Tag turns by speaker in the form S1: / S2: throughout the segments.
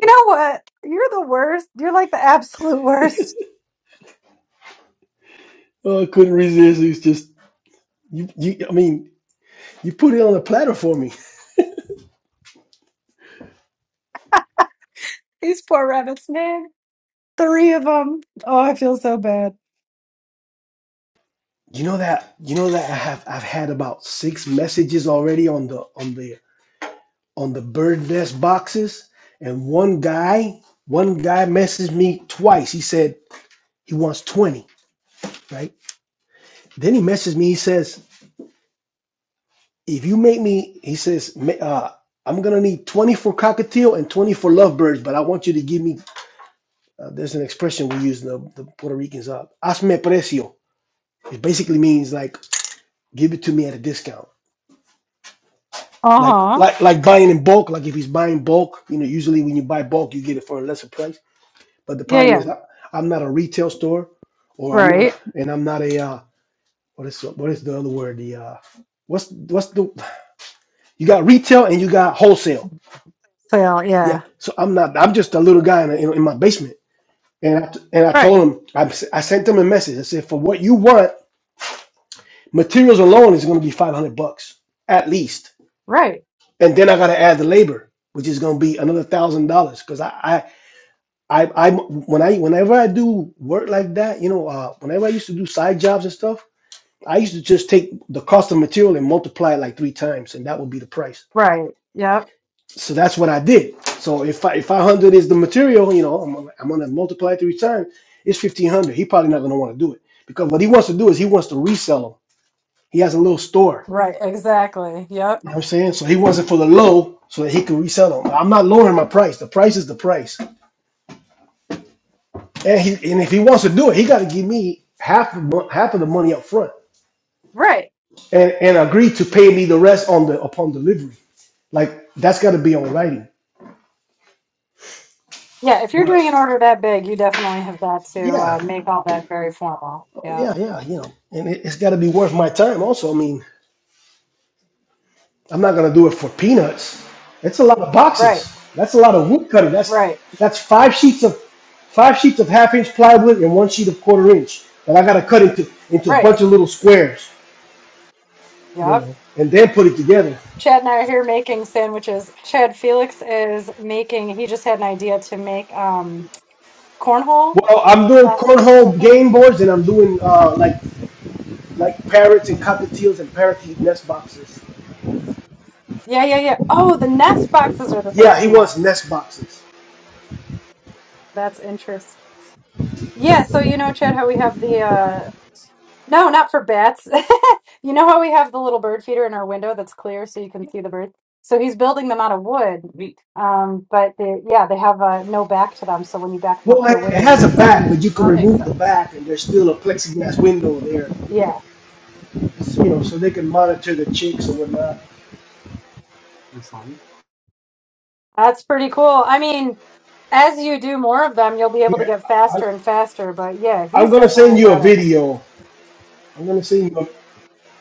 S1: You know what? You're the worst. You're like the absolute worst.
S2: Oh, I couldn't resist. It's just you, you. I mean, you put it on a platter for me.
S1: These poor rabbits, man. Three of them. Oh, I feel so bad.
S2: You know that. You know that I have. I've had about six messages already on the on the on the bird nest boxes, and one guy, one guy messaged me twice. He said he wants twenty. Right. Then he messaged me. He says, "If you make me," he says, "ma- uh, "I'm gonna need twenty for cockatiel and twenty for lovebirds, but I want you to give me." Uh, there's an expression we use in the, the Puerto Ricans. Uh, Hazme precio It basically means like give it to me at a discount. Like
S1: Uh huh.
S2: like like buying in bulk. Like if he's buying bulk, you know, usually when you buy bulk, you get it for a lesser price. But the
S1: Yeah,
S2: problem
S1: yeah.
S2: is, I, I'm not a retail store, or I'm not, a,
S1: Right.
S2: and I'm not a uh, what is what is the other word? The uh, what's what's the you got retail and you got wholesale.
S1: So,
S2: Yeah,
S1: yeah.
S2: so I'm not. I'm just a little guy in, in, in my basement, and I, and I
S1: Right.
S2: told him I, s- I sent him a message. I said for what you want, materials alone is going to be 500 bucks at least
S1: Right.
S2: and then I got to add the labor, which is going to be another thousand dollars. Because I, I, I, I, when I, whenever I do work like that, you know, uh, whenever I used to do side jobs and stuff, I used to just take the cost of material and multiply it like three times, and that would be the price.
S1: Right. Yep.
S2: So that's what I did. So if I, if 500 is the material, you know, I'm, gonna- I'm going to multiply it three times. It's 1500. He probably not going to want to do it because what he wants to do is he wants to resell them. He has a little store
S1: Right. Exactly. Yep.
S2: You know what I'm saying? So he wants it for the low so that he can resell them. I'm not lowering my price. The price is the price. And he and if he wants to do it, he got to give me half the mon- half of the money up front
S1: Right.
S2: and and agree to pay me the rest on the upon delivery. Like that's got to be on writing.
S1: Yeah. If you're
S2: But
S1: doing an order that big, you definitely have got to uh,
S2: yeah,
S1: make all that very formal. Yep.
S2: yeah, yeah, you know, and it, it's got to be worth my time also. I mean, I'm not gonna do it for peanuts. That's a lot of
S1: Right.
S2: boxes. That's a lot of wood cutting. That's
S1: Right.
S2: that's five sheets of five sheets of half inch plywood and one sheet of quarter inch that I gotta cut into into a
S1: Right.
S2: bunch of little squares, you
S1: Yep.
S2: know, and then put it together.
S1: Chad and I are here making sandwiches. Chad Felix is making, he just had an idea to make. um cornhole
S2: Well, I'm doing
S1: uh, to
S2: cornhole
S1: hand.
S2: game boards and I'm doing uh, like like parrots and cockatiels and parakeet nest boxes.
S1: Yeah, yeah, yeah. Oh, the nest boxes are the
S2: Yeah,
S1: things
S2: he
S1: he
S2: wants
S1: wants.
S2: nest boxes.
S1: That's interesting. Yeah, so you know, Chad, how we have the uh no, not for bats. You know how we have the little bird feeder in our window that's clear so you can see the birds? So he's building them out of wood. Um, but they, yeah, they have uh, no back to them, so when you back them up
S2: Well,
S1: to
S2: it
S1: a window,
S2: it
S1: you
S2: has a
S1: can
S2: back,
S1: see.
S2: but you can
S1: That makes
S2: remove the
S1: sense.
S2: back, and there's still a plexiglass window there,
S1: Yeah,
S2: you know, so they can monitor the chicks or whatnot.
S1: that's pretty cool. I mean, as you do more of them, you'll be able to
S2: Yeah,
S1: get
S2: I,
S1: faster and faster, but yeah,
S2: I'm
S1: he's
S2: gonna send
S1: definitely
S2: you a
S1: got it.
S2: video. I'm gonna send you. A,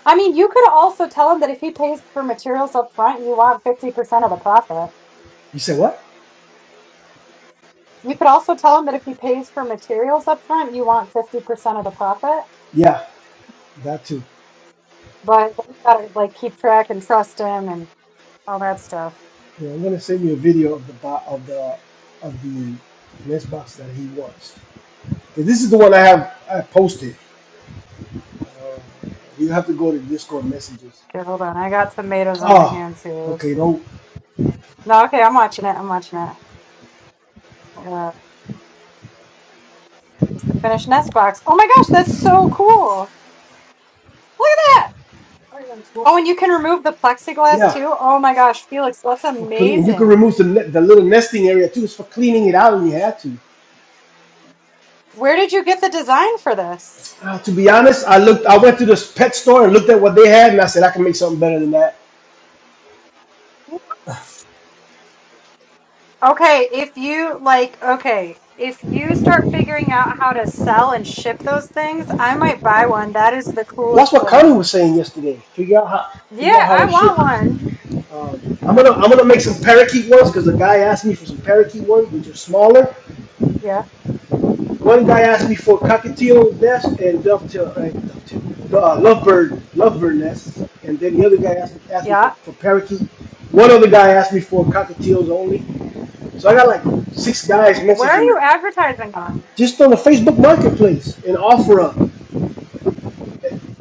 S1: I mean, you could also tell him that if he pays for materials up front, you want 50% of the profit.
S2: you said what?
S1: You could also tell him that if he pays for materials up front, you want 50% of the profit.
S2: Yeah, that too.
S1: But you gotta like keep track and trust him and all that stuff.
S2: Yeah, I'm gonna send you a video of the bo- of the of the mess box that he wants. 'Cause This is the one I have I posted. You have to go to Discord messages.
S1: Okay, hold on. I got tomatoes on my
S2: Oh,
S1: hands here. Let's
S2: okay.
S1: see.
S2: Don't.
S1: No, okay, I'm watching it. I'm watching it. Uh, it's the finished nest box. Oh my gosh, that's so cool. Look at that. Oh, and you can remove the plexiglass
S2: Yeah,
S1: too. Oh my gosh, Felix, that's
S2: for clean. You can
S1: amazing.
S2: remove the ne- the little nesting area too. It's for cleaning it out when you had to.
S1: Where did you get the design for this?
S2: Uh, to be honest, I looked. I went to this pet store and looked at what they had, and I said I can make something better than that.
S1: Okay, if you like, okay, if you start figuring out how to sell and ship those things, I might buy one. That is the
S2: That's
S1: coolest
S2: what Connie
S1: thing.
S2: was saying yesterday. Figure out how
S1: Yeah,
S2: figure out how to
S1: I want
S2: ship.
S1: one.
S2: Um, I'm gonna I'm gonna make some parakeet ones because the guy asked me for some parakeet ones, which are smaller.
S1: Yeah,
S2: One guy asked me for cockatiel nest and dovetail, uh, dovetail the uh, lovebird lovebird nests, and then the other guy asked, asked me for,
S1: yeah.
S2: for parakeet. One other guy asked me for cockatiels only. So I got like six guys
S1: Where are
S2: messaging me
S1: you advertising on?
S2: just on the Facebook Marketplace and offer up.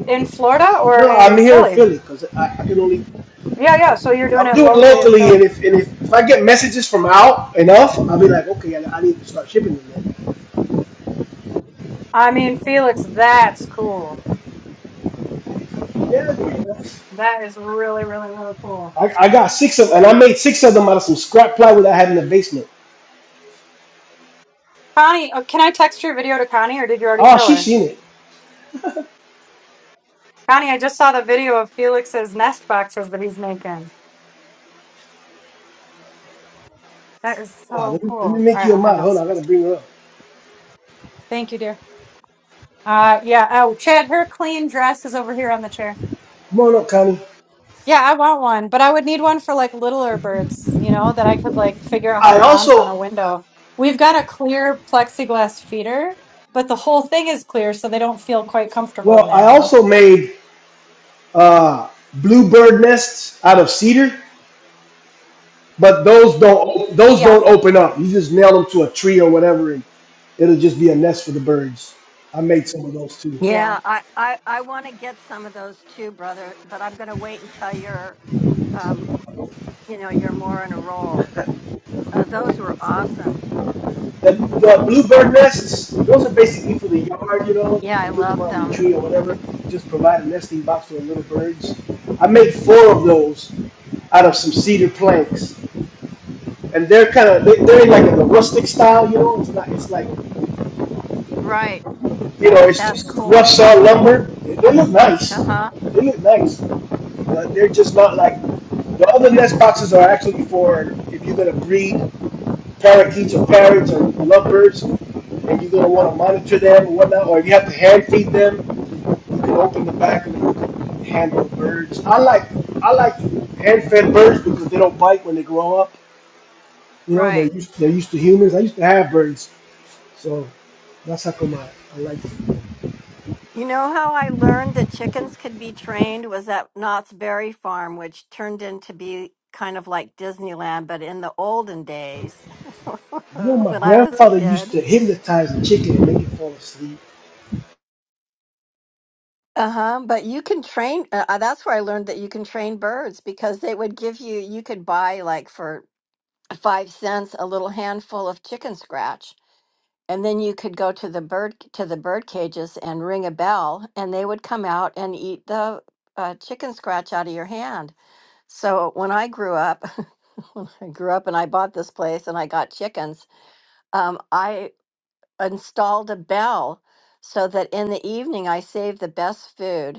S1: In Florida or
S2: No, I'm
S1: in
S2: here in
S1: Philly?
S2: Philly because I, I can only
S1: Yeah, yeah. So you're doing
S2: I'm
S1: it
S2: doing
S1: locally in
S2: locally, and
S1: Philly.
S2: if and if, if I get messages from out enough, I'll be like, okay, I, I need to start shipping them.
S1: I mean, Felix, that's cool.
S2: Yeah, yeah.
S1: That is really, really, really cool.
S2: I, I got six of, and I made six of them out of some scrap plywood I had in the basement.
S1: Connie, uh, can I text your video to Connie or did you already
S2: Oh,
S1: show
S2: she
S1: her?
S2: seen it.
S1: Connie, I just saw the video of Felix's nest boxes that he's making. That is
S2: Oh,
S1: so
S2: let me, let me
S1: cool. All
S2: make
S1: right,
S2: you a
S1: I'm heading
S2: model. Hold on, I
S1: upstairs.
S2: gotta bring her up.
S1: Thank you, dear. Uh, yeah. Oh, Chad, her clean dress is over here on the chair.
S2: Come on up, Connie.
S1: Yeah, I want one, but I would need one for like littler birds, you know, that I could like figure out how
S2: I
S1: to mount on
S2: also,
S1: a window. We've got a clear plexiglass feeder, but the whole thing is clear, so they don't feel quite comfortable in
S2: well,
S1: there,
S2: I
S1: you know?
S2: also made uh, bluebird nests out of cedar, but those don't those
S1: Yeah.
S2: don't open up. You just nail them to a tree or whatever, and it'll just be a nest for the birds. I made some of those too.
S1: Yeah.
S3: Yeah, I I, I want to get some of those too, brother. But I'm going to wait until you're, um, you know, you're more in a roll. Uh, those were awesome.
S2: The, the bluebird nests, those are basically for the yard, you know.
S3: Yeah, I
S2: You put them
S3: loved
S2: on the
S3: them.
S2: tree or whatever. Just provide a nesting box for the little birds. I made four of those out of some cedar planks, and they're kind of they, they're in like a the rustic style, you know. It's not it's like
S3: Right,
S2: you know
S3: but
S2: it's
S3: that's
S2: just rough
S3: cool.
S2: saw lumber. They, they look nice.
S3: Uh huh.
S2: They look nice, but they're just not like the other nest boxes are actually for if you're gonna breed. parakeets or parrots or lovebirds, and you're gonna want to monitor them and whatnot, or if you have to hand feed them, you can open the back and you can handle birds. I like I like hand fed birds because they don't bite when they grow up. You know, they're
S3: Right.
S2: used they're used to humans. I used to have birds, so that's how come I, I like it.
S3: You know how I learned that chickens could be trained was at Knott's Berry Farm, which turned into be kind of like Disneyland, but in the olden days
S2: You know, my
S3: when I was a
S2: grandfather used
S3: kid.
S2: to hypnotize a chicken and make it fall asleep.
S3: Uh-huh, but you can train uh, uh, that's where I learned that you can train birds because they would give you you could buy like for 5 cents a little handful of chicken scratch and then you could go to the bird to the bird cages and ring a bell and they would come out and eat the uh, chicken scratch out of your hand. So when I grew up, when I grew up and I bought this place and I got chickens, um, I installed a bell so that in the evening I saved the best food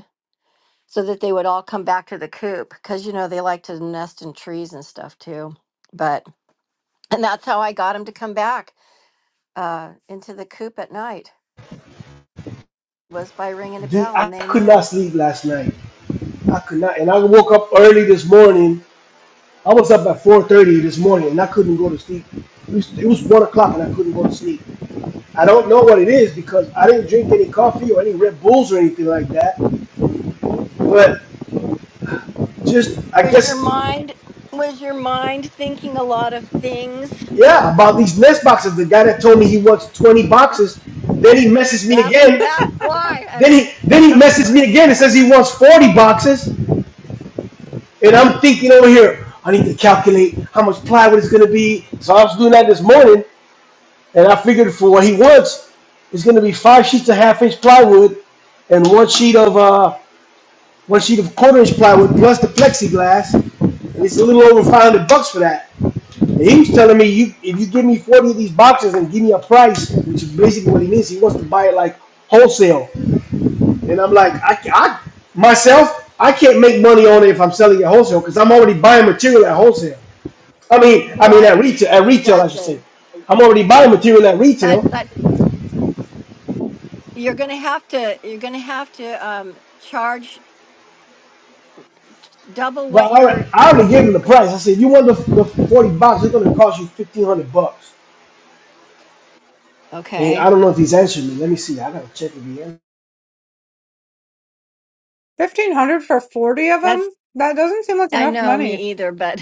S3: so that they would all come back to the coop because you know they like to nest in trees and stuff too but and that's how i got them to come back uh into the coop at night was by ringing a
S2: Dude,
S3: bell
S2: I
S3: and they
S2: could not
S3: knew
S2: sleep last night. I could not, and I woke up early this morning I was up at 4:30 this morning and I couldn't go to sleep. It was, it was one o'clock and I couldn't go to sleep. I don't know what it is because I didn't drink any coffee or any Red Bulls or anything like that. But just I
S3: was your
S2: guess
S3: mind was your mind thinking a lot of things
S2: yeah about these nest boxes. The guy that told me he wants 20 boxes, then he messes me
S3: that's
S2: again.
S3: that's why
S2: Then
S3: honey
S2: he then he
S3: that's
S2: messes
S3: why
S2: me again and says he wants 40 boxes, and I'm thinking over here. I need to calculate how much plywood it's gonna be. So I was doing that this morning, And I figured for what he wants is going to be five sheets of half inch plywood and one sheet of uh, one sheet of quarter inch plywood plus the plexiglass. And it's a little over 500 bucks for that. And he was telling me, you if you give me 40 of these boxes and give me a price, which is basically what he means, he wants to buy it like wholesale. And I'm like, I, I myself, I can't make money on it if I'm selling it wholesale because I'm already buying material at wholesale. I mean, I mean at
S3: right
S2: retail, at retail, I should say.
S3: exactly
S2: I'm already buying material at
S3: but
S2: retail.
S3: but you're gonna have to you're gonna have to um charge double
S2: Well,
S3: what
S2: I, alre-
S3: you're
S2: I
S3: what
S2: already gave him
S3: you've
S2: the price. I said, "You want the, the forty bucks? It's gonna cost you fifteen hundred bucks." And I
S3: okay
S2: don't know if he's answered me. Let me see. I gotta check if he answered.
S1: 1500 for 40 of
S3: That's.
S1: them? That doesn't seem like
S3: I
S1: enough
S3: know
S1: money.
S3: me either, but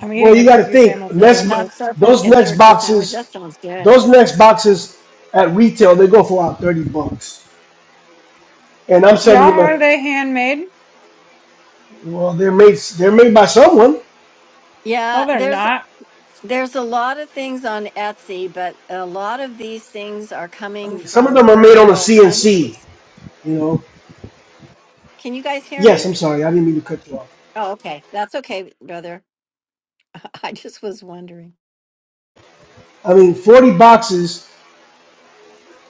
S1: I'm
S2: Well,
S1: eating a
S2: you gotta
S1: turkey
S2: think
S1: sandwich for
S3: th-
S2: next.
S1: breakfast.
S3: that stuff and,
S2: Those
S3: and
S2: next
S3: turkey sandwich
S2: boxes,
S3: that sounds good.
S2: those next boxes at retail, they go for about thirty bucks, and I'm
S1: Yeah,
S2: selling them at.
S1: are they handmade?
S2: Well, they're made. They're made by someone.
S1: No,
S3: Yeah,
S1: they're
S3: there's
S1: not.
S3: there's a lot of things on Etsy, but a lot of these things are
S2: I
S3: coming
S2: mean, some of
S3: from
S2: them are made
S3: third
S2: on a
S3: world
S2: CNC.
S3: countries.
S2: You know.
S3: Can you guys hear
S2: Yes,
S3: me?
S2: I'm sorry. I didn't mean to cut you off.
S3: Oh, okay. That's okay, brother. I just was wondering.
S2: I mean, forty boxes.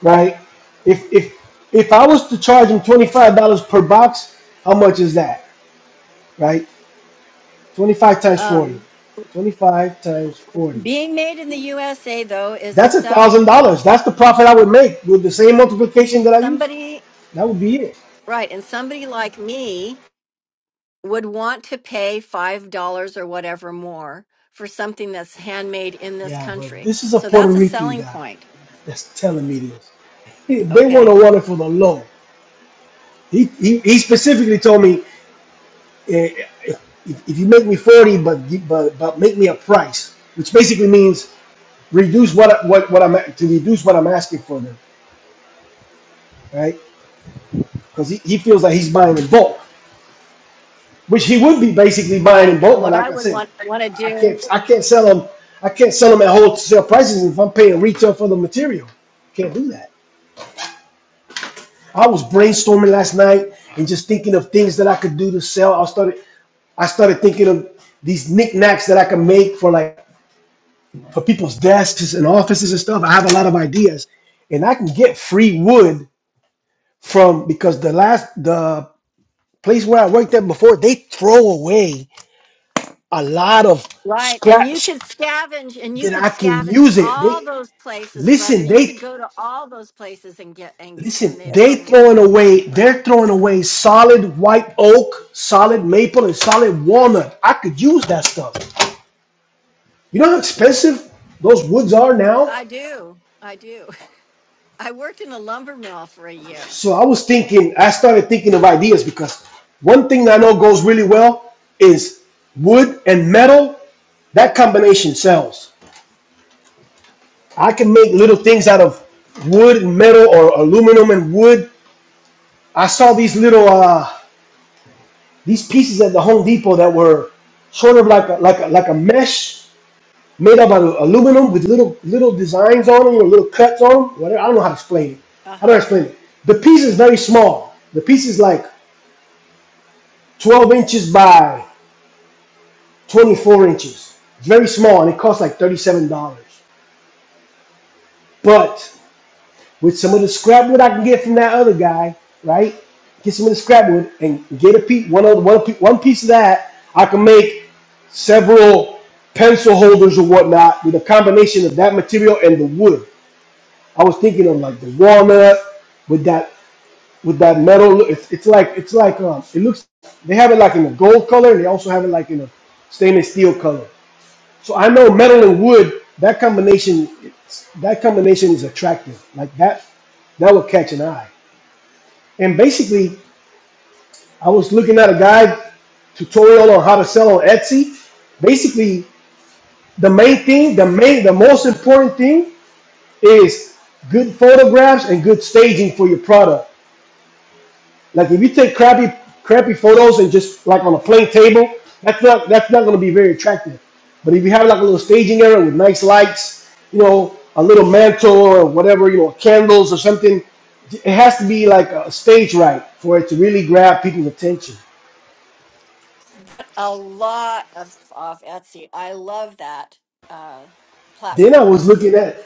S2: right? If if if I was to charge him twenty five dollars per box, how much is that, right? Twenty five times forty.
S3: Um,
S2: Twenty five times forty.
S3: being made in the USA though is a
S2: That's a
S3: selling
S2: thousand dollars.
S3: point.
S2: That's the profit I would make with the same multiplication that I used.
S3: Somebody,
S2: That would be it.
S3: right, and somebody like me would want to pay five dollars or whatever more for something that's handmade in this
S2: Yeah, but
S3: country.
S2: this is a
S3: So
S2: Puerto
S3: that's a
S2: Rican
S3: selling
S2: guy
S3: point.
S2: that's telling me this. He- They want
S3: Okay.
S2: to run it for the low. He he, he specifically told me eh, if, if you make me forty, but gi- but but make me a price, which basically means reduce what what what I'm to reduce what I'm asking for them, right? Because he, he feels like he's buying in bulk, which he would be basically buying in
S3: Right.
S2: bulk.
S3: And
S2: But
S3: what
S2: like
S3: I
S2: I
S3: would
S2: said,
S3: want want to
S2: I
S3: do.
S2: can't I can't sell them I can't sell them at wholesale prices if I'm paying retail for the material. Can't do that. I was brainstorming last night and just thinking of things that I could do to sell. I started I started thinking of these knickknacks that I can make for like for people's desks and offices and stuff. I have a lot of ideas, and I can get free wood from because the last the place where I worked at before, they throw away a lot of
S3: Right. And you
S2: scraps
S3: could scavenge and you
S2: that
S3: could
S2: I can
S3: scavenge
S2: use it. They
S3: all those places, brother.
S2: listen,
S3: You
S2: they
S3: could go to all those places and get and
S2: listen,
S3: and they'd
S2: they
S3: probably
S2: throwing
S3: give you their
S2: away,
S3: scrap.
S2: they're throwing away solid white oak, solid maple, and solid walnut. I could use that stuff. You know how expensive those woods are now?
S3: I do. I do. I worked in a lumber mill for a year.
S2: So I was thinking, I started thinking of ideas because one thing that I know goes really well is wood and metal. That combination sells. I can make little things out of wood and metal or aluminum and wood. I saw these little uh, these pieces at the Home Depot that were sort of like a, like a, like a mesh made up out of aluminum with little little designs on them or little cuts on them. Whatever. I don't know how to explain it. I don't know
S3: Uh-huh.
S2: how to explain it. The piece is
S3: Right.
S2: very small. The piece is like 12 inches by 24 inches. It's very small and it costs like $37. But with some of the scrap wood I can get from that other guy, right? Get some of the scrap wood and get a piece, one of one, one piece of that. I can make several pencil holders or whatnot with a combination of that material and the wood. I was thinking of like the walnut with that with that metal. It's, it's like it's like um, it looks. They have it like in a gold color. They also have it like in a stainless steel color. So I know metal and wood. That combination, that combination is attractive. Like that, that will catch an eye. And basically, I was looking at a guide tutorial on how to sell on Etsy. Basically, the main thing, the main, the most important thing is good photographs and good staging for your product. Like if you take crappy crappy photos and just like on a plain table, that's not that's not gonna be very attractive. But if you have like a little staging area with nice lights, you know, a little mantle or whatever, you know, candles or something, it has to be like a stage right for it to really grab people's attention.
S3: a lot of off Etsy. I love that uh,
S2: Then I
S3: platform.
S2: was looking at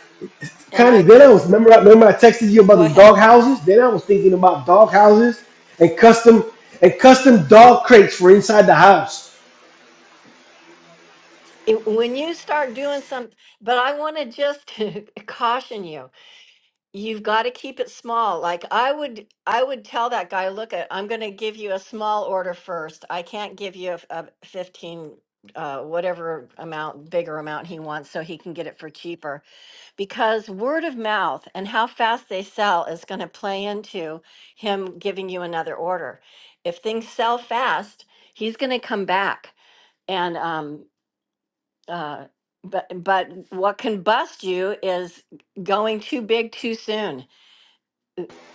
S3: And
S2: Connie,
S3: I've
S2: then I
S3: been,
S2: was remember I remember I texted you about
S3: go
S2: the
S3: ahead.
S2: dog houses. Then I was thinking about dog houses and custom and custom dog crates for inside the house.
S3: It- when you start doing some, but I want to just caution you. You've got to keep it small. Like I would, I would tell that guy, look, at, I'm going to give you a small order first. I can't give you a, f- a 15, uh, whatever amount, bigger amount he wants, so he can get it for cheaper because word of mouth and how fast they sell is going to play into him giving you another order. If things sell fast, he's going to come back and um uh but but what can bust you is going too big too soon.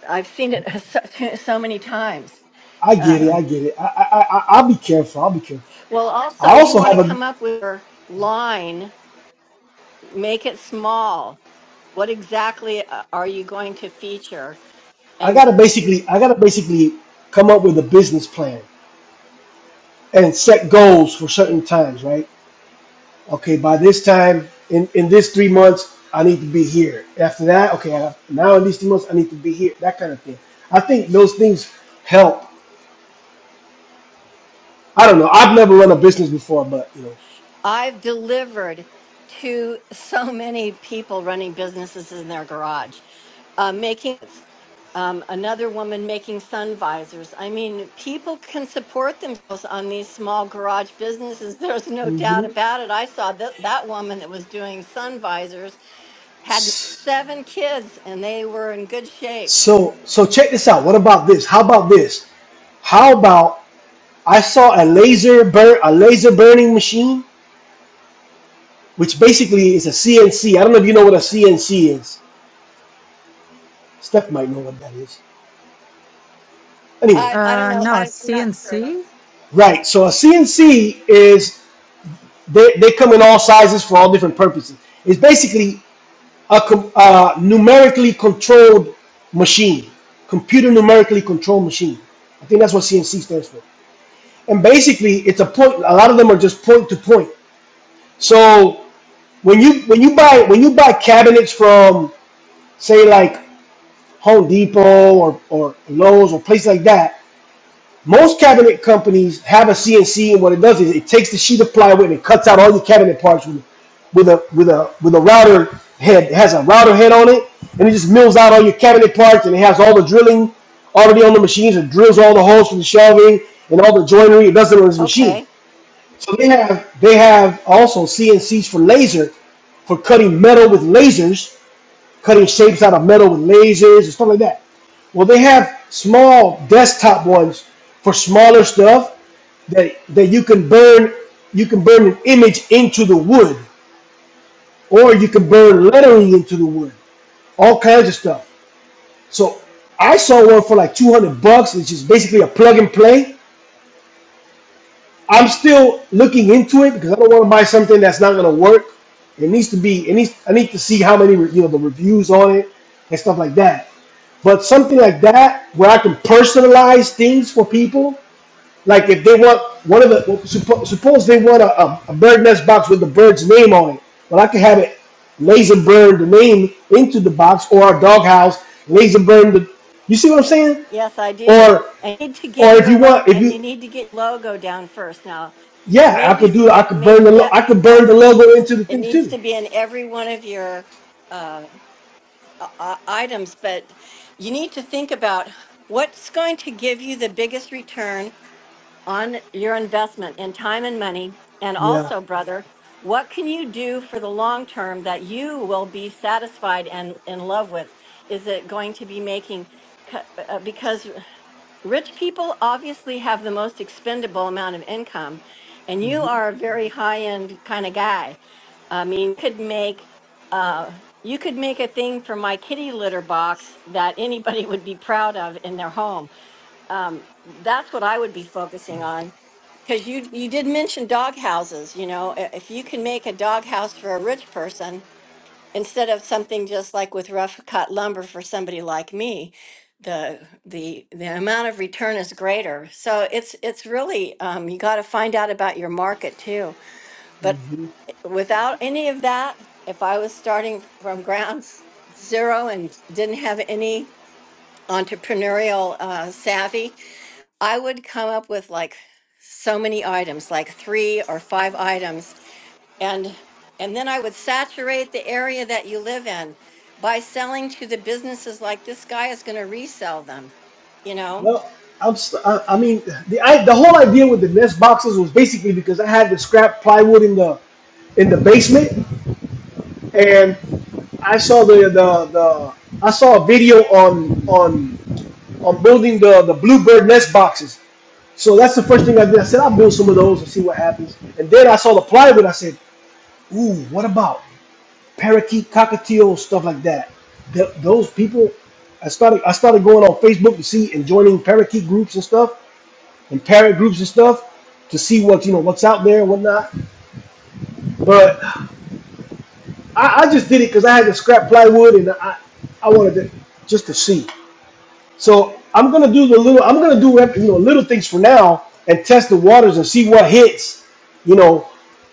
S3: I've seen it so, so many times.
S2: I get it.
S3: Uh,
S2: I get it. I, I, I, I'll be careful. I'll be careful.
S3: well, also
S2: I
S3: you
S2: also
S3: want
S2: have
S3: to
S2: a.
S3: come up with your line, make it small. What exactly uh, are you going to feature?
S2: I
S3: And
S2: gotta basically. I gotta basically come up with a business plan and set goals for certain times. Right. Okay. By this time, in in this three months, I need to be here. After that, okay. I, now in these three months, I need to be here. That kind of thing. I think those things help. I don't know. I've never run a business before, but you know.
S3: I've delivered to so many people running businesses in their garage, uh, making um, another woman making sun visors. I mean, people can support themselves on these small garage businesses. There's no doubt
S2: hmm
S3: about it. I saw that that woman that was doing sun visors had
S2: So
S3: seven kids, and they were in good shape.
S2: so check this out. What about this? How about this? How about I saw a laser burn a laser burning machine, which basically is a CNC. I don't know if you know what a CNC is. Steph might know what that is. Anyway,
S3: I I don't
S1: Uh,
S3: know.
S1: no, a
S3: I'm not sure.
S1: CNC?
S2: right. So a CNC is they, they come in all sizes for all different purposes. It's basically a uh, numerically controlled machine, computer numerically controlled machine. I think that's what CNC stands for. And basically, it's a point. A lot of them are just point to point. So when you when you buy when you buy cabinets from say like Home Depot or, or Lowe's or places like that, most cabinet companies have a CNC, and what it does is it takes the sheet of plywood and it cuts out all your cabinet parts with, with a with a with a router head. It has a router head on it, and it just mills out all your cabinet parts, and it has all the drilling already on the machines. It drills all the holes for the shelving and all the joinery. It does it on this machine.
S3: Okay.
S2: So they have they have also CNCs for laser for cutting metal with lasers cutting shapes out of metal with lasers and stuff like that. Well, they have small desktop ones for smaller stuff that that you can burn. You can burn an image into the wood, or you can burn lettering into the wood. All kinds of stuff. So I saw one for like two hundred bucks, which is basically a plug and play I'm still looking into it because I don't want to buy something that's not going to work. It needs to be. It needs. I need to see how many re- you know the reviews on it and stuff like that. But something like that where I can personalize things for people, like if they want one of the well, suppo- suppose they want a, a, a bird nest box with the bird's name on it, well I can have it laser burn the name into the box or a doghouse laser burn the. You see what I'm saying?
S3: Yes, I do.
S2: Or
S3: And you need to get
S2: or if you
S3: your lo-
S2: want if
S3: and
S2: you
S3: you need to get logo down first now
S2: Yeah, I
S3: maybe
S2: could do. I
S3: step
S2: could
S3: maybe
S2: burn the. lo-
S3: step
S2: I could burn the
S3: that's
S2: logo into the
S3: it
S2: thing
S3: needs
S2: too.
S3: to be in every one of your uh, uh uh, items but you need to think about what's going to give you the biggest return on your investment in time and money and
S2: Yeah.
S3: also brother what can you do for the long term that you will be satisfied and in love with is it going to be making cu- uh, because Rich people obviously have the most expendable amount of income, and you
S2: hmm
S3: are a very high-end kind of guy. I mean, you could make uh, you could make a thing for my kitty litter box that anybody would be proud of in their home. Um, that's what I would be focusing on, because you you did mention dog houses. You know, i- if you can make a dog house for a rich person, instead of something just like with rough cut lumber for somebody like me the the the amount of return is greater so it's it's really um, you got to find out about your market too but
S2: hmm
S3: without any of that if i was starting from ground s- zero and didn't have any entrepreneurial uh, savvy i would come up with like so many items like three or five items and and then i would saturate the area that you live in by selling to the businesses like this guy is going to resell them you know
S2: Well, I'm. St- I, I mean, the I, the whole idea with the nest boxes was basically because I had the scrap plywood in the in the basement, and I saw the the, the I saw a video on on on building the the bluebird nest boxes. So that's the first thing I did. I said I'll build some of those and see what happens. And then I saw the plywood. I said, "Ooh, what about?" parakeet, cockatiel, stuff like that. Th- those people, I started I started going on Facebook to see and joining parakeet groups and stuff, and parrot groups and stuff to see what you know what's out there and whatnot. But I, I just did it because I had to scrap plywood and I I wanted to just to see. So I'm gonna do the little. I'm gonna do you know little things for now and test the waters and see what hits. You know,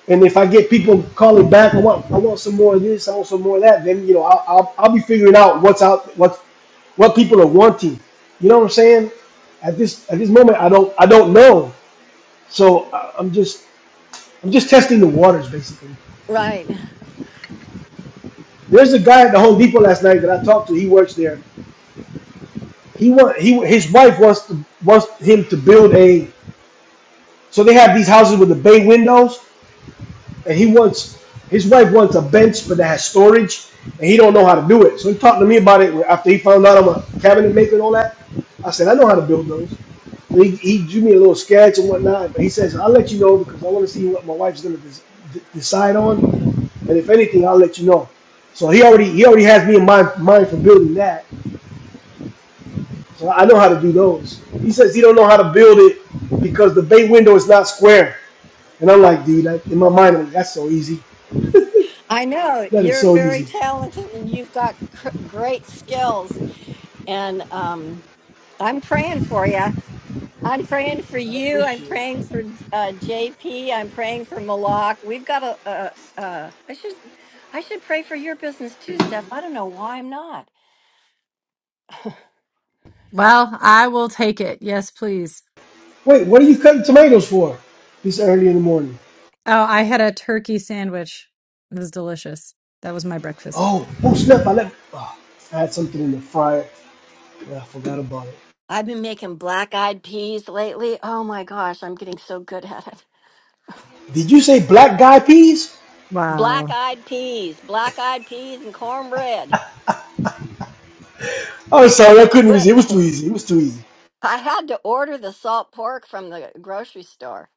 S2: and if I get people calling back, I want I want some more of this. I want some more of that. Then you know I'll I'll, I'll be figuring out what's out what what people are wanting. You know what I'm saying? At this at this moment, I don't I don't know. So I- I'm just I'm just testing the waters basically.
S3: Right.
S2: There's a guy at the Home Depot last night that I talked to. He works there. He want he his wife wants to wants him to build a So they have these houses with the bay windows, and he wants his wife wants a bench, but that has storage, and he don't know how to do it. So he talked to me about it after he found out I'm a cabinet maker and all that. I said I know how to build those. And he, he drew me a little sketch and whatnot, but he says I'll let you know because I want to see what my wife's gonna des- decide on, and if anything, I'll let you know. So he already he already has me in mind mind for building that. So I know how to do those. He says he don't know how to build it because the bay window is not square. And I'm like, dude, like in my mind, I'm like, that's so easy.
S3: i know
S2: That is
S3: you're
S2: so
S3: very
S2: easy.
S3: talented and you've got cr- great skills and um i'm praying for you i'm praying for
S2: I
S3: you i'm
S2: appreciate it.
S3: praying for uh, jp i'm praying for malak we've got a, a, a. I should, I should pray for your business too, Steph. I don't know why I'm not.
S1: Well, I will take it. Yes, please.
S2: Wait, what are you cutting tomatoes for? This early in the morning.
S1: Oh, I had a turkey sandwich. It was delicious. That was my breakfast.
S2: Oh, oh snap! I left. Oh, I had something in the fryer, but I forgot about it.
S3: I've been making black eyed peas lately. Oh my gosh, I'm getting so good at it.
S2: Did you say black guy peas?
S3: Black
S1: Wow.
S3: eyed peas, black eyed peas, and cornbread.
S2: I'm sorry, I couldn't even. see.
S3: What?
S2: It was too easy. It was too easy.
S3: I had to order the salt pork from the grocery store.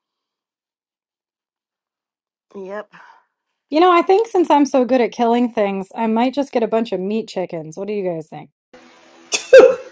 S3: Yep.
S1: You know, I think since I'm so good at killing things, I might just get a bunch of meat chickens. What do you guys think?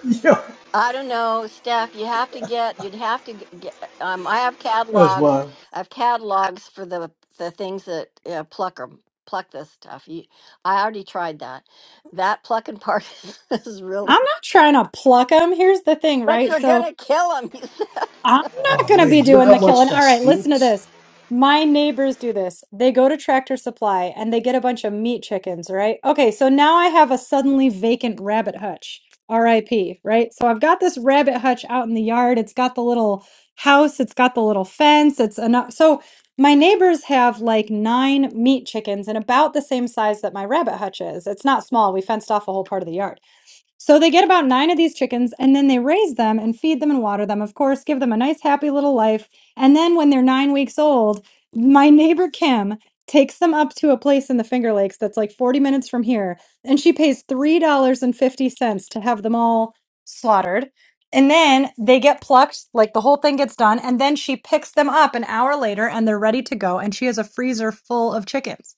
S2: Yo,
S3: I don't know, Steph. You have to get. You'd have to g- get. Um, I have
S2: that's
S3: catalogs.
S2: wild.
S3: I have catalogs for the the things that uh, pluck 'em- pluck this stuff. You, I already tried that. That plucking part is really.
S1: I'm not trying to pluck them. Here's the thing,
S3: But
S1: right?
S3: you're
S1: So.
S3: gonna kill them, you said.
S1: I'm not
S2: Oh
S1: going to
S2: man,
S1: be
S2: you know
S1: doing the
S2: how
S1: killing.
S2: much that
S1: All right, listen to
S2: stinks.
S1: this. My neighbors do this. They go to Tractor Supply and they get a bunch of meat chickens, right? Okay, so now I have a suddenly vacant rabbit hutch, RIP, right? So I've got this rabbit hutch out in the yard. It's got the little house, it's got the little fence. It's enough. So my neighbors have like nine meat chickens and about the same size that my rabbit hutch is. It's not small. We fenced off a whole part of the yard. So they get about nine of these chickens and then they raise them and feed them and water them, of course, give them a nice, happy little life. And then when they're nine weeks old, my neighbor Kim takes them up to a place in the Finger Lakes that's like 40 minutes from here. And she pays $3.50 to have them all slaughtered. And then they get plucked, like the whole thing gets done. And then she picks them up an hour later and they're ready to go. And she has a freezer full of chickens.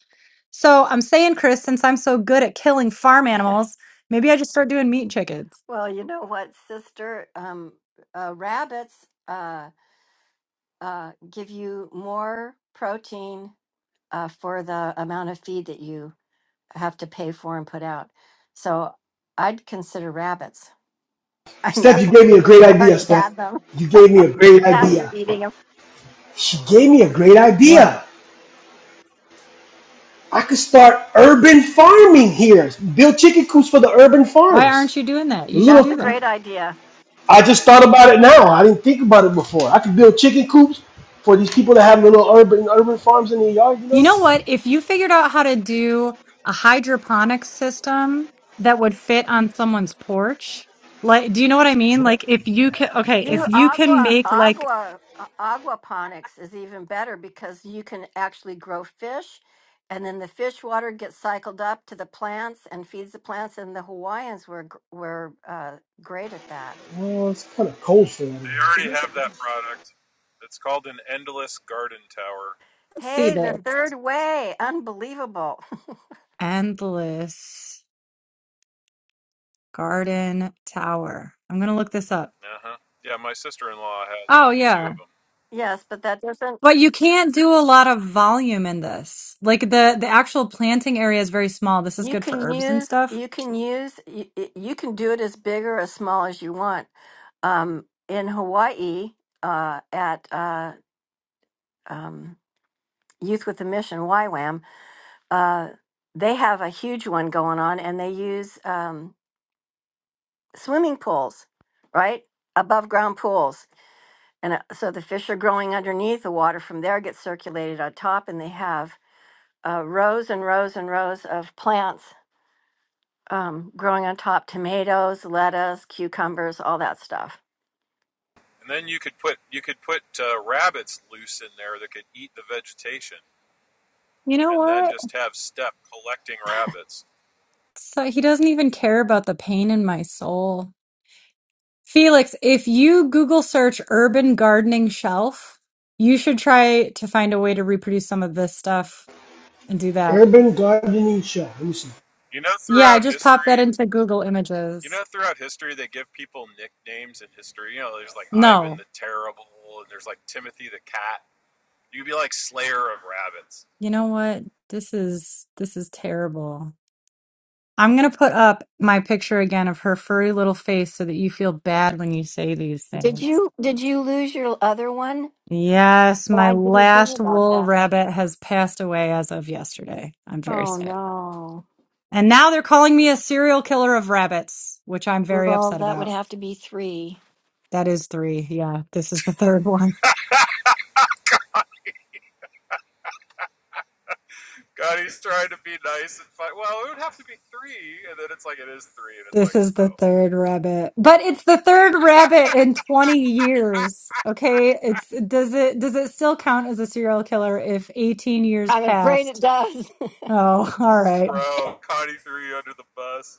S1: So I'm saying, Chris, since I'm so good at killing farm animals, maybe I just start doing meat chickens.
S3: Well, you know what, sister? Um, uh, rabbits uh, uh, give you more protein uh, for the amount of feed that you have to pay for and put out. So I'd consider rabbits. I know
S2: Steph, you gave me a great
S3: you
S2: idea.
S3: already
S2: Steph,
S3: had them.
S2: you gave me a great
S3: Now you're
S2: idea.
S3: eating them.
S2: She gave me a great
S1: What?
S2: idea. I could start urban farming here. Build chicken coops for the urban
S1: Why aren't
S2: farms.
S1: you doing that?
S2: A
S1: You should
S3: That's
S1: do
S3: a
S2: Little,
S1: that.
S3: great idea.
S2: I just thought about it now. I didn't think about it before. I could build chicken coops for these people that have little urban urban farms in their yard. You
S1: You
S2: know,
S1: know what? If you figured out how to do a hydroponics system that would fit on someone's porch, like, do you know what I mean? Like, if you can, okay,
S3: New
S1: if you can
S3: agua
S1: make like,
S3: agua uh, aquaponics is even better because you can actually grow fish, and then the fish water gets cycled up to the plants and feeds the plants. And the Hawaiians were gr- were uh, great at that.
S2: well, it's kind of cold for that in here.
S4: They already
S3: You c-
S4: have that product. It's called an endless garden tower.
S1: let's see
S3: Hey, the
S1: this
S3: Mm. third way, unbelievable.
S1: endless garden tower. I'm gonna look this up.
S4: Uh huh. Yeah, my sister-in-law has
S1: Oh
S4: like
S1: yeah,
S4: two of them.
S3: Yes, but that doesn't.
S1: But you can't do a lot of volume in this. Like the the actual planting area is very small. This is
S3: You
S1: good for
S3: can
S1: herbs and
S3: use
S1: stuff.
S3: you can use you, you can do it as big or as small as you want. Um, in Hawaii, uh, at uh, um, Youth with a Mission, YWAM, uh, they have a huge one going on and they use um, swimming pools, right? Above ground pools. And uh, so the fish are growing underneath, the water from there gets circulated on top, and they have uh, rows and rows and rows of plants um, growing on top tomatoes, lettuce, cucumbers, all that stuff.
S4: And then you could put you could put uh, rabbits loose in there that could eat the vegetation,
S1: You know
S4: and then
S1: what?
S4: just have Steph collecting rabbits.
S1: So he doesn't even care about the pain in my soul. Felix, if you Google search urban gardening shelf, you should try to find a way to reproduce some of this stuff and do that.
S2: Urban gardening shop. Let me see.
S4: You know,
S1: Yeah, I
S4: throughout
S1: just popped that
S4: history,
S1: into Google
S4: you
S1: Images.
S4: know, throughout history, they give people nicknames in history. You know, there's like Ivan
S1: No.
S4: the Terrible, and there's like Timothy the Cat. You'd be like Slayer of Rabbits.
S1: You know what? This is this is terrible. I'm going to put up my picture again of her furry little face so that you feel bad when you say these
S3: Did
S1: things.
S3: you did you lose your other one?
S1: Yes,
S3: Well,
S1: my
S3: I didn't hear
S1: last
S3: about
S1: wool
S3: that.
S1: rabbit has passed away as of yesterday. I'm very
S3: Oh
S1: sad.
S3: no.
S1: And now they're calling me a serial killer of rabbits, which I'm very
S3: Well,
S1: upset
S3: that would
S1: about.
S3: have to be three.
S1: That is three. Yeah, this is the third one.
S4: God, he's trying to be nice and fine. Well, it would have to be three, and then it's like it is three, and it's
S1: This
S4: like,
S1: is the
S4: oh,
S1: third rabbit. But it's the third rabbit in 20 years. Okay? It's does it does it still count as a serial killer if 18 years
S3: I'm afraid it
S1: passed
S3: does.
S1: Oh, all right.
S4: bro, Connie threw you under the bus.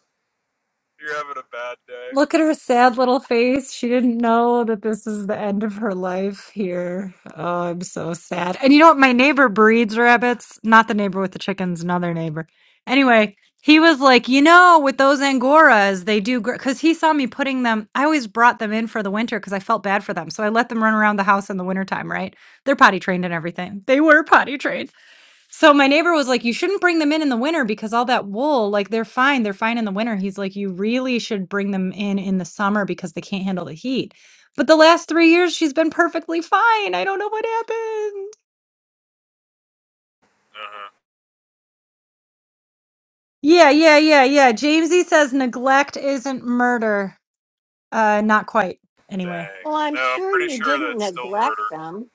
S4: You're having a bad day.
S1: Look at her sad little face. She didn't know that this is the end of her life here. Oh, I'm so sad. And you know what? My neighbor breeds rabbits, not the neighbor with the chickens, another neighbor. Anyway, he was like, you know, with those Angoras, they do, because he saw me putting them, I always brought them in for the winter because I felt bad for them. So I let them run around the house in the wintertime, right? They're potty trained and everything. They were potty trained. So my neighbor was like, "You shouldn't bring them in in the winter because all that wool, like they're fine, they're fine in the winter." He's like, "You really should bring them in in the summer because they can't handle the heat." But the last 3 years she's been perfectly fine. I don't know what happened.
S4: Uh huh.
S1: Yeah, yeah, yeah, yeah. Jamesy says neglect isn't murder. Uh not quite. Anyway,
S4: Dang.
S3: well, I'm
S4: No, I'm
S3: sure
S4: pretty
S3: you
S4: sure
S3: didn't
S4: that's still
S3: neglect
S4: murder.
S3: them.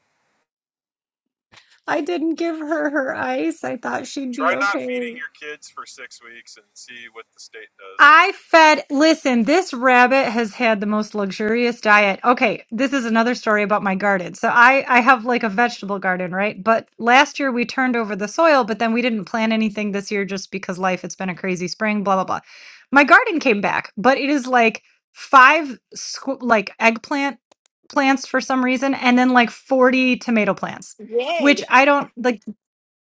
S1: I didn't give her her ice. I thought she'd be
S4: Try not
S1: okay.
S4: feeding your kids for six weeks and see what the state does.
S1: I fed, listen, this rabbit has had the most luxurious diet. Okay, this is another story about my garden. So I I have like a vegetable garden, right? But last year we turned over the soil, but then we didn't plant anything this year just because life, it's been a crazy spring, blah blah blah. My garden came back, but it is like five squ- like eggplant plants for some reason and then like 40 tomato plants, which
S3: Yay.
S1: I don't like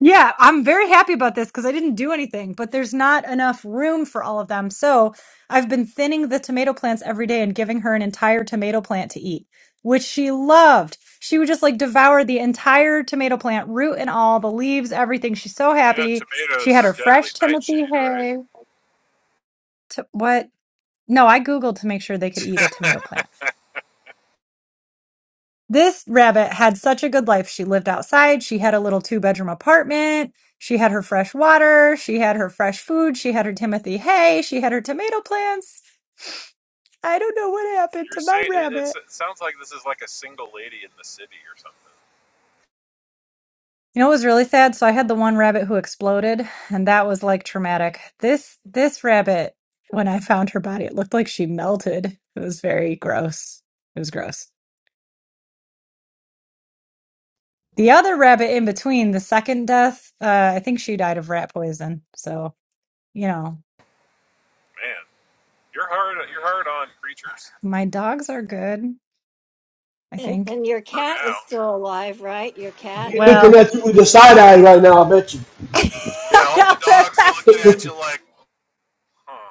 S1: yeah, I'm very happy about this because I didn't do anything, but there's not enough room for all of them. So I've been thinning the tomato plants every day and giving her an entire tomato plant to eat, which she loved. She would just like devour the entire tomato plant, root and all, the leaves, everything. She's so
S4: You know,
S1: happy. She
S4: tomatoes
S1: had her
S4: are
S1: fresh
S4: deadly
S1: Timothy.
S4: nightshade, right?
S1: T- what? No, I Googled to make sure they could eat a tomato plant. This rabbit had such a good life. She lived outside. She had a little two bedroom apartment. She had her fresh water. She had her fresh food. She had her Timothy hay. She had her tomato plants. I don't know what happened
S4: You're
S1: to my
S4: saying it's,
S1: rabbit.
S4: it sounds like this is like a single lady in the city or something.
S1: You know, it was really sad. So I had the one rabbit who exploded, and that was like traumatic. This this rabbit, when I found her body, it looked like she melted. It was very gross. It was gross. The other rabbit in between, the second death, uh, I think she died of rat poison. So you know.
S4: Man, you're hard. You're hard on creatures
S1: My dogs are good, I
S3: And,
S1: think.
S3: and your
S4: for
S3: cat is
S4: now.
S3: still alive, right? Your cat?
S2: They're looking
S1: Well,
S2: at you with the side eye right now. I bet you.
S4: Yeah, all the dogs are
S1: the
S4: looking at you like, huh?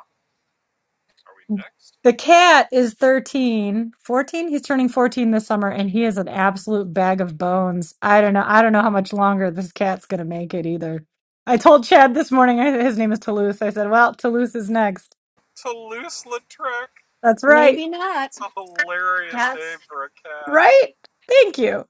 S4: Are we next?
S1: cat is thirteen, fourteen. He's turning 14 this summer and he is an absolute bag of bones. I don't know. I don't know how much longer this cat's going to make it either. I told Chad this morning, I- his name is Toulouse. I said, well, Toulouse is next.
S4: Toulouse Lautrec.
S1: That's right.
S3: Maybe not.
S4: That's a hilarious
S3: Cats.
S4: name for a cat.
S1: Right. Thank you.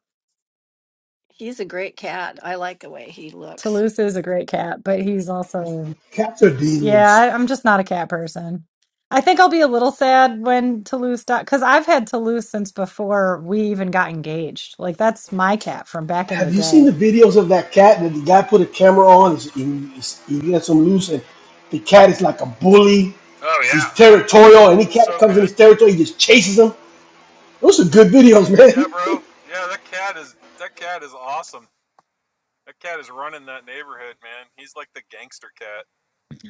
S3: He's a great cat. I like the way he looks.
S1: Toulouse is a great cat, but he's also
S2: Cats are
S1: Yeah,
S2: demons.
S1: I, I'm just not a cat person. I think I'll be a little sad when Toulouse died because I've had Toulouse since before we even got engaged. Like that's my cat from back in the
S2: Have you seen
S1: day.
S2: the videos of that cat that the guy put a camera on? He's, he, he's, he lets him loose, and the cat is like a bully.
S4: Oh
S2: He's
S4: yeah,
S2: territorial. Any cat that
S4: so
S2: comes in
S4: good.
S2: his territory, he just chases them. Those are good videos,
S4: Yeah,
S2: man.
S4: bro. Yeah, that cat is that cat is awesome. That cat is running that neighborhood, man. He's like the gangster cat.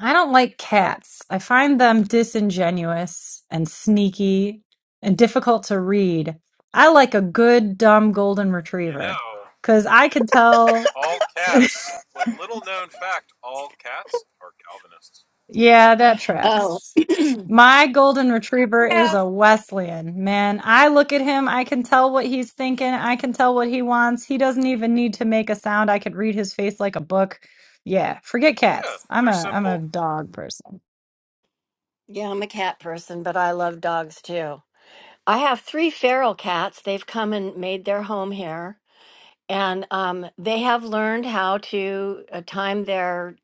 S1: I don't like cats. I find them disingenuous and sneaky and difficult to read. I like a good, dumb golden
S4: You
S1: retriever
S4: know,
S1: because I can tell.
S4: all cats. Well, little known fact: all cats are Calvinists.
S1: Yeah, that
S3: Oh,
S1: tracks. My golden retriever is
S3: yeah.
S1: a Wesleyan. Man, I look at him. I can tell what he's thinking. I can tell what he wants. He doesn't even need to make a sound. I could read his face like a book. Yeah, forget
S4: Yeah,
S1: cats. I'm
S4: they're
S1: a I'm a
S4: simple.
S1: dog person.
S3: Yeah, I'm a cat person, but I love dogs too. I have three feral cats. They've come and made their home here, and um, they have learned how to uh, time their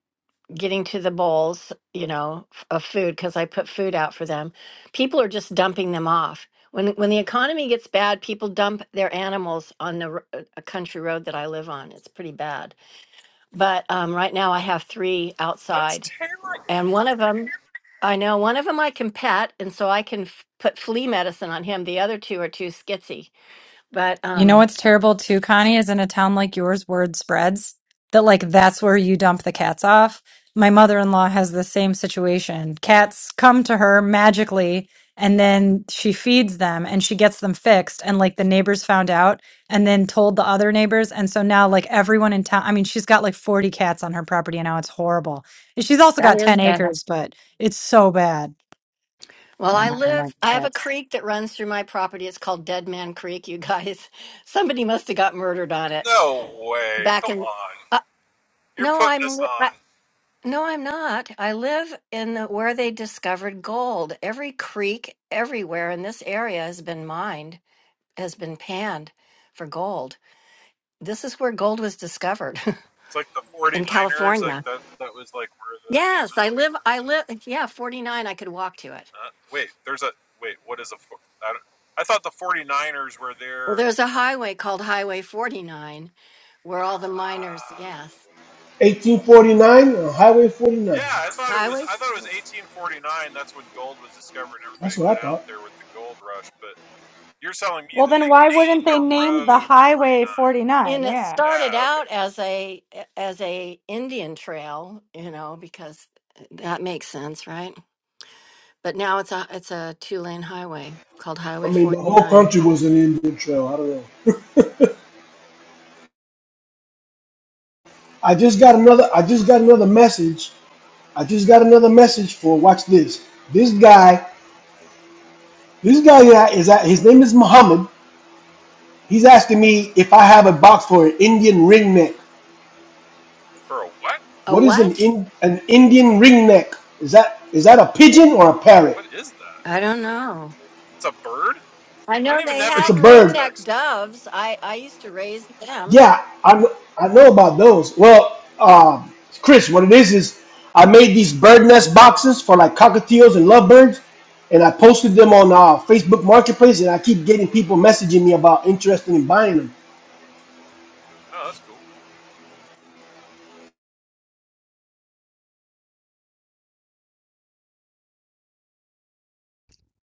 S3: getting to the bowls, you know, f- of food because I put food out for them. People are just dumping them off. When when the economy gets bad, people dump their animals on the r- uh, a country road that I live on. It's pretty bad. But um, right now I have three
S4: That's
S3: outside,
S4: terrible.
S3: and one of them, I know one of them I can pet, and so I can f- put flea medicine on him. The other two are too skitsy. But
S1: You know
S3: um,
S1: what's terrible too, Connie, is in a town like yours, word spreads that like that's where you dump the cats off. My mother-in-law has the same situation. Cats come to her magically and then she feeds them and she gets them fixed and like the neighbors found out and then told the other neighbors and so now like everyone in town I mean she's got like 40 cats on her property and now it's horrible. And she's also
S3: that
S1: got
S3: is
S1: 10
S3: bad.
S1: acres, but it's so bad.
S3: Well, I
S1: And I don't like
S3: live, I have a
S1: cats.
S3: creek that runs through my property. It's called Dead Man Creek, you guys. Somebody must have got murdered on it
S4: No way.
S3: back
S4: Come
S3: in.
S4: on.
S3: Uh,
S4: You're
S3: no,
S4: putting
S3: I'm.
S4: us
S3: li- I,
S4: on.
S3: no, I'm not. I live in the, where they discovered gold. Every creek everywhere in this area has been mined, has been panned for gold. This is where gold was discovered
S4: It's like the Forty
S3: in
S4: Niners. Like
S3: California.
S4: that. That was like where the
S3: Yes, I live. I live. Yeah, 49. I could walk to it.
S4: Uh, wait, there's a wait. What is a? I don't- I thought the 49ers were
S3: Well,
S4: there.
S3: there's a highway called Highway 49 where all the miners,
S4: Uh,
S3: yes,
S2: 1849, uh, Highway 49.
S4: yeah, I thought it was. I
S3: highways.
S4: thought it was 1849. That's when gold was discovered, and everybody
S2: That's what I
S4: went out
S2: thought.
S4: there with the gold rush. But you're telling me
S1: Well,
S4: that
S1: then
S4: they
S1: why wouldn't
S4: named
S1: they
S4: a
S1: name the
S4: road 49.
S1: highway 49?
S3: And it
S1: Yeah.
S3: started
S4: Ah, okay.
S3: out as a as a Indian trail, you know, because that makes sense, right? But now it's a it's a two lane highway called
S2: I
S3: Highway
S2: mean, the whole
S3: 49.
S2: country
S4: Huh,
S2: was an Indian trail. I don't know. I just got another. I just got another message. I just got another message for. Watch this. This guy. This guy yeah, is at. His name is Muhammad. He's asking me if I have a box for an Indian ring neck.
S4: for a what?
S3: A
S2: What is an
S3: what?
S2: in, an Indian ring neck? Is that is that a pigeon or a parrot?
S4: What is that?
S3: I don't know.
S4: It's a bird.
S3: I
S4: I
S3: know
S4: don't even
S3: they
S4: have
S2: It's
S4: any
S2: a
S3: have
S2: bird.
S3: ringneck
S4: context.
S3: doves. I I used to raise them.
S2: Yeah, I, kn- I know about those. Well, um, Chris, what it is is I made these bird nest boxes for like cockatiels and lovebirds, and I posted them on uh, Facebook Marketplace, and I keep getting people messaging me about interested in buying them.
S4: Oh, that's cool.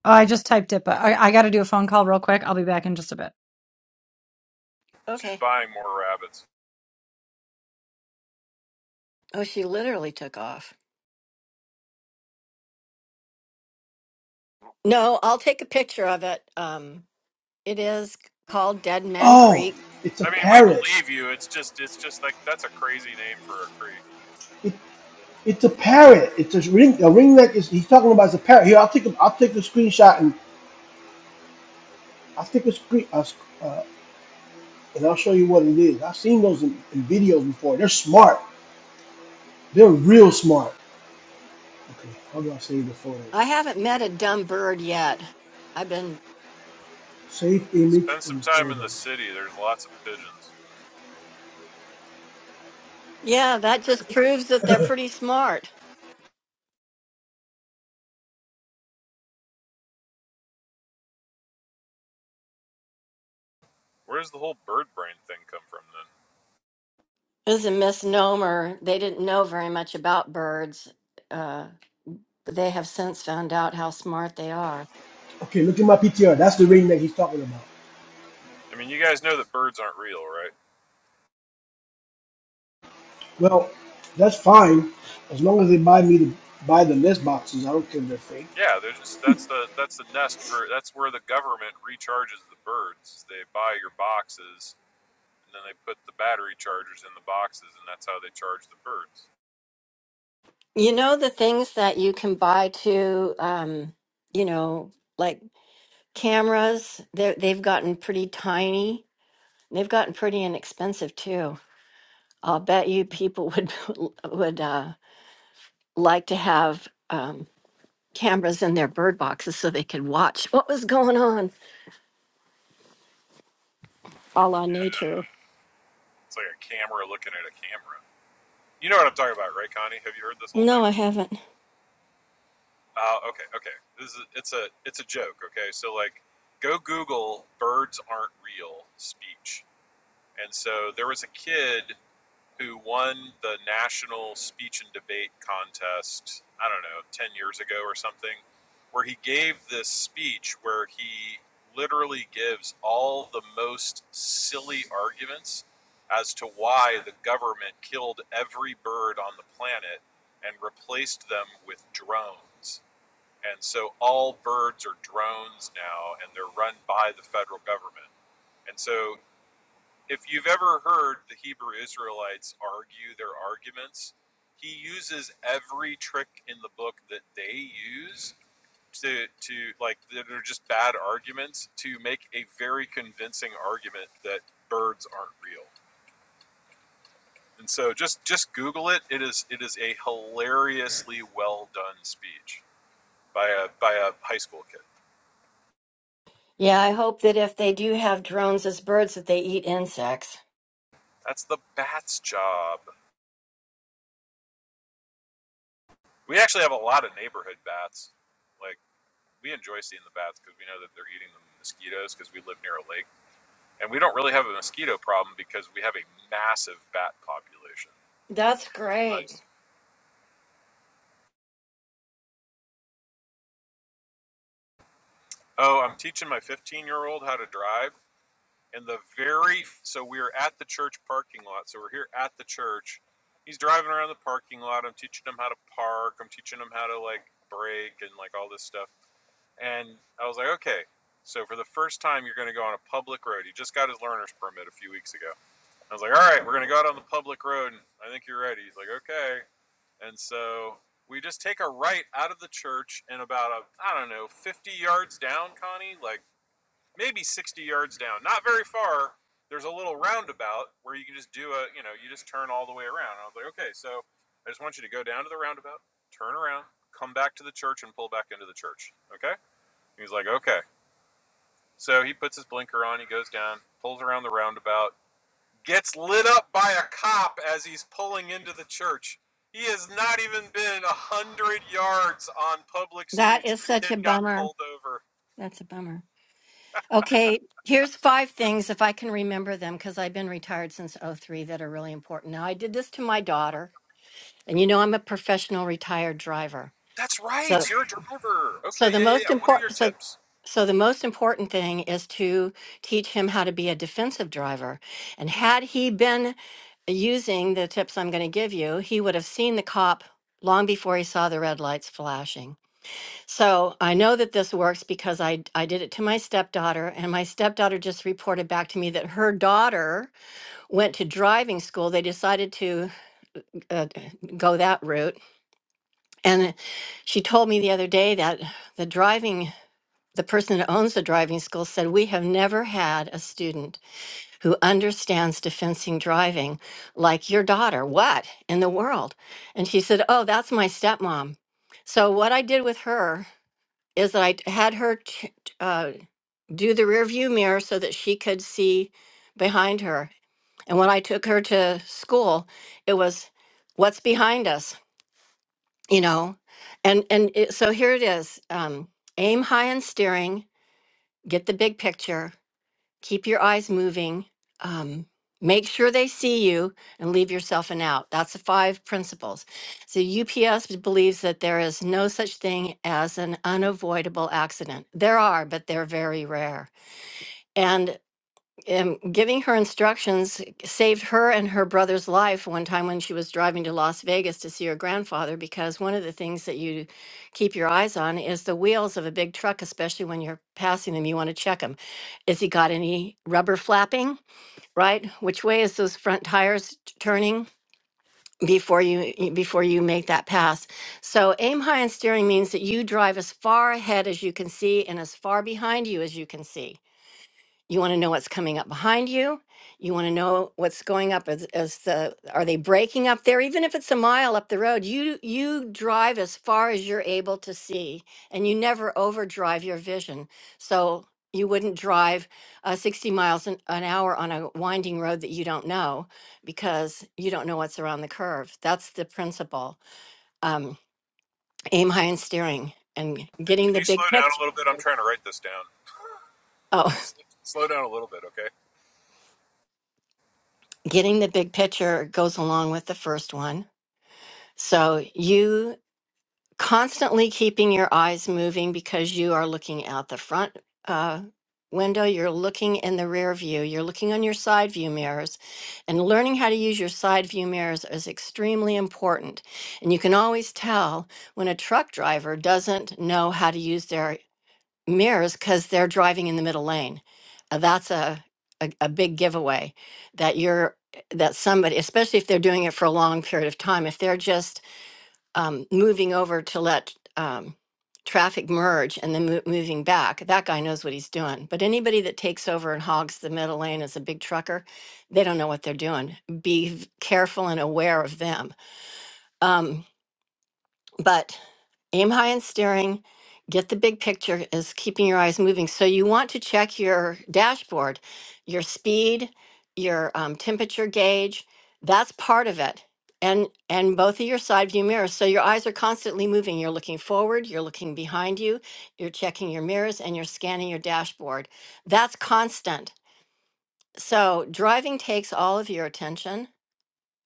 S1: Oh, I just typed it, but I, I got to do a phone call real quick. I'll be back in just a bit.
S4: She's
S3: Okay.
S4: buying more rabbits.
S3: Oh, she literally took off. No, I'll take a picture of it. Um. It is called Dead Man
S2: Oh,
S3: Creek.
S2: it's a
S4: I mean, we
S2: parrot.
S4: believe you. It's just, it's just like that's a crazy name for a creek.
S2: It, it's a parrot. It's a ring. A ring neck is. He's talking about is a parrot. Here, I'll take a, I'll take a screenshot and I'll take a screen. Uh, uh, and I'll show you what it is. I've seen those in, in videos before. They're smart. They're real smart. Okay, how do I save the photo?
S3: I haven't met a dumb bird yet. I've been,
S2: Save image
S4: Spend
S2: in
S4: some time in the
S2: photos.
S4: city. There's lots of pigeons.
S3: yeah, that just proves that they're pretty smart.
S4: Where does the whole bird brain thing come from then?
S3: This is a misnomer. They didn't know very much about birds. Uh, they have since found out how smart they are.
S2: Okay, look at my PTR. That's the ring that he's talking about.
S4: I mean, you guys know that birds aren't real, right?
S2: Well, that's fine as long as they buy me the buy the list boxes. I don't care if they're fake.
S4: Yeah, they're just that's the that's the nest for that's where the government recharges the birds. They buy your boxes and then they put the battery chargers in the boxes and that's how they charge the birds.
S3: You know, the things that you can buy to, um, you know, like cameras, they're- they've gotten pretty tiny. They've gotten pretty inexpensive too. I'll bet you people would would uh, like to have um, cameras in their bird boxes so they could watch what was going on, a la
S4: Yeah,
S3: nature.
S4: it's like a camera looking at a camera. You know what I'm talking about, right, Connie? Have you heard this whole
S3: No,
S4: thing?
S3: I haven't.
S4: Uh, okay, okay. This is it's a it's a joke, okay? So like go Google birds aren't real speech And so there was a kid who won the national speech and debate contest, I don't know, 10 years ago or something, where he gave this speech where he literally gives all the most silly arguments as to why the government killed every bird on the planet and replaced them with drones. And so all birds are drones now and they're run by the federal government. And so if you've ever heard the Hebrew Israelites argue their arguments, he uses every trick in the book that they use to to like that are just bad arguments to make a very convincing argument that birds aren't real. And so just just Google it. It is it is a hilariously well done speech by a by a high school kid.
S3: Yeah, I hope that if they do have drones as birds, that they eat insects.
S4: That's the bat's job. We actually have a lot of neighborhood bats. Like we enjoy seeing the bats because we know that they're eating the mosquitoes because we live near a lake. And we don't really have a mosquito problem because we have a massive bat population,
S3: That's
S4: which is
S3: great.
S4: nice. Oh, I'm teaching my 15 year old how to drive. And the very, so we are at the church parking lot. So we're here at the church. He's driving around the parking lot. I'm teaching him how to park. I'm teaching him how to like brake and like all this stuff. And I was like, okay, so for the first time, you're going to go on a public road. He just got his learner's permit a few weeks ago I was like, all right, we're going to go out on the public road. And I think you're ready. He's like, okay. And so we just take a right out of the church and about, a, I don't know, 50 yards down, Connie, like maybe 60 yards down, not very far. There's a little roundabout where you can just do a, you know, you just turn all the way around. And I was like, okay, so I just want you to go down to the roundabout, turn around, come back to the church, and pull back into the church. Okay? He's like, okay. So he puts his blinker on, he goes down, pulls around the roundabout, gets lit up by a cop as he's pulling into the church. He has not even been a hundred yards on public
S3: That
S4: streets, and
S3: is
S4: the
S3: such
S4: kid
S3: a
S4: got
S3: bummer.
S4: pulled over.
S3: That's a bummer. Okay, here's five things if I can remember them because I've been retired since '03 that are really important. Now, I did this to my daughter, and you know I'm a professional retired driver.
S4: That's right,
S3: So
S4: you're a driver. Okay,
S3: So the
S4: yeah, yeah,
S3: most
S4: yeah. What are your
S3: important so
S4: tips?
S3: so the most important thing is to teach him how to be a defensive driver. And had he been using the tips I'm going to give you, he would have seen the cop long before he saw the red lights flashing. So I know that this works because I, I did it to my stepdaughter, and my stepdaughter just reported back to me that her daughter went to driving school. They decided to uh, go that route. And she told me the other day that the driving the person that owns the driving school said, We have never had a student who understands defensing driving like your daughter. What in the world? And she said, Oh, that's my stepmom. So, what I did with her is that I had her t- t- uh, do the rear view mirror so that she could see behind her. And when I took her to school, it was what's behind us, you know? And, and it, so here it is um, aim high in steering, get the big picture keep your eyes moving um, make sure they see you and leave yourself an out that's the five principles so ups believes that there is no such thing as an unavoidable accident there are but they're very rare And um, giving her instructions saved her and her brother's life one time when she was driving to Las Vegas to see her grandfather. Because one of the things that you keep your eyes on is the wheels of a big truck, especially when you're passing them. You want to check them. Is he got any rubber flapping? Right? Which way is those front tires t- turning? before you y- before you make that pass. So aim high on steering means that you drive as far ahead as you can see and as far behind you as you can see. You want to know what's coming up behind you. You want to know what's going up as, as the are they breaking up there? Even if it's a mile up the road, you you drive as far as you're able to see, and you never overdrive your vision. So you wouldn't drive uh, 60 miles an, an hour on a winding road that you don't know because you don't know what's around the curve. That's the principle. Um, aim high and steering and getting
S4: Can
S3: the
S4: you
S3: big
S4: slow down
S3: picture.
S4: a little bit? I'm trying to write this down.
S3: Oh,
S4: Slow down a little bit, okay?
S3: getting the big picture goes along with the first one So you constantly keeping your eyes moving because you are looking out the front uh, window, you're looking in the rear view, you're looking on your side view mirrors, and learning how to use your side view mirrors is extremely important. And you can always tell when a truck driver doesn't know how to use their mirrors because they're driving in the middle lane. Uh, that's a, a a big giveaway that you're that somebody, especially if they're doing it for a long period of time, if they're just um, moving over to let um, traffic merge and then mo- moving back, that guy knows what he's doing. But anybody that takes over and hogs the middle lane as a big trucker, they don't know what they're doing. Be v- careful and aware of them. Um, but aim high in steering, get the big picture is keeping your eyes moving. So you want to check your dashboard, your speed, your um, temperature gauge. That's part of it. And, and both of your side view mirrors. So your eyes are constantly moving. You're looking forward, you're looking behind you, you're checking your mirrors, and you're scanning your dashboard. That's constant. So driving takes all of your attention.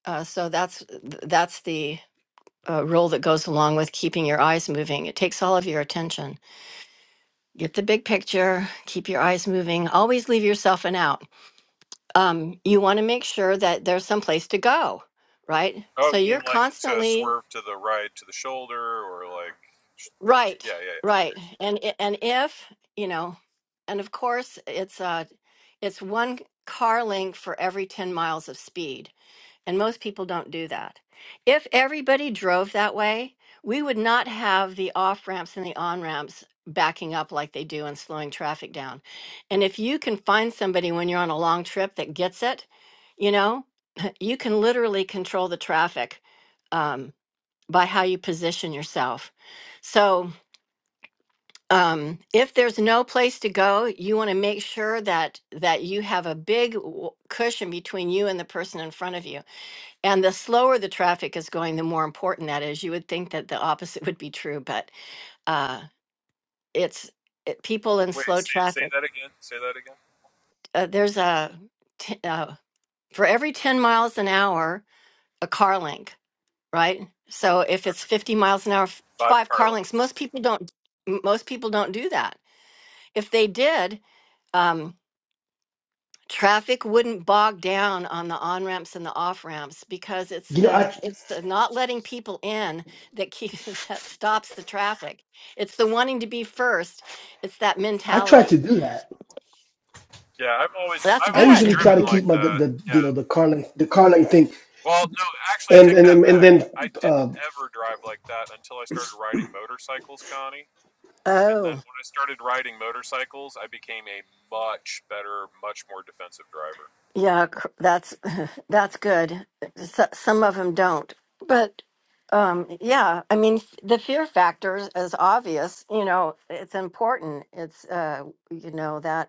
S3: Uh, so that's that's the a rule that goes along with keeping your eyes moving. It takes all of your attention. Get the big picture, keep your eyes moving, always leave yourself an out. Um, you want to make sure that there's some place to go, right?
S4: Oh,
S3: So
S4: you
S3: you're
S4: mean like to
S3: constantly
S4: swerve to the right, to the shoulder, or like,
S3: right,
S4: yeah, yeah. yeah.
S3: right. And i- and if, you know, and of course it's uh it's one car length for every 10 miles of speed. And most people don't do that. If everybody drove that way, we would not have the off ramps and the on ramps backing up like they do and slowing traffic down. And if you can find somebody when you're on a long trip that gets it, you know, you can literally control the traffic um, by how you position yourself. So um, if there's no place to go, you want to make sure that that you have a big w- cushion between you and the person in front of you and the slower the traffic is going, the more important that is. You would think that the opposite would be true, but uh, it's it, people in
S4: Wait,
S3: slow
S4: say, say
S3: traffic.
S4: that again. Say that again.
S3: Uh, there's a t- uh, for every 10 miles an hour, a car link, right? So if it's
S4: Okay,
S3: 50 miles an hour, f-
S4: five
S3: five
S4: car
S3: car links.
S4: lengths.
S3: Most people don't. m- Most people don't do that. If they did. Um, traffic wouldn't bog down on the on ramps and the off ramps because it's
S2: You know,
S3: the
S2: I
S3: it's the not letting people in that keeps that stops the traffic it's the wanting to be first it's that
S2: I try to
S3: mentality
S2: do that.
S4: Yeah, I've always
S3: that's
S4: I've
S2: I
S4: always
S2: usually try
S3: good
S4: driven
S2: to
S4: like
S2: keep my the,
S4: that.
S2: the
S4: Yeah,
S2: you know the car length the car length thing,
S4: Well, no, actually, I
S2: and
S4: take
S2: and
S4: that
S2: then- and
S4: back.
S2: then
S4: I didn't
S2: uh,
S4: ever drive like that until I started riding motorcycles, Connie. And then
S3: oh
S4: when I started riding motorcycles, I became a much better, much more defensive driver.
S3: yeah cr- that's that's good S- some of them don't but um yeah i mean f- the fear factor is is obvious you know it's important it's uh you know that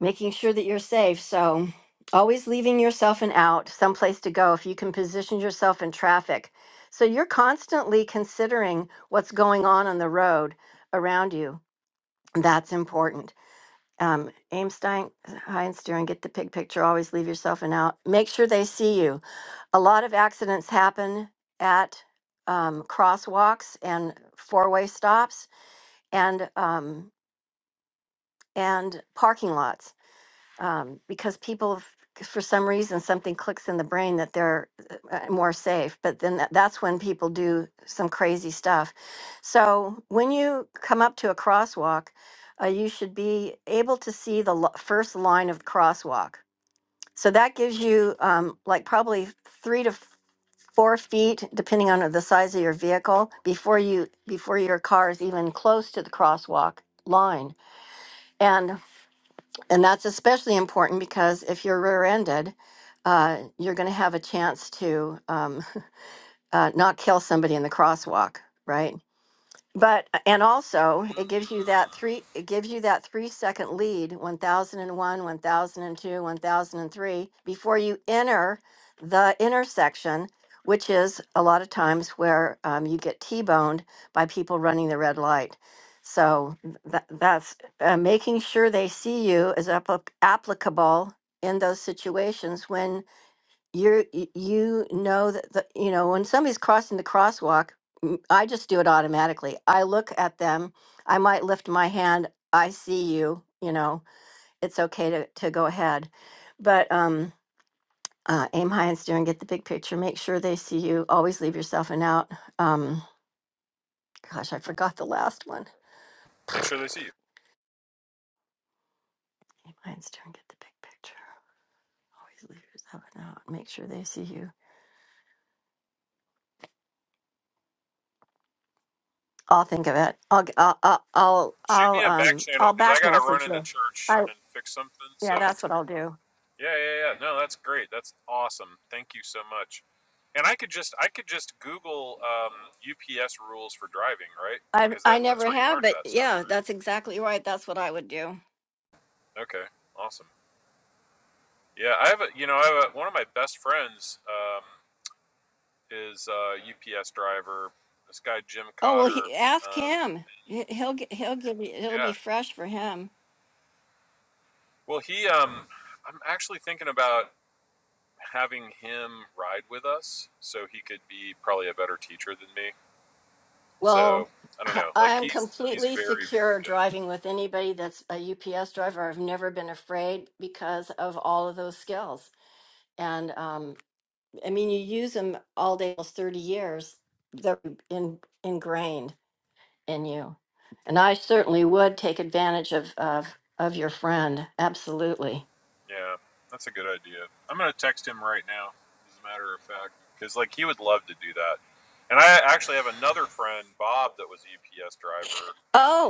S3: making sure that you're safe. So always leaving yourself an out, someplace to go if you can position yourself in traffic. So you're constantly considering what's going on on the road around you. That's important. Um, aim stein, high and steering, get the pig picture, always leave yourself an out. Make sure they see you. A lot of accidents happen at um, crosswalks and four-way stops and um, and parking lots um, because people, f- 'cause for some reason, something clicks in the brain that they're uh, uh, more safe. But then tha- that's when people do some crazy stuff. So when you come up to a crosswalk, uh, you should be able to see the lo- first line of the crosswalk. So that gives you um, like probably three to f- four feet, depending on the size of your vehicle, before you before your car is even close to the crosswalk line. and. And that's especially important because if you're rear ended, uh, you're going to have a chance to um, uh, not kill somebody in the crosswalk, right? But uh, and also it gives you that three it gives you that three second lead 1001, 1002, 1003 before you enter the intersection, which is a lot of times where um, you get T-boned by people running the red light. So that, that's uh, making sure they see you is applic applicable in those situations when you're y- you know that the, you know when somebody's crossing the crosswalk m- i just do it automatically i look at them i might lift my hand i see you you know it's okay to, to go ahead but um uh, aim high and steer and get the big picture make sure they see you always leave yourself an out um gosh i forgot the last one
S4: Make sure they see you.
S3: aim high and steer and get the big picture always leave yourself an out make sure they see you i'll think of it i'll g- i'll i'll i'll,
S4: Shoot
S3: I'll
S4: me a back
S3: um
S4: channel
S3: i'll
S4: because I
S3: back
S4: got to run
S3: message
S4: into
S3: you
S4: church and fix something. So
S3: Yeah, that's what I'll do.
S4: yeah, yeah, yeah. No, that's great. That's awesome. Thank you so much. And I could just, I could just Google um, UPS rules for driving, right?
S3: I
S4: Because
S3: I
S4: that, that's
S3: never
S4: where you
S3: have,
S4: learned
S3: but
S4: that stuff,
S3: yeah,
S4: right?
S3: that's exactly right. That's what I would do.
S4: Okay, awesome. Yeah, I have a, you know, I have a, one of my best friends um, is a UPS driver. This guy Jim
S3: Oh well,
S4: Cotter.
S3: he, ask
S4: Um,
S3: him. He- He'll get, he'll give you. It'll be
S4: yeah.
S3: fresh for him.
S4: Well, he, um, I'm actually thinking about having him ride with us, so he could be probably a better teacher than me.
S3: Well,
S4: So I don't
S3: I
S4: know.
S3: I
S4: Like
S3: am
S4: he's he's
S3: completely
S4: very very
S3: secure
S4: good.
S3: driving with anybody that's a UPS driver. I've never been afraid because of all of those skills. And um, I mean, you use them all day, almost thirty years. They're in, ingrained. in you. And I certainly would take advantage of of of your friend. Absolutely.
S4: Yeah, that's a good idea. I'm gonna text him right now. As a matter of fact, because like he would love to do that. And I actually have another friend, Bob, that was a UPS driver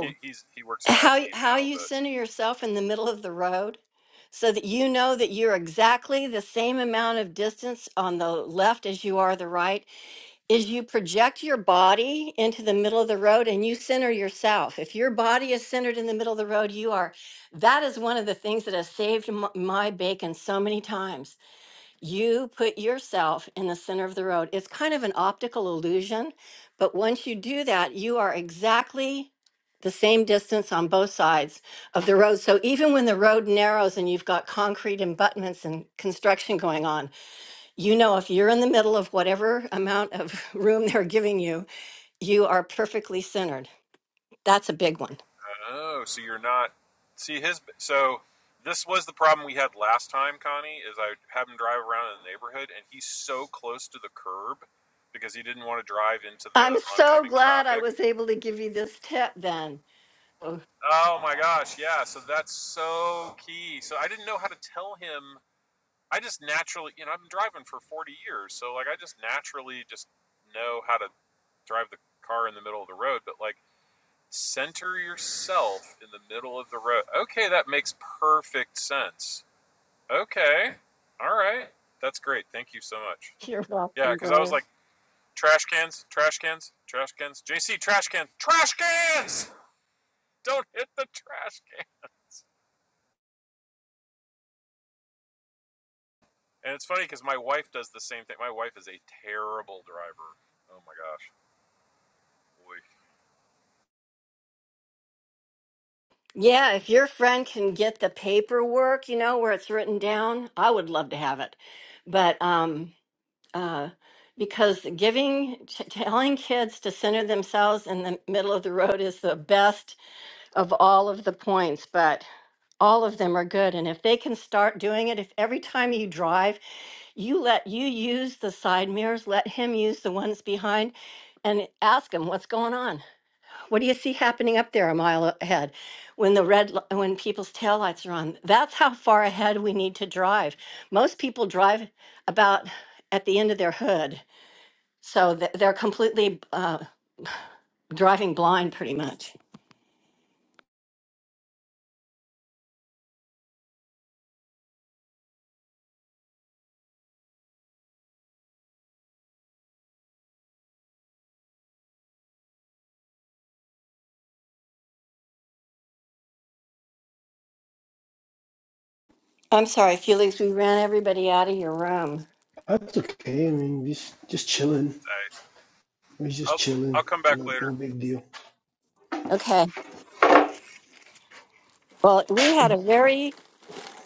S4: he, he's he works in
S3: how
S4: IT
S3: y- how
S4: now,
S3: you
S4: but
S3: center yourself in the middle of the road so that you know that you're exactly the same amount of distance on the left as you are the right is you project your body into the middle of the road and you center yourself. If your body is centered in the middle of the road, you are. That is one of the things that has saved m- my bacon so many times you put yourself in the center of the road. It's kind of an optical illusion, but once you do that, you are exactly the same distance on both sides of the road. So even when the road narrows and you've got concrete abutments and construction going on, you know if you're in the middle of whatever amount of room they're giving you, you are perfectly centered. That's a big one.
S4: oh, so you're not see his so this was the problem we had last time, Connie, is I have him drive around in the neighborhood and he's so close to the curb because he didn't want to drive into the
S3: I'm so
S4: oncoming
S3: glad I
S4: traffic.
S3: was able to give you this tip then. Oh,
S4: Oh my gosh, yeah, so that's so key. So I didn't know how to tell him. I just naturally, you know, I've been driving for 40 years, so like I just naturally just know how to drive the car in the middle of the road, but like Center yourself in the middle of the road. Okay, that makes perfect sense. Okay. All right. That's great. Thank you so much.
S3: You're
S4: Yeah,
S3: welcome,
S4: because I
S3: Brave.
S4: was like, trash cans, trash cans, trash cans. JC, trash cans, trash cans! Don't hit the trash cans. And it's funny because my wife does the same thing. My wife is a terrible driver. Oh my gosh. Boy.
S3: Yeah, if your friend can get the paperwork, you know, where it's written down, I would love to have it. But um uh because giving t- telling kids to center themselves in the middle of the road is the best of all of the points, but all of them are good and if they can start doing it if every time you drive you let you use the side mirrors let him use the ones behind and ask him what's going on what do you see happening up there a mile ahead? When the red, li- when people's taillights are on, that's how far ahead we need to drive. Most people drive about at the end of their hood, so th- they're completely uh, driving blind pretty much. I'm sorry, Felix, we ran everybody out of your room.
S2: that's okay. I mean, just just chilling.
S4: I,
S2: We're just
S4: I'll, I'll
S2: chilling.
S4: come back
S2: No,
S4: later.
S2: no big deal.
S3: Okay. Well, we had a very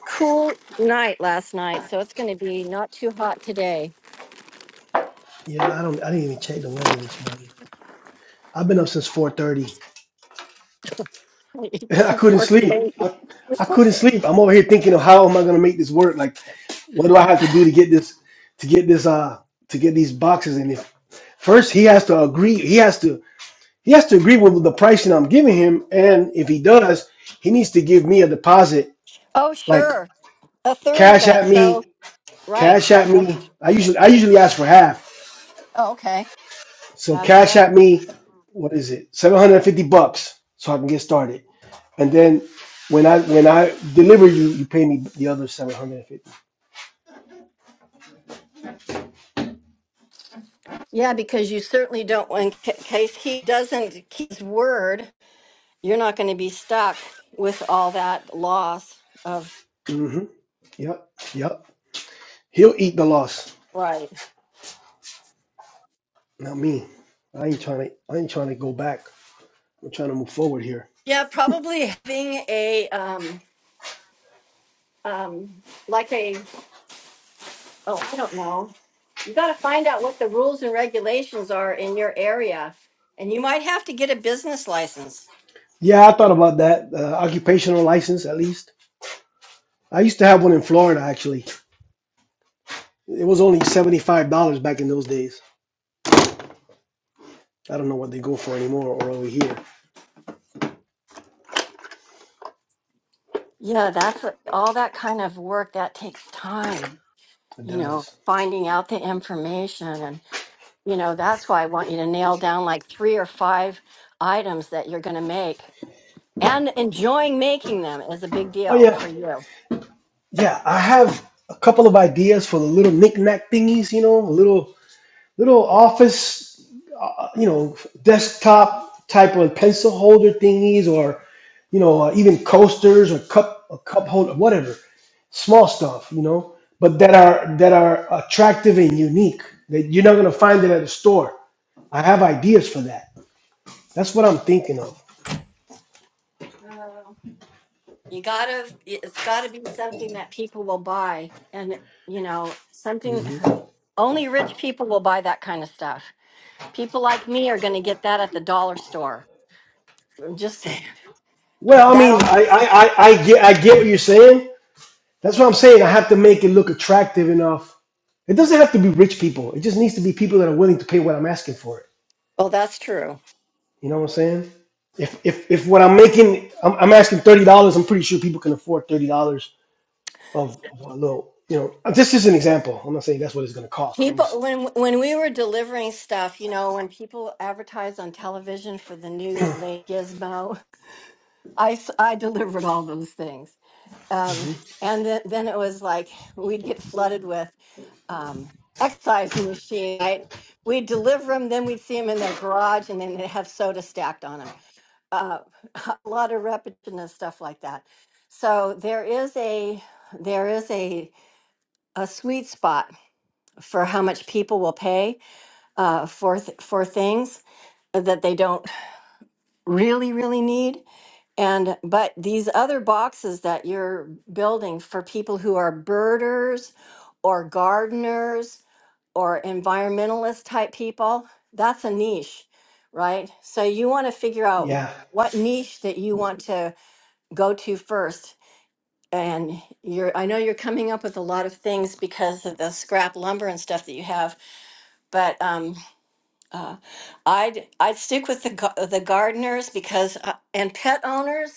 S3: cool night last night, so it's going to be not too hot today.
S2: Yeah, I don't. I didn't even check the weather this morning. I've been up since four thirty. I
S3: you
S2: couldn't
S3: poor
S2: sleep.
S3: thing.
S2: I, I couldn't sleep. I'm over here thinking of how am I gonna make this work? Like, what do I have to do to get this to get this uh to get these boxes in? If first he has to agree, he has to he has to agree with the pricing I'm giving him, and if he does, he needs to give me a deposit,
S3: Oh,
S2: like
S3: sure. A third of
S2: cash
S3: it.
S2: at me,
S3: So, right.
S2: cash at me. I usually I usually ask for half
S3: Oh, okay.
S2: So
S3: That's
S2: cash at
S3: better.
S2: me, what is it? 750 bucks so I can get started. And then when I when I deliver you, you pay me the other 750.
S3: Yeah, because you certainly don't, in ca- case he doesn't keep his word, you're not going to be stuck with all that loss of.
S2: Mm-hmm. Yep. Yep. He'll eat the loss.
S3: Right.
S2: Not me. I ain't trying to I ain't trying to go back. I'm trying to move forward here.
S3: Yeah, probably having a, um, um, like a, oh, I don't know. You got to find out what the rules and regulations are in your area. And you might have to get a business license.
S2: Yeah, I thought about that. Uh, occupational license at least. I used to have one in Florida actually. It was only $75 back in those days. I don't know what they go for anymore or over here.
S3: Yeah, that's all that kind of work that takes time,
S2: It
S3: you know,
S2: does.
S3: finding out the information You know, that's why I want you to nail down like three or five items that you're going to make and enjoying making them is a big
S2: Oh
S3: deal
S2: yeah.
S3: for you.
S2: Yeah, I have a couple of ideas for the little knick-knack thingies, you know, a little little office, uh, you know, desktop type of pencil holder thingies, or you know, uh, even coasters or cup a cup holder, whatever, small stuff, you know, but that are that are attractive and unique that you're not gonna find it at a store. I have ideas for that. That's what I'm thinking of.
S3: You got to, it's got to be something that people will buy. And, you know, something
S2: hmm
S3: only rich people will buy that kind of stuff. People like me are going to get that at the dollar store. I'm just saying. Th-
S2: Well, I
S3: that
S2: mean,
S3: all.
S2: I I I, I get I get what you're saying. That's what I'm saying. I have to make it look attractive enough. It doesn't have to be rich people. It just needs to be people that are willing to pay what I'm asking for it.
S3: Well, that's true.
S2: You know what I'm saying? If if if what I'm making, I'm, I'm asking thirty dollars. I'm pretty sure people can afford thirty dollars of, of a little. You know, this is an example. I'm not saying that's what it's going to cost, but I'm
S3: People,
S2: just
S3: when when we were delivering stuff, you know, when people advertise on television for the new late gizmo, I, s- I delivered all those things. Um, and then, then it was like we'd get flooded with um, excise machine. Right? We'd deliver them, then we'd see them in their garage, and then they'd have soda stacked on them. Uh, a lot of repetition and stuff like that. So there is a there is a a sweet spot for how much people will pay uh, for th- for things that they don't really really need And but these other boxes that you're building for people who are birders or gardeners or environmentalist type people, that's a niche, right? So you want to figure out
S2: yeah.
S3: what niche that you want to go to first. And you're I know you're coming up with a lot of things because of the scrap lumber and stuff that you have, but um uh, I'd I'd stick with the gar- the gardeners because uh, and pet owners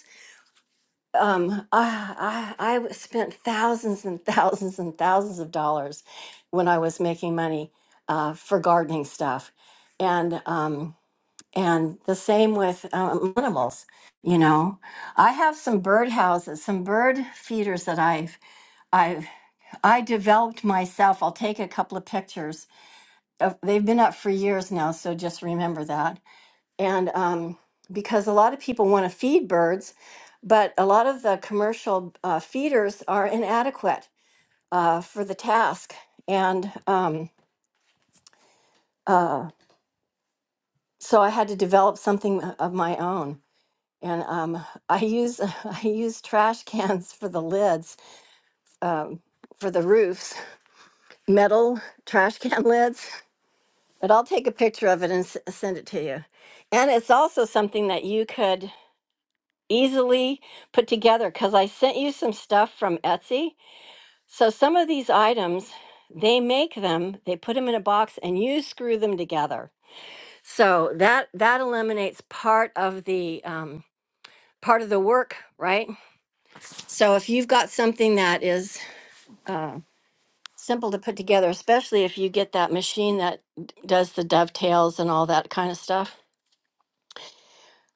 S3: um, I I, I spent thousands and thousands and thousands of dollars when I was making money uh, for gardening stuff, and um, and the same with um, animals. You know, I have some bird houses, some bird feeders that I've I've I developed myself. I'll take a couple of pictures. Of, they've been up for years now, so just remember that and um, because a lot of people want to feed birds, but a lot of the commercial uh, feeders are inadequate uh, for the task, and um, uh, so I had to develop something uh, of my own. And um, I use I use trash cans for the lids um, for the roofs, metal trash can lids. But I'll take a picture of it and s- send it to you. And it's also something that you could easily put together because I sent you some stuff from Etsy. So some of these items, they make them, they put them in a box, and you screw them together. So that that eliminates part of the um, part of the work, right? So if you've got something that is uh, simple to put together, especially if you get that machine that d- does the dovetails and all that kind of stuff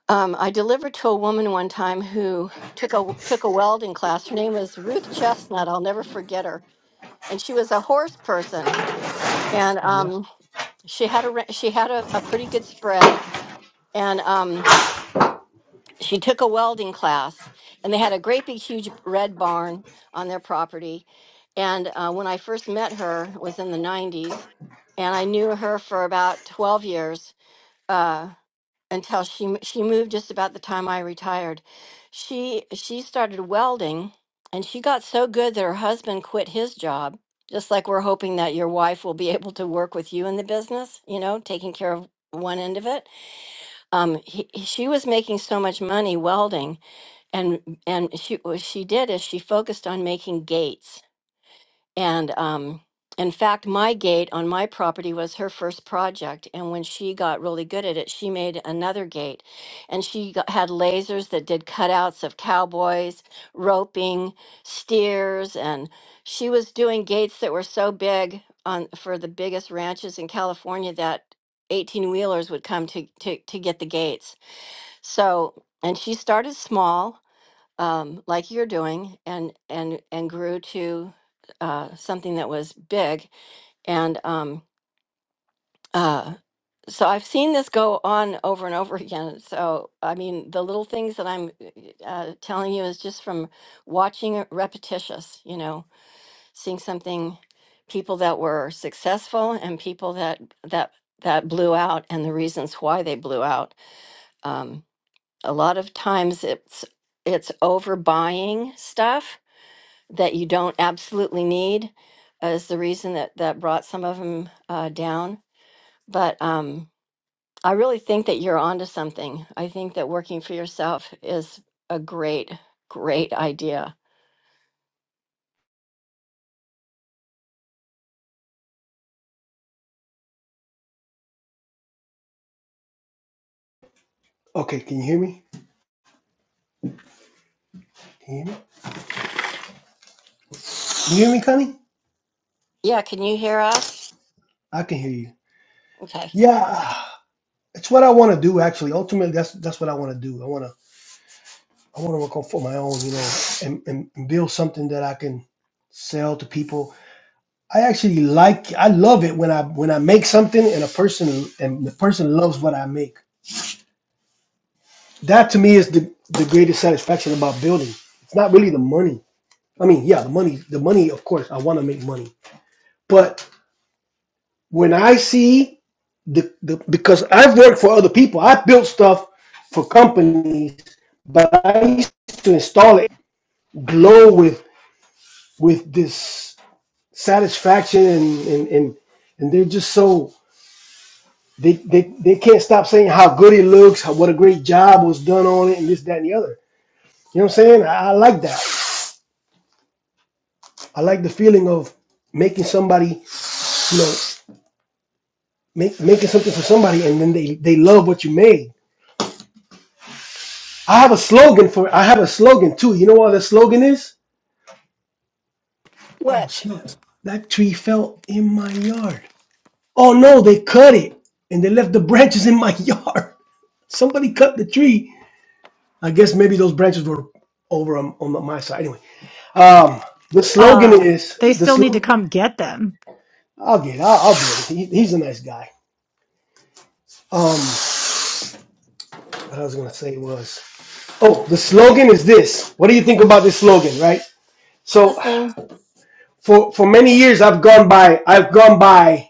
S3: Um, I delivered to a woman one time who took a took a welding class. Her name was Ruth Chestnut. I'll never forget her. And she was a horse person, and
S2: Oh yeah.
S3: um, she had a re- she had a, a pretty good spread. And um, she took a welding class, and they had a great big huge red barn on their property. And uh, when I first met her, it was in the '90s, and I knew her for about 12 years. Uh, until she m- she moved just about the time I retired. She she started welding and she got so good that her husband quit his job. Just like we're hoping that your wife will be able to work with you in the business, you know, taking care of one end of it. Um, he, he- she was making so much money welding, and and she what she did is she focused on making gates and um, in fact, my gate on my property was her first project. And when she got really good at it, she made another gate. And she got, had lasers that did cutouts of cowboys, roping, steers. And she was doing gates that were so big on for the biggest ranches in California that 18 wheelers would come to, to, to get the gates. So, and she started small um, like you're doing and and and grew to uh, something that was big and um, uh, so i've seen this go on over and over again so i mean the little things that i'm uh, telling you is just from watching it repetitious you know seeing something people that were successful and people that that that blew out and the reasons why they blew out um, a lot of times it's it's overbuying stuff that you don't absolutely need uh, is the reason that that brought some of them uh, down. But um, I really think that you're onto something. I think that working for yourself is a great, great idea.
S2: Okay. Can you hear me? Can you hear me? Can you hear me, Connie?
S3: Yeah, can you hear us?
S2: I can hear you.
S3: Okay.
S2: Yeah. It's what I want to do. Actually, ultimately, that's that's what I want to do. I want to. I want to work on for my own, you know, and, and build something that I can sell to people. I actually like I love it when I when I make something and a person and the person loves what I make. That to me is the, the greatest satisfaction about building. It's not really the money. I mean, yeah, the money the money of course I want to make money. But when I see the, the because I've worked for other people, I built stuff for companies, but I used to install it glow with with this satisfaction and and and, and they're just so they, they they can't stop saying how good it looks, how, what a great job was done on it, and this, that, and the other. You know what I'm saying? I, I like that. I like the feeling of making somebody, you know, make, making something for somebody, and then they they love what you made. I have a slogan for. I have a slogan too. You know what the slogan is? Oh
S3: What?
S2: snap! That tree fell in my yard. Oh no, they cut it and they left the branches in my yard. Somebody cut the tree I guess maybe those branches were over on, on my side. Anyway, um, the slogan
S1: Uh,
S2: is
S1: they
S2: the
S1: still need to
S2: slogan.
S1: come get them.
S2: I'll get. I'll, I'll do it. He, he's a nice guy. Um, what I was gonna say was, oh, the slogan is this. What do you think about this slogan, right? So,
S3: Listening.
S2: for for many years, I've gone by. I've gone by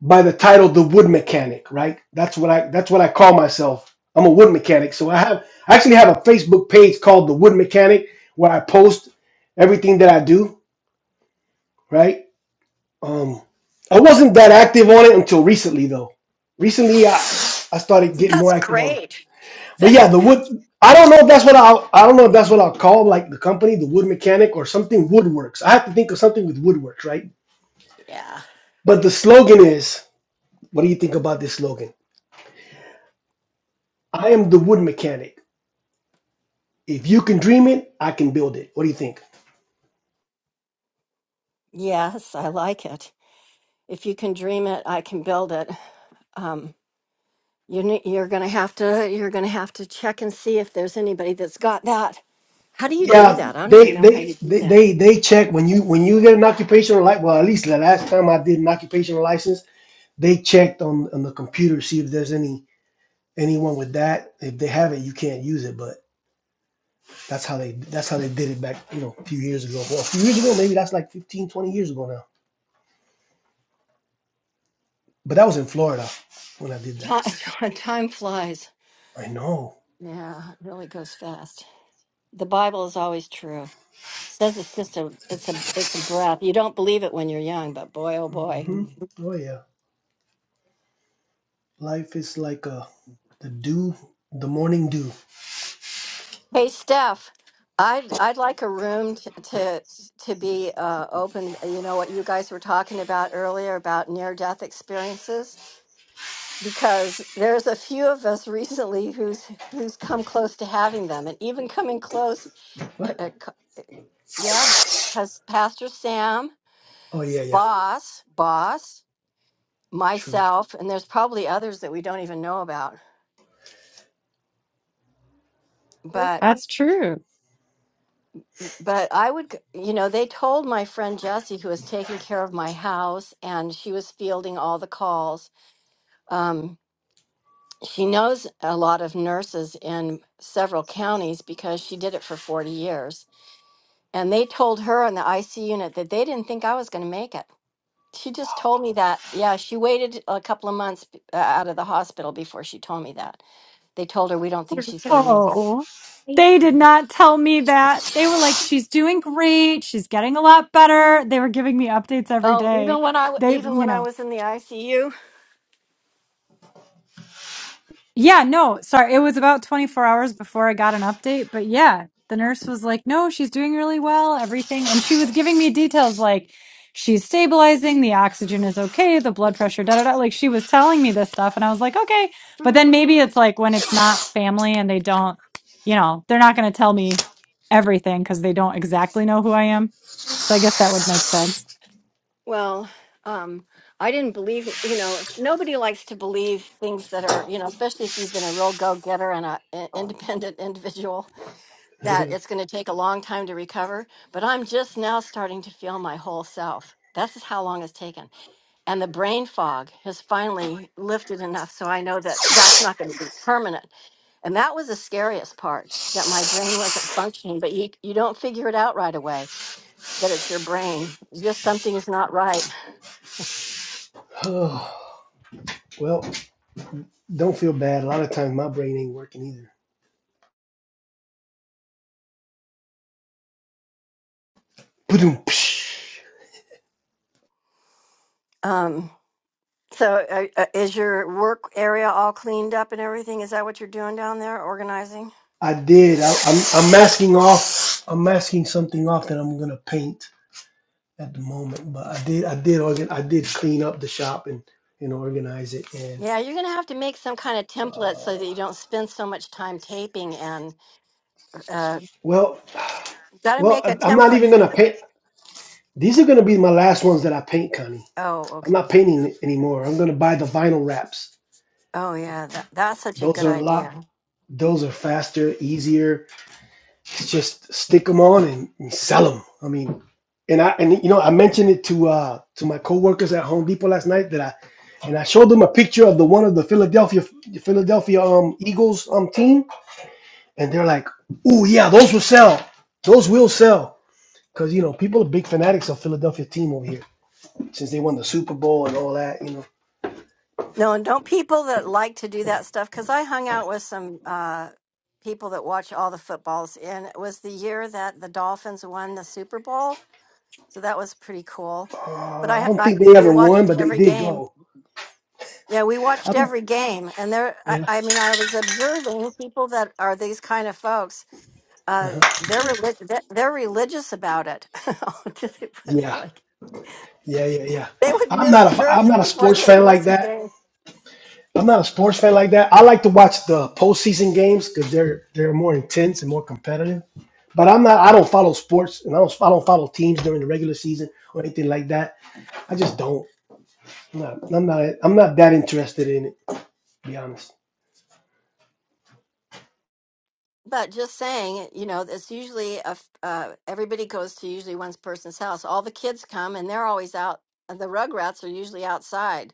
S2: by the title, the wood mechanic, right? That's what I. That's what I call myself. I'm a wood mechanic. So I have. I actually have a Facebook page called the Wood Mechanic where I post everything that I do, right? Um, I wasn't that active on it until recently, though. Recently, I I started getting more
S3: That's
S2: active on. it.
S3: great.
S2: But yeah,
S3: That's
S2: the wood. I don't know if that's what I I don't know if that's what I'll call like the company, the wood mechanic, or something woodworks. I have to think of something with woodworks, right?
S3: Yeah.
S2: But the slogan is, what do you think about this slogan? I am the wood mechanic. If you can dream it, I can build it. What do you think?
S3: Yes, I like it. If you can dream it, I can build it. Um, you, ne- you're gonna have to. You're gonna have to check and see if there's anybody that's got that. How do you do
S2: Yeah,
S3: that? I don't
S2: they
S3: even know how
S2: they
S3: you do
S2: they
S3: that.
S2: they, they check when you when you get an occupational license. Well, at least the last time I did an occupational license They checked on on the computer see if there's any anyone with that. If they have it, you can't use it. But that's how they that's how they did it back, you know, a few years ago. Well, a few years ago, maybe that's like fifteen, twenty years ago now. But that was in Florida when I did that.
S3: Time, time flies.
S2: I know.
S3: Yeah, it really goes fast. The Bible is always true. It says it's just a it's a it's a breath. You don't believe it when you're young, but boy oh boy.
S2: hmm
S3: Mhm.
S2: Oh yeah, life is like a the dew, the morning dew.
S3: Hey Steph, I'd I'd like a room t- to to be uh, open. You know what you guys were talking about earlier about near death experiences because there's a few of us recently who's who's come close to having them, and even coming close.
S2: What?
S3: Yeah. Pastor Sam,
S2: Oh yeah, yeah.
S3: Boss, Boss,
S2: True.
S3: myself, and there's probably others that we don't even know about. But
S1: That's true.
S3: but I would, g- you know, they told my friend Jessie, who was taking care of my house, and she was fielding all the calls. Um, she knows a lot of nurses in several counties because she did it for 40 years. And they told her on the IC unit that they didn't think I was going to make it. She just told me that. Yeah, she waited a couple of months b- uh, out of the hospital before she told me that. They told her we don't think she's going to make it.
S1: Oh, they did not tell me that. They were like, she's doing great. She's getting a lot better. They were giving me updates every
S3: Oh,
S1: day.
S3: even when I w-
S1: They,
S3: even
S1: you
S3: when I
S1: know.
S3: was in the ICU,
S1: Yeah, no, sorry. It was about 24 hours before I got an update, but yeah, the nurse was like, "No, she's doing really well, everything." And she was giving me details like she's stabilizing, the oxygen is okay, the blood pressure, da da da. Like she was telling me this stuff and I was like, "Okay." But then maybe it's like when it's not family and they don't, you know, they're not going to tell me everything cuz they don't exactly know who I am. So I guess that would make sense.
S3: well, um, I didn't believe. m- You know, nobody likes to believe things that are. You know, especially if you've been a real go getter and a an independent individual, that it's going to take a long time to recover. But I'm just now starting to feel my whole self. That's how long it's taken. and the brain fog has finally lifted enough so I know that that's not going to be permanent. And that was the scariest part that my brain wasn't functioning, but you, you don't figure it out right away that it's your brain. It's Just something's not right.
S2: well, don't feel bad. A lot of times my brain ain't working either. Ba-doom, psh.
S3: Um, so, uh, uh, is your work area all cleaned up and everything? Is that what you're doing down there, organizing?
S2: I did. I, I'm I'm masking off. I'm masking something off that I'm gonna paint at the moment. But I did. I did organ. I did clean up the shop and and organize it. And
S3: Yeah, you're going to have to make some kind of template so
S2: uh,
S3: that you don't spend so much time taping and uh,
S2: well,
S3: got to
S2: well,
S3: make a
S2: I- I'm not
S3: template.
S2: even gonna paint. These are gonna be my last ones that I paint, Connie.
S3: Oh,
S2: I'm
S3: okay.
S2: not painting anymore. I'm gonna buy the vinyl wraps.
S3: Oh, yeah. That, that's such a
S2: Those
S3: good
S2: are a
S3: idea.
S2: lot. Those are faster, easier to just stick them on and, and sell them. I mean, and I and you know I mentioned it to uh to my coworkers at Home Depot last night that I and I showed them a picture of the one of the Philadelphia Philadelphia um Eagles um team and they're like, "Oh yeah, those will sell. Those will sell." Cuz you know, people are big fanatics of Philadelphia team over here since they won the Super Bowl and all that, you know.
S3: No, and don't people that like to do that stuff? Because I hung out with some uh, people that watch all the footballs, and it was the year that the Dolphins won the Super Bowl, so that was pretty cool. But
S2: Uh, I
S3: I,
S2: don't
S3: I
S2: think they
S3: we
S2: ever won,
S3: watched
S2: but they
S3: every
S2: did
S3: game.
S2: go.
S3: Yeah, we
S2: I
S3: watched
S2: don't
S3: every game, and there. I,
S2: yeah.
S3: I mean, I was observing people that are these kind of folks. Uh, they're religious. They're they're religious about it. it was
S2: Yeah.
S3: like
S2: Yeah, yeah, yeah.
S3: they would
S2: I'm
S3: miss
S2: not a I'm
S3: church
S2: not a
S3: before
S2: sports
S3: they would
S2: fan like
S3: miss a
S2: that.
S3: game.
S2: I'm not a sports fan like that. I like to watch the postseason games because they're they're more intense and more competitive. But I'm not. I don't follow sports, and I don't I don't follow teams during the regular season or anything like that. I just don't. I'm not. I'm not, I'm not that interested in it. To be honest.
S3: But just saying, you know, it's usually a f uh, everybody goes to usually one person's house. All the kids come, and they're always out. and The Rugrats are usually outside,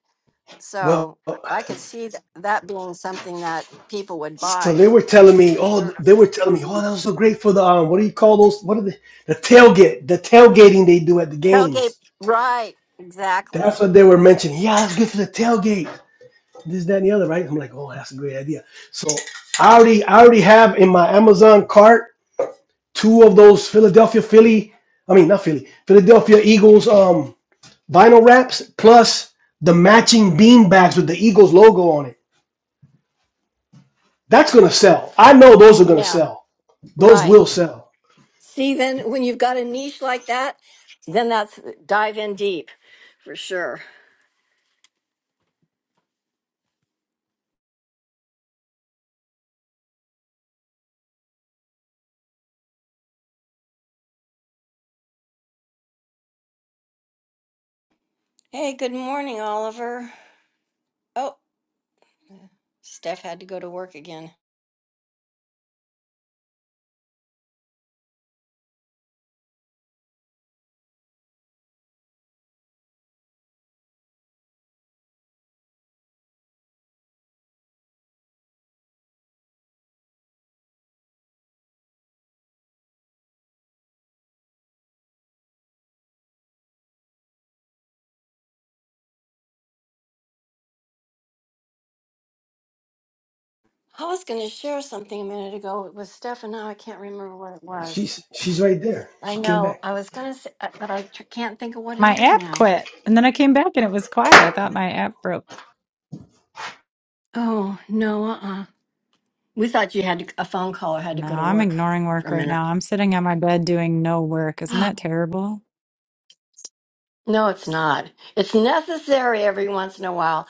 S2: Well,
S3: so I could see th- that being something that people would
S2: so
S3: buy
S2: they were telling me.
S3: for
S2: Oh,
S3: sure.
S2: they were telling me. Oh,
S3: Mhm.
S2: that was so great for the um. What do you call those? What are the the tailgate? The tailgating they do at the
S3: Tailgate,
S2: games.
S3: right? Exactly.
S2: That's what they were mentioning. Yeah, that's good for the tailgate. this, that, and the other, right? I'm like, oh, that's a great idea. So I already, I already have in my Amazon cart two of those Philadelphia Philly, I mean not Philly, Philadelphia Eagles um vinyl wraps plus the matching bean bags with the Eagles logo on it. That's gonna sell. I know those are gonna
S3: Yeah,
S2: sell. Those
S3: right.
S2: will sell.
S3: See, then when you've got a niche like that, then that's dive in deep for sure. Hey, good morning, Oliver. Oh, Steph had to go to work again. I was going to share something a minute ago. It was Steph, and now I can't remember what it was.
S2: She's she's right there.
S3: I
S2: She came
S3: know
S2: back.
S3: I was going to say, uh, but I tr- can't think of what it
S1: My
S3: is
S1: app
S3: now.
S1: quit. And then I came back and it was quiet. I thought my app broke.
S3: Oh, no, uh uh We thought you had to, a phone call or had to
S1: No,
S3: go to
S1: I'm
S3: work
S1: ignoring
S3: for
S1: work
S3: a
S1: right
S3: minute.
S1: now. I'm sitting on my bed doing no work. Isn't that
S3: Oh,
S1: terrible?
S3: no, it's not. It's necessary every once in a while.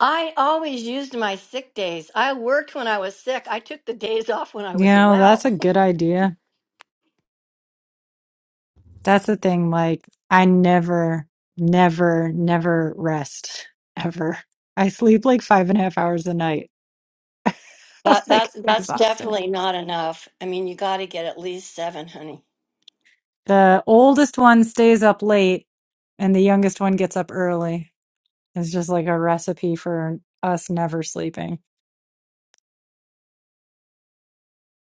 S3: I always used my sick days. I worked when I was sick. I took the days off when I
S1: You
S3: was
S1: know,
S3: well.
S1: that's a good idea. That's the thing. Like, I never, never, never rest ever. I sleep like five and a half hours a night. I'm
S3: that
S1: like
S3: that's that's
S1: exhausted.
S3: definitely not enough. I mean, you got to get at least 7, honey.
S1: The oldest one stays up late and the youngest one gets up early. It's just like a recipe for us never sleeping.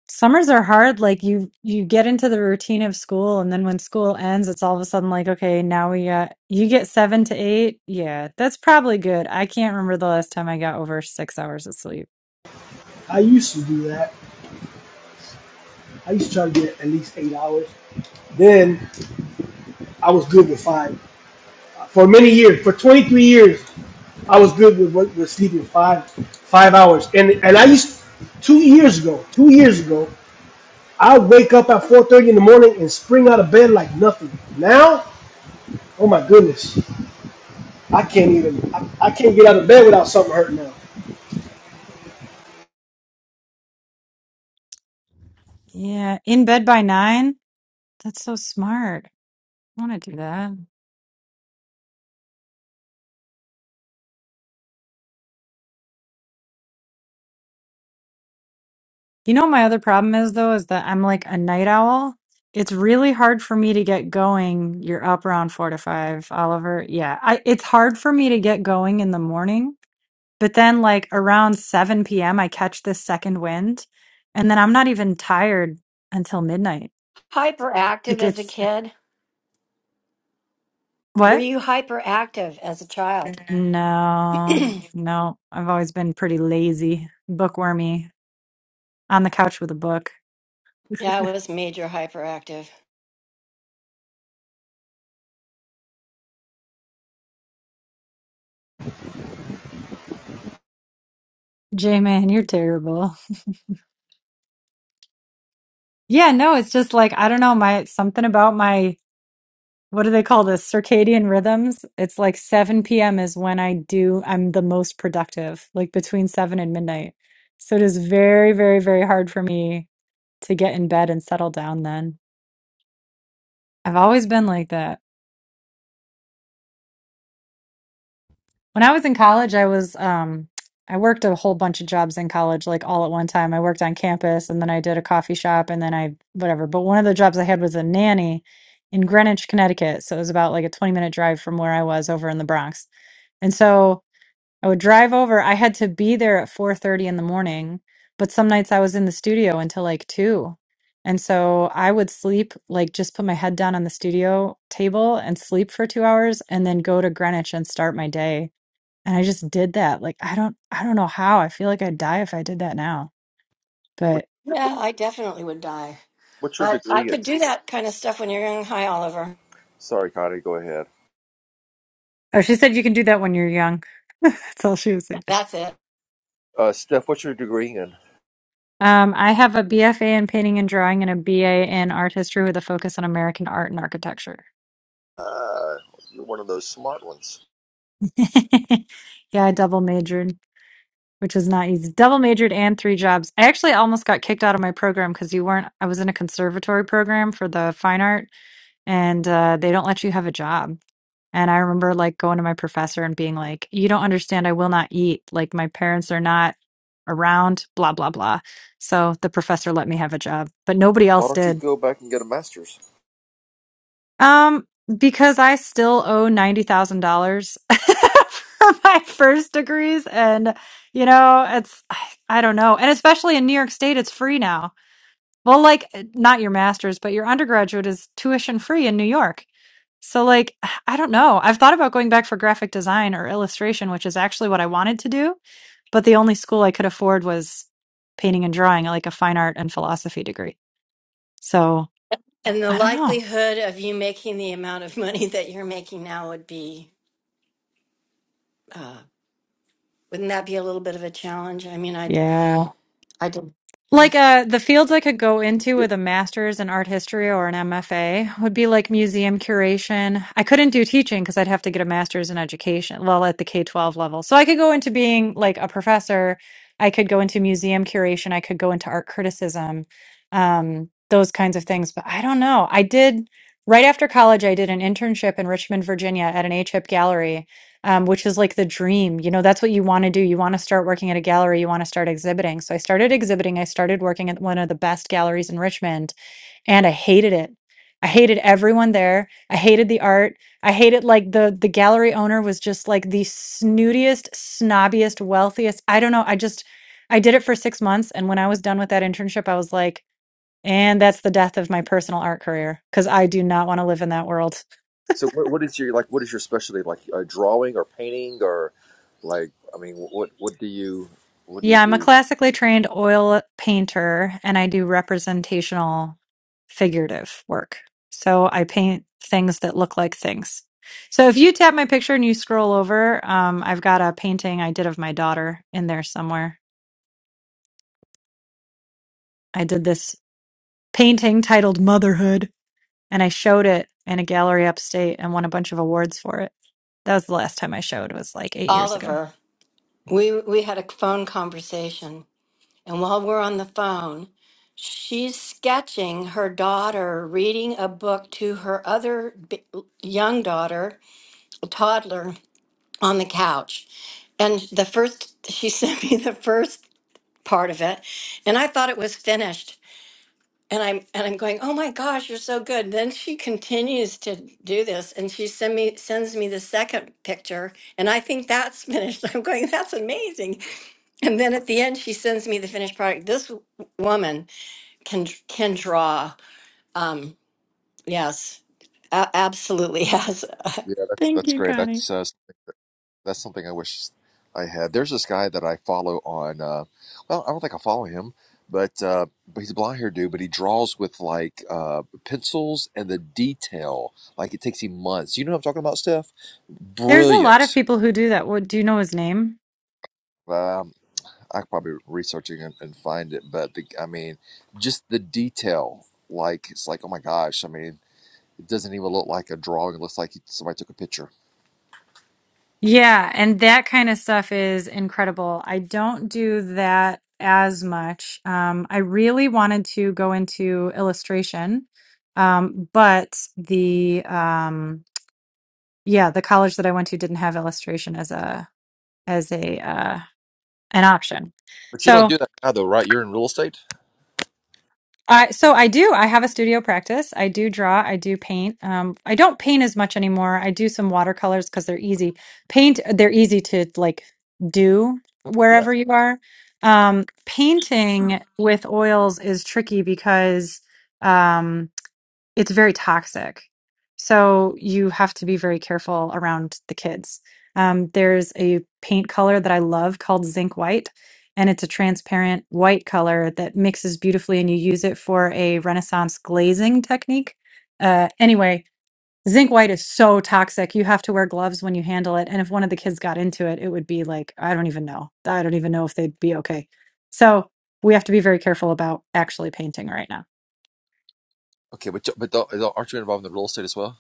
S1: summers are hard like you you get into the routine of school and then when school ends it's all of a sudden like okay now we got you get seven to eight yeah that's probably good i can't remember the last time i got over six hours of sleep
S2: I used to do that. I used to try to get at least eight hours. Then I was good with five for many years. For 23 years, I was good with, with, with sleeping five five hours, and and I used two years ago. Two years ago, I wake up at four thirty in the morning and spring out of bed like nothing. Now, oh my goodness, I can't even. I, I can't get out of bed without something hurting now.
S1: yeah in bed by nine that's so smart i want to do that you know my other problem is though is that i'm like a night owl it's really hard for me to get going you're up around four to five oliver yeah I, it's hard for me to get going in the morning But then, like around 7 p.m., I catch this second wind, and then I'm not even tired until midnight.
S3: Hyperactive
S1: Like
S3: as a
S1: it's
S3: kid. Were
S1: what?
S3: you hyperactive as a child?
S1: No,
S3: yeah,
S1: no. I've always been pretty lazy, bookwormy, on the couch with a book.
S3: I was major hyperactive.
S1: J man, you're terrible. Yeah, no, it's just like I don't know, my something about my what do they call this? Circadian rhythms. It's like 7 p.m. is when I do I'm the most productive, like between 7 and midnight. So it is very, very, very hard for me to get in bed and settle down then. I've always been like that. When I was in college, I was um I worked a whole bunch of jobs in college like all at one time. I worked on campus and then I did a coffee shop and then I whatever. But one of the jobs I had was a nanny in Greenwich, Connecticut. So it was about like a 20 minute drive from where I was over in the Bronx. And so I would drive over. I had to be there at 4:30 in the morning, but some nights I was in the studio until like 2. And so I would sleep, like just put my head down on the studio table and sleep for 2 hours and then go to Greenwich and start my day. And I just did that. Like I don't I don't know how. I feel like I'd die if I did that now.
S5: What,
S1: But
S5: what,
S3: Yeah, I definitely would die.
S5: what's your
S3: But I
S5: degree in?
S3: could do that kind of stuff when you're young Hi, Oliver.
S5: Sorry, Connie, go ahead.
S1: oh, she said you can do that when you're young. That's all she was saying.
S3: That's it.
S5: Uh, Steph, what's your degree in?
S1: Um, I have a BFA in painting and drawing and a BA in art history with a focus on American art and architecture.
S5: Uh, you're one of those smart ones.
S1: yeah, I double majored, which was not easy. Double majored and three jobs. I actually almost got kicked out of my program because you weren't, I was in a conservatory program for the fine art and uh, they don't let you have a job. And I remember like going to my professor and being like, you don't understand. I will not eat. Like my parents are not around, blah, blah, blah. So the professor let me have a job, but nobody
S5: Why
S1: else
S5: don't you
S1: did.
S5: go back and get a master's?
S1: Um, because I still owe ninety thousand dollars for my first degrees, and you know, it's I, I don't know, and especially in New York State, it's free now. Well, like eh, not your master's, but your undergraduate is tuition free in New York. So, like, I don't know. I've thought about going back for graphic design or illustration, which is actually what I wanted to do, but the only school I could afford was painting and drawing, like a fine art and philosophy degree. So,
S3: And the
S1: I don't know.
S3: likelihood of you making the amount of money that you're making now would be, uh, wouldn't that be a little bit of a challenge? I mean, I,
S1: Yeah.
S3: I did, you know.
S1: Like uh, the fields I could go into
S5: Yeah.
S1: with a master's in art history or an MFA would be like museum curation. I couldn't do teaching because I'd have to get a master's in education, well, at the K 12 level. So I could go into being like a professor. I could go into museum curation. I could go into art criticism, um, those kinds of things. But I don't know. I did, right after college, I did an internship in Richmond, Virginia at an ACHIP gallery um, which is like the dream. You know, that's what you want to do. You want to start working at a gallery, you want to start exhibiting. So I started exhibiting. I started working at one of the best galleries in Richmond, and I hated it. I hated everyone there. I hated the art. I hated like the the gallery owner was just like the snootiest, snobbiest, wealthiest. I don't know. I just I did it for 6 months and when I was done with that internship, I was like, and that's the death of my personal art career cuz I do not want to live in that world.
S5: So what, what is your like? What is your specialty? Like uh, drawing or painting or like? I mean, what what do you what do you
S1: Yeah, I'm a
S5: do?
S1: classically trained oil painter and I do representational figurative work. So I paint things that look like things. So if you tap my picture and you scroll over, um, I've got a painting I did of my daughter in there somewhere. I did this painting titled Motherhood and I showed it in a gallery upstate and won a bunch of awards for it. That was the last time I showed, was like eight years ago.
S3: Oliver, we, we had a phone conversation And while we're on the phone, she's sketching her daughter reading a book to her other b- young daughter, a toddler, on the couch. And the first, she sent me the first part of it, and I thought it was finished. And I'm and I'm going, oh my gosh, you're so good. Then she continues to do this, and she send me sends me the second picture, and I think that's finished. I'm going, that's amazing. And then at the end, she sends me the finished product. This w- woman can can draw. Um, yes, a- absolutely has.
S5: Yeah, that's
S1: Thank
S5: that's
S1: you,
S5: great.
S1: Connie.
S5: That's uh, That's something I wish I had. There's this guy that I follow on. Uh, well, I don't think I follow him, but uh, but he's a blonde haired dude. But he draws with like uh, pencils and the detail. Like it takes him months. You know what I'm talking about, Steph?
S1: There's a lot of
S5: Brilliant.
S1: people who do that. What, do you know his name?
S5: Well, Um, I could probably research it and, and find it, but the, I mean, just the detail. Like it's like, oh my gosh! I mean, it doesn't even look like a drawing. It looks like somebody took a picture.
S1: Yeah, and that kind of stuff is incredible. I don't do that as much. Um, I really wanted to go into illustration, um, but the um, yeah, the college that I went to didn't have illustration as a as a uh, an option.
S5: But you
S1: So.
S5: don't do that now, though, right? You're in real estate.
S1: I so I do. I have a studio practice. I do draw. I do paint. Um, I don't paint as much anymore. I do some watercolors because they're easy. Paint, they're easy to like do
S5: Yeah.
S1: wherever you are. Um, painting with oils is tricky because um, it's very toxic. So you have to be very careful around the kids. Um, there's a paint color that I love called zinc white, and it's a transparent white color that mixes beautifully, and you use it for a Renaissance glazing technique. Uh, anyway, zinc white is so toxic. You have to wear gloves when you handle it. And if one of the kids got into it, it would be like, I don't even know. I don't even know if they'd be okay. So we have to be very careful about actually painting right now.
S5: Okay, but but the, the- aren't you involved in the real estate as well?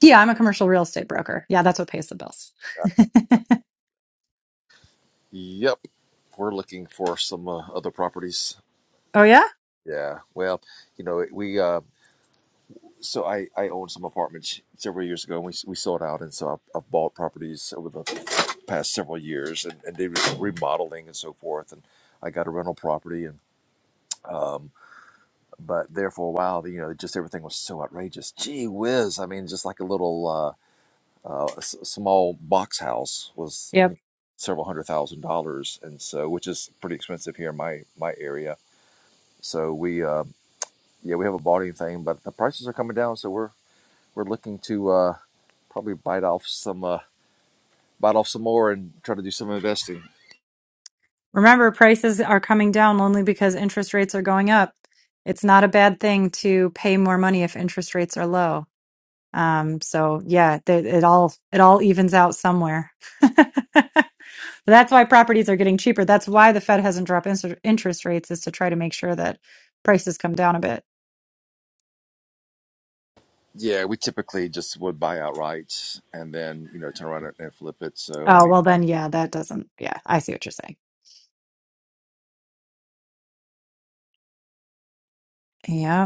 S1: Yeah, I'm a commercial real estate broker. Yeah, that's what pays the bills.
S5: Yeah. Yep, we're looking for some uh, other properties.
S1: oh, yeah?
S5: Yeah, well, you know, we uh, so I I owned some apartments several years ago, and we we sold out, and so I've, I've bought properties over the past several years, and and did remodeling and so forth, and I got a rental property, and um, but there for a while, you know, just everything was so outrageous. Gee whiz! I mean, just like a little. uh, uh, a s- small box house was you
S1: Yep.
S5: know, several hundred thousand dollars, and so which is pretty expensive here in my my area. So we uh, yeah we haven't bought anything, but the prices are coming down, so we're we're looking to uh, probably bite off some uh, bite off some more and try to do some investing.
S1: Remember, prices are coming down only because interest rates are going up. It's not a bad thing to pay more money if interest rates are low. Um, so yeah, th- it all it all evens out somewhere. But That's why properties are getting cheaper. That's why the Fed hasn't dropped inter- interest rates is to try to make sure that prices come down a bit.
S5: Yeah, we typically just would buy outright and then you know turn around and and flip it. So I
S1: Oh,
S5: mean.
S1: well then, yeah, that doesn't. Yeah, I see what you're saying. Yeah.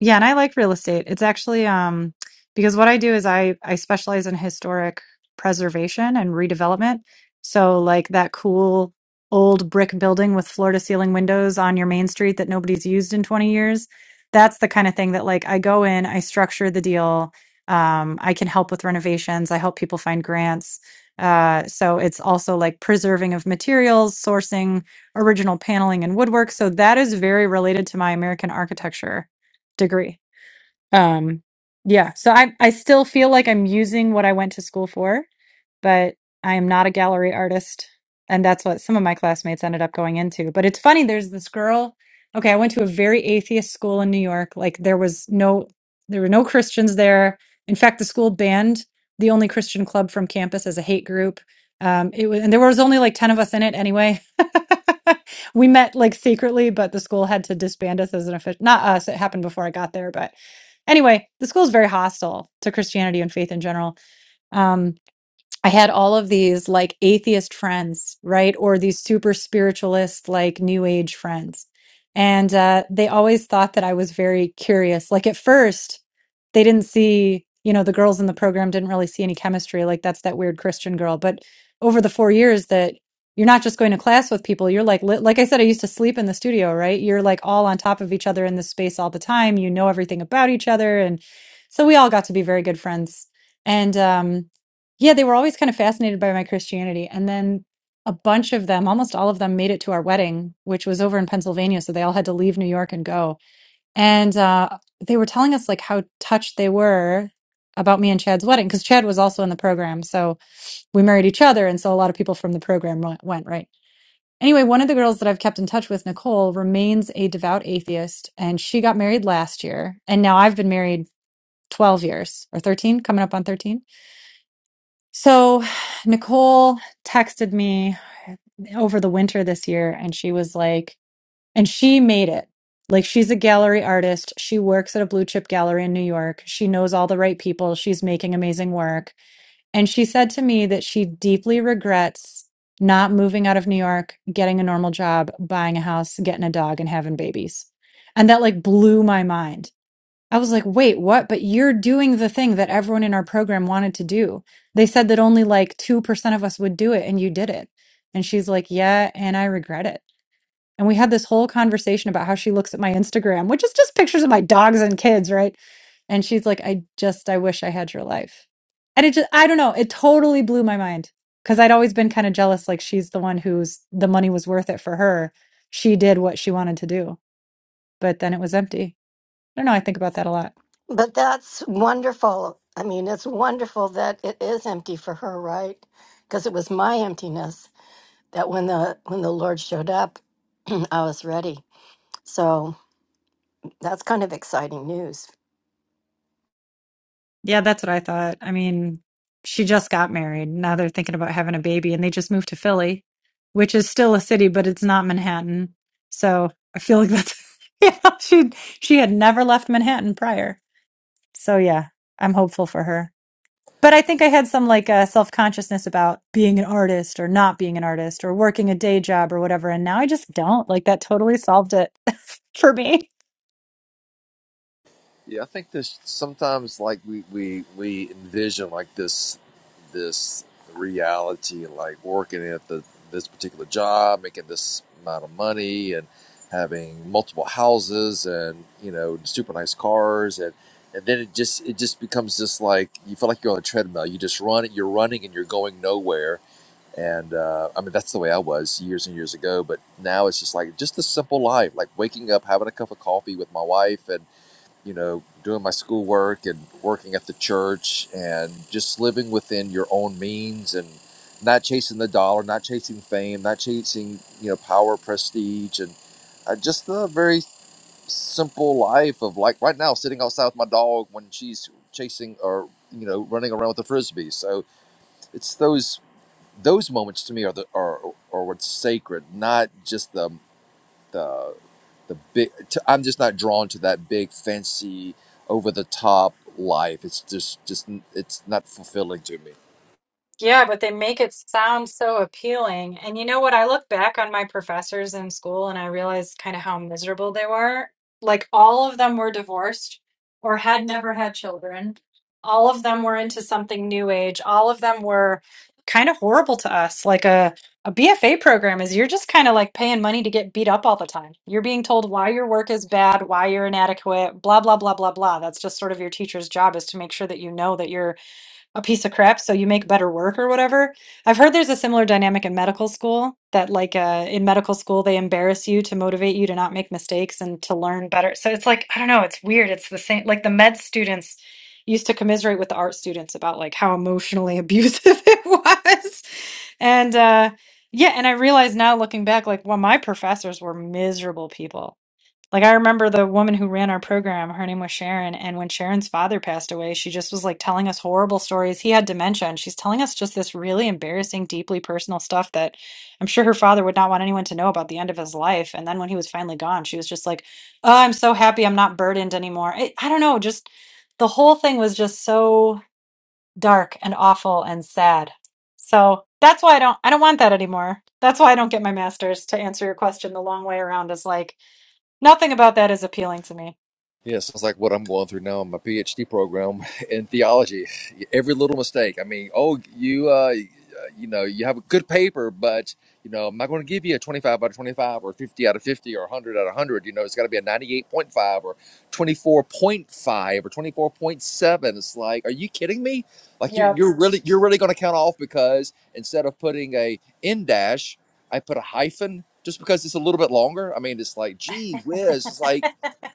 S1: Yeah, and I like real estate. It's actually um because what I do is I I specialize in historic preservation and redevelopment. So like that cool old brick building with floor to ceiling windows on your main street that nobody's used in 20 years. That's the kind of thing that like I go in, I structure the deal. Um, I can help with renovations. I help people find grants. Uh, so it's also like preserving of materials, sourcing original paneling and woodwork. So that is very related to my American architecture degree. Um, yeah, so I I still feel like I'm using what I went to school for, but I am not a gallery artist. And that's what some of my classmates ended up going into. But it's funny, there's this girl. Okay, I went to a very atheist school in New York. Like there was no there were no Christians there. In fact, the school banned the only Christian club from campus as a hate group. Um, it was, and there was only like 10 of us in it anyway. we met like secretly, but the school had to disband us as an official, not us. It happened before I got there, but anyway, the school is very hostile to Christianity and faith in general. Um, I had all of these like atheist friends, right? Or these super spiritualist, like new age friends. And uh, they always thought that I was very curious. Like at first, they didn't see, you know, the girls in the program didn't really see any chemistry. Like that's that weird Christian girl. But over the four years that you're not just going to class with people, you're like, li- like I said, I used to sleep in the studio, right? You're like all on top of each other in this space all the time. You know everything about each other. And so we all got to be very good friends. And, um, yeah, they were always kind of fascinated by my Christianity. And then a bunch of them, almost all of them, made it to our wedding, which was over in Pennsylvania. So they all had to leave New York and go. And uh, they were telling us like how touched they were about me and Chad's wedding because Chad was also in the program. So we married each other. And so a lot of people from the program went, went, right? Anyway, one of the girls that I've kept in touch with, Nicole, remains a devout atheist. And she got married last year. And now I've been married 12 years or 13, coming up on 13 so, Nicole texted me over the winter this year, and she was like, and she made it. Like, she's a gallery artist. She works at a blue chip gallery in New York. She knows all the right people. She's making amazing work. And she said to me that she deeply regrets not moving out of New York, getting a normal job, buying a house, getting a dog, and having babies. And that like blew my mind I was like, wait, what? But you're doing the thing that everyone in our program wanted to do. They said that only like 2% of us would do it, and you did it. And she's like, yeah, and I regret it. And we had this whole conversation about how she looks at my Instagram, which is just pictures of my dogs and kids, right? And she's like, I just, I wish I had your life. And it just, I don't know, it totally blew my mind because I'd always been kind of jealous. Like, she's the one who's the money was worth it for her. She did what she wanted to do, but then it was empty. I don't know. I think about that a lot.
S3: But that's wonderful. I mean, it's wonderful that it is empty for her, right? Because it was my emptiness that when the when the Lord showed up, I was ready. So that's kind of exciting news.
S1: Yeah, that's what I thought. I mean, she just got married. Now they're thinking about having a baby and they just moved to Philly, which is still a city, but it's not Manhattan. So I feel like that's, yeah, she, she had never left Manhattan prior. So yeah, I'm hopeful for her. but I think I had some like uh, self consciousness about being an artist or not being an artist or working a day job or whatever. And now I just don't. Like that totally solved it for me.
S5: Yeah, I think this sometimes like we we we envision like this this reality like working at the this particular job, making this amount of money and having multiple houses and you know super nice cars and and then it just it just becomes just like you feel like you're on a treadmill. You just run it, you're running and you're going nowhere. And uh, I mean that's the way I was years and years ago, but now it's just like just the simple life, like waking up, having a cup of coffee with my wife and you know, doing my schoolwork and working at the church and just living within your own means and not chasing the dollar, not chasing fame, not chasing, you know, power, prestige, and uh, just a very simple life of like right now sitting outside with my dog when she's chasing or, you know, running around with a frisbee. So it's those those moments to me are the are, are what's sacred, not just the the the big t- i'm just not drawn to that big fancy over the top life it's just just it's not fulfilling to me
S1: Yeah, but they make it sound so appealing. And you know what? I look back on my professors in school and I realize kind of how miserable they were. Like, all of them were divorced or had never had children. All of them were into something new age. All of them were kind of horrible to us. Like a, a BFA program is you're just kind of like paying money to get beat up all the time. You're being told why your work is bad, why you're inadequate, blah, blah, blah, blah, blah. That's just sort of your teacher's job is to make sure that you know that you're a piece of crap so you make better work or whatever. I've heard there's a similar dynamic in medical school that like uh in medical school they embarrass you to motivate you to not make mistakes and to learn better. So it's like I don't know, it's weird. It's the same like the med students used to commiserate with the art students about like how emotionally abusive it was. And uh yeah, and I realize now looking back like well my professors were miserable people like I remember the woman who ran our program, her name was Sharon, and when Sharon's father passed away, she just was like telling us horrible stories. He had dementia, and she's telling us just this really embarrassing, deeply personal stuff that I'm sure her father would not want anyone to know about the end of his life. And then when he was finally gone, she was just like, "Oh, I'm so happy I'm not burdened anymore." I, I don't know, just the whole thing was just so dark and awful and sad. So that's why I don't I don't want that anymore. That's why I don't get my master's to answer your question the long way around is like Nothing about that is appealing to me.
S5: Yeah, it sounds like what I'm going through now in my PhD program in theology. Every little mistake. I mean, oh, you, uh, you know, you have a good paper, but you know, I'm not going to give you a 25 out of 25 or 50 out of 50 or 100 out of 100. You know, it's got to be a 98.5 or 24.5 or 24.7. It's like, are you kidding me? Like, you're,
S1: Yep.
S5: you're really, you're really going to count off because instead of putting a in dash, I put a hyphen just because it's a little bit longer. I mean, it's like, gee whiz, it's like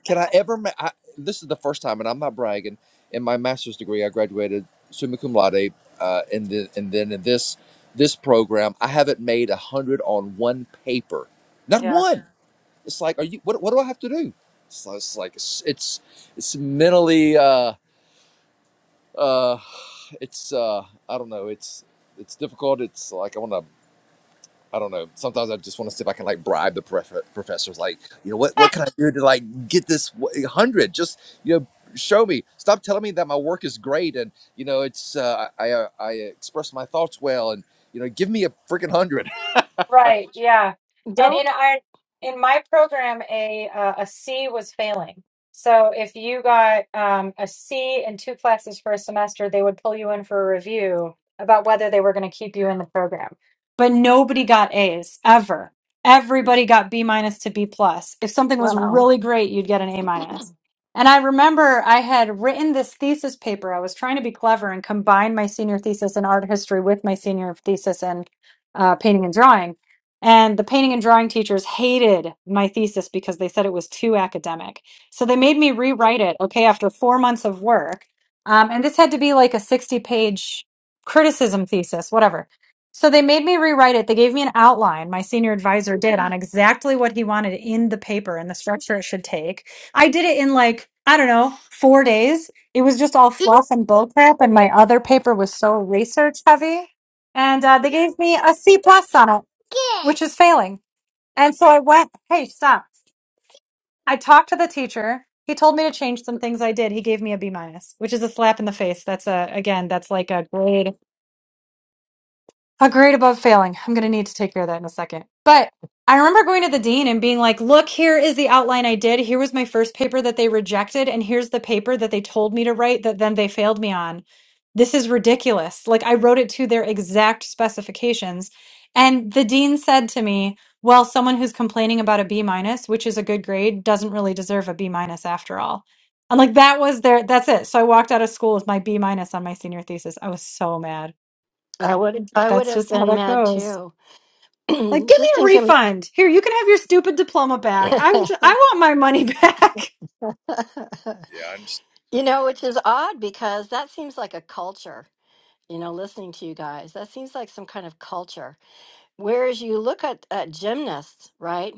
S5: can I ever? Ma- I, this is the first time, and I'm not bragging. In my master's degree, I graduated summa cum laude, uh, and then and then in this this program, I haven't made a hundred on one paper, not
S1: Yeah.
S5: one. Yeah. It's like, are you? What, what do I have to do? So it's like it's it's, it's mentally, uh, uh, it's uh, I don't know. It's it's difficult. It's like I want to I don't know. Sometimes I just want to see if I can like bribe the prof- professors. Like, you know, what what can I do to like get this hundred? Just you know, show me. Stop telling me that my work is great and you know it's uh, I I uh, I express my thoughts well and you know give me a freaking hundred.
S1: Right, yeah. And
S3: Don't
S1: in our in my program a uh, a C was failing. So if you got um, a C in two classes for a semester, they would pull you in for a review about whether they were going to keep you in the program. But nobody got A's ever. Everybody got B minus to B plus. If something was
S3: wow.
S1: really great, you'd get an A minus. And I remember I had written this thesis paper. I was trying to be clever and combine my senior thesis in art history with my senior thesis in uh, painting and drawing and the painting and drawing teachers hated my thesis because they said it was too academic. So they made me rewrite it, okay, after four months of work. Um, and this had to be like a 60 page criticism thesis, whatever. So they made me rewrite it. They gave me an outline, my senior advisor did, on exactly what he wanted in the paper and the structure it should take. I did it in like, I don't know, four days. It was just all fluff and bull crap. and my other paper was so research heavy. And uh, they gave me a C plus on it which is failing. And so I went, hey, stop. I talked to the teacher. He told me to change some things I did. He gave me a B minus, which is a slap in the face. That's a, again, that's like a grade A grade above failing. I'm going to need to take care of that in a second. But I remember going to the dean and being like, look, here is the outline I did. Here was my first paper that they rejected. And here's the paper that they told me to write that then they failed me on. This is ridiculous. Like, I wrote it to their exact specifications. And the dean said to me, well, someone who's complaining about a B minus, which is a good grade, doesn't really deserve a B minus after all. And like, that was their, that's it. So I walked out of school with my B minus on my senior thesis. I was so mad.
S3: I would I would
S1: That's
S3: have
S1: just how
S3: been
S1: that
S3: mad
S1: goes.
S3: too.
S1: Like, give me
S3: Just
S1: a
S3: think of
S1: refund. Here, you can have your stupid diploma back. I'm just, I want my money back.
S5: Yeah, I understand.
S3: you know, which is odd because that seems like a culture. you know, listening to you guys. That seems like some kind of culture. Whereas you look at, at gymnasts, right,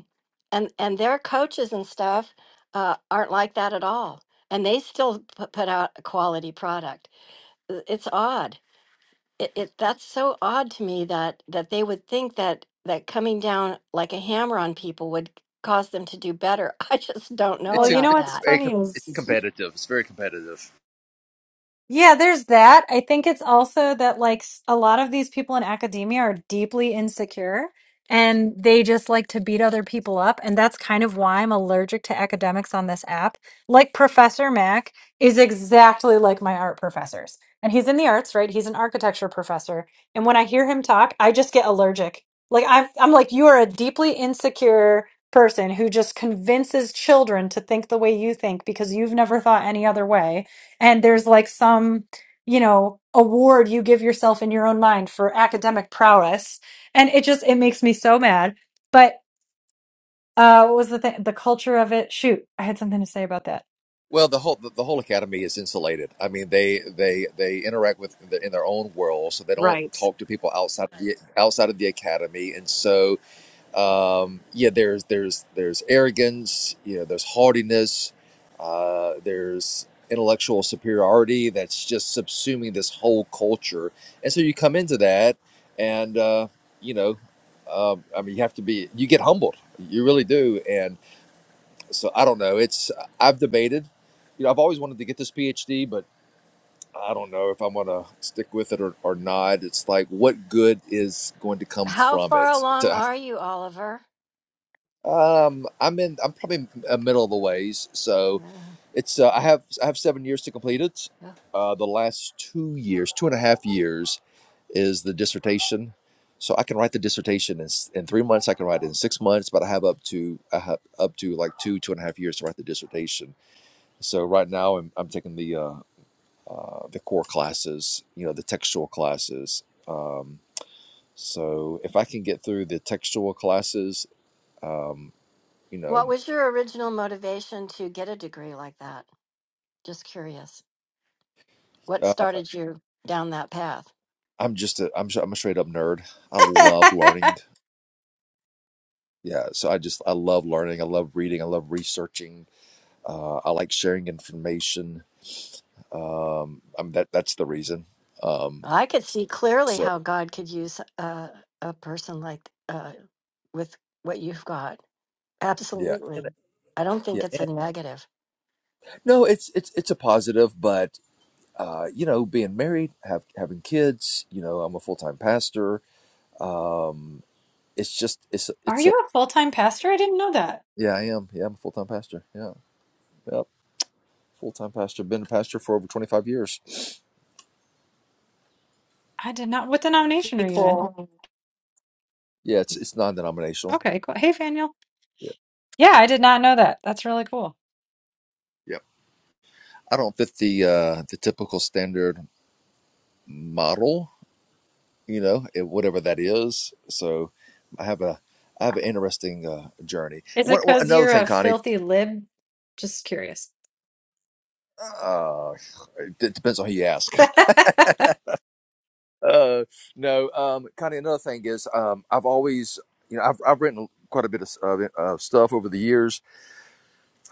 S3: and and their coaches and stuff uh, aren't like that at all, and they still put, put out a quality product. I- It's odd. It, it that's so odd to me that that they would think that that coming down like a hammer on people would cause them to do better. I just don't know
S1: Well,
S5: It's a,
S1: you know
S3: about
S5: it's a
S1: what's
S3: that.
S5: very
S1: funny
S5: com- it's
S1: is
S5: competitive. It's very competitive.
S1: Yeah, there's that. I think it's also that like s- a lot of these people in academia are deeply insecure and they just like to beat other people up. And that's kind of why I'm allergic to academics on this app. Like Professor Mac is exactly like my art professors. And he's in the arts, right? He's an architecture professor. And when I hear him talk, I just get allergic. Like I'm I'm like, you are a deeply insecure person who just convinces children to think the way you think because you've never thought any other way and there's like some you know award you give yourself in your own mind for academic prowess and it just it makes me so mad but uh what was the thing the culture of it shoot i had something to say about that
S5: Well, the whole the, the whole academy is insulated. I mean, they they they interact with in their, in their own world, so they don't
S1: Right.
S5: talk to people outside of the outside of the academy, and so um, yeah, there's there's there's arrogance, you know, there's haughtiness, uh, there's intellectual superiority that's just subsuming this whole culture, and so you come into that, and uh, you know, um, I mean, you have to be, you get humbled, you really do, and so I don't know, it's I've debated, you know, I've always wanted to get this PhD, but I don't know if I'm gonna stick with it or, or not. It's like, what good is going to come
S3: How
S5: from
S3: far
S5: it?
S3: along are you, Oliver?
S5: Um, I'm in. I'm probably a middle of the ways. So, it's. Uh, I have. I have seven years to complete it.
S3: Yeah.
S5: Uh, the last two years, two and a half years, is the dissertation. So I can write the dissertation in, s- in three months. I can write it in six months, but I have up to I have up to like two two and a half years to write the dissertation. So right now I'm, I'm taking the uh, uh, the core classes, you know, the textual classes. Um, so if I can get through the textual classes, um, you know.
S3: What was your original motivation to get a degree like that? Just curious. What
S5: uh,
S3: started you down that path?
S5: I'm just a I'm I'm a straight up nerd. I love learning. Yeah, so I just I love learning. I love reading. I love researching. Uh, I like sharing information. Um, I'm that that's the reason. Um,
S3: Well, I could see clearly
S5: so
S3: how God could use a, a person like uh, with what you've got.
S5: yeah, And-
S3: Absolutely. I don't think
S5: yeah.
S3: it's a negative.
S5: No, it's it's it's a positive, but uh, you know, being married, have having kids. You know, I'm a full time pastor. Um, it's just it's
S1: are
S5: it's a
S1: you a full-time pastor i didn't know that
S5: yeah, I am. Yeah, I'm a full time pastor. Yeah, yep, full time pastor. Been a pastor for over 25 years.
S1: i did not what denomination are you in
S3: Nicole.
S5: Yeah, it's it's non denominational.
S1: okay cool hey faniel
S5: Yeah,
S1: yeah i did not know that that's really cool
S5: Yep. I don't fit the uh, the typical standard model, you know, eh, whatever that is. So I have a I have an interesting uh, journey.
S1: is it
S5: One, one-
S1: because
S5: another
S1: you're
S5: thing,
S1: a
S5: Connie.
S1: filthy lib just curious
S5: Uh, it depends on who you ask. Uh, no, um, Connie. Another thing is, um, I've always, you know, I've I've written quite a bit of, of uh, stuff over the years.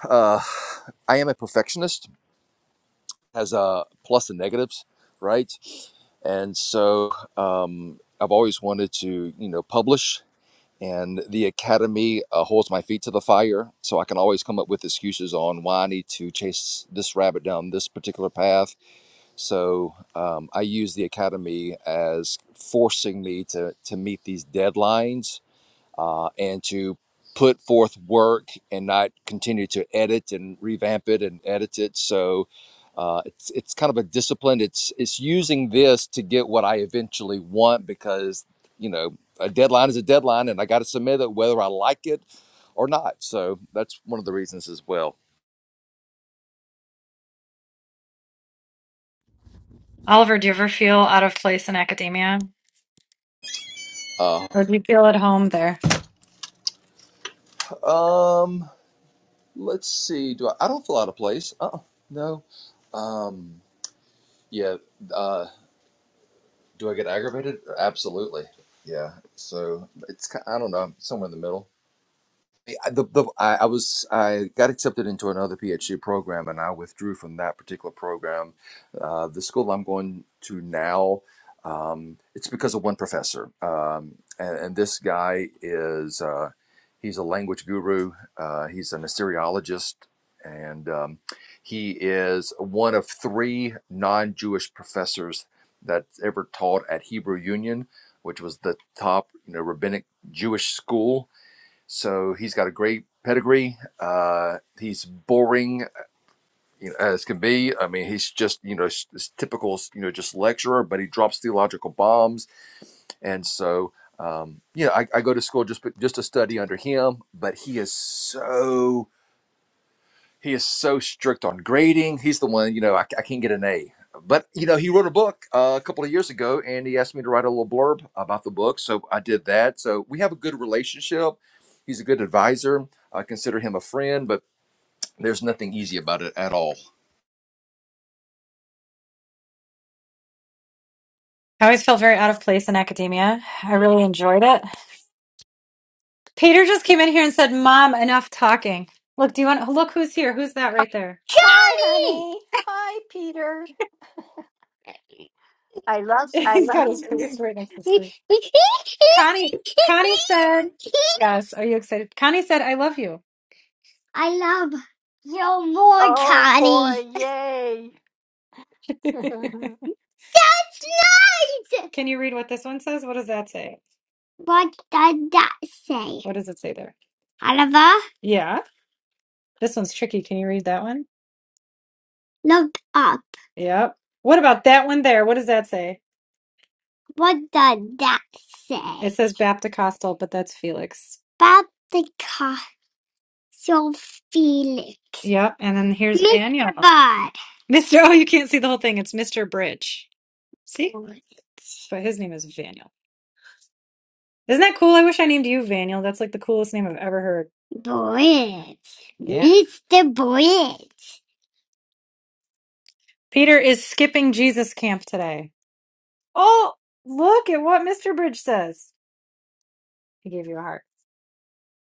S5: Uh, I am a perfectionist has a plus and negatives, right? And so um, I've always wanted to, you know, publish. And the academy uh, holds my feet to the fire, so I can always come up with excuses on why I need to chase this rabbit down this particular path. So um, I use the academy as forcing me to to meet these deadlines uh, and to put forth work and not continue to edit and revamp it and edit it. So uh, it's it's kind of a discipline. It's it's using this to get what I eventually want because you know a deadline is a deadline, and I got to submit it whether I like it or not. So that's one of the reasons as well.
S1: oliver do you ever feel out of place in academia
S5: Uh,
S1: Or do you feel at home there?
S5: um, let's see. Do I? I don't feel out of place. Uh, no. Um, yeah. uh, Do I get aggravated? Absolutely. Yeah. So it's I don't know. somewhere in the middle. I- the, the, I, I was I got accepted into another PhD program, and I withdrew from that particular program. Uh, the school I'm going to now, um, it's because of one professor, um, and, and this guy is uh, he's a language guru. Uh, he's an Assyriologist, and um, he is one of three non-Jewish professors that ever taught at Hebrew Union, which was the top you know rabbinic Jewish school so he's got a great pedigree. Uh, he's boring you know, as can be. I mean, he's just you know s- s- typical you know just lecturer, but he drops theological bombs, and so. Um, you know, I, I go to school just just to study under him, but he is so he is so strict on grading. He's the one, you know, I, I can't get an A. But, you know, he wrote a book uh, a couple of years ago and he asked me to write a little blurb about the book. So I did that. So we have a good relationship. He's a good advisor. I consider him a friend, but there's nothing easy about it at all.
S1: I always felt very out of place in academia. I really enjoyed it. Peter just came in here and said, Mom, enough talking. Look, do you want look who's here? Who's that right there?
S3: Hi,
S1: Connie!
S3: honey. Hi, Peter. I
S1: He's
S3: love
S1: got his
S3: you.
S1: face right next to his face. Connie Connie said Yes, are you excited? Connie said, I love you. I love you more,
S3: Oh,
S1: Connie.
S3: boy. Yay.
S1: That's nice! Can you read what this one says? What does that say? What does that say? What does it say there? Oliver, Yeah. This one's tricky. Can you read that one? look up. Yep. What about that one there? What does that say? What does that It say? says Baptocostal, but that's Felix. About the castle Felix. Yep. And then here's Mr. Daniel. mister Bud. Mr. Oh, you can't see the whole thing. It's Mr. Bridge. See? But his name is Vaniel. Isn't that cool? I wish I named you Vaniel. That's like the coolest name I've ever heard. Voyage. It's the voyage. Peter is skipping Jesus camp today. Oh, look at what Mr. Bridge says. He gave you a heart.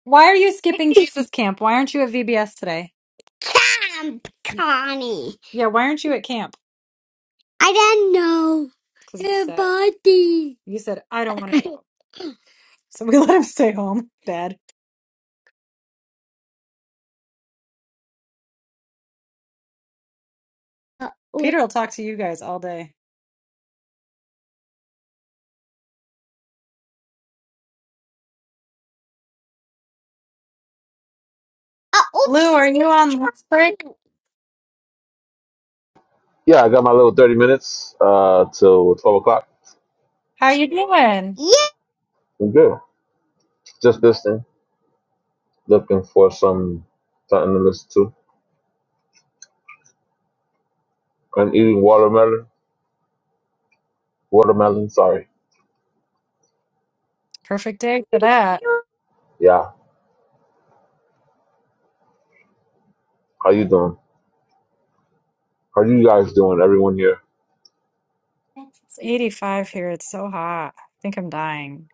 S1: Why are you skipping Jesus camp? Why aren't you at VBS today? Camp, Connie. Yeah, why aren't you at camp? I don't know. Because The sick. body. You said, I don't want to go. So we let him stay home. Bad. Uh, oh, Peter will talk to you guys all day. Uh, oops. Lou, oops. are you on lunch break?
S6: Yeah, I got my little 30 minutes uh, till 12 o'clock.
S1: How you doing? Yeah.
S6: I'm good. Just listening, looking for some something to listen to. I'm eating watermelon. Watermelon, sorry.
S1: Perfect day for that.
S6: Yeah. How you doing? How you guys doing? Everyone here?
S1: It's 85 here. It's so hot. I think I'm dying.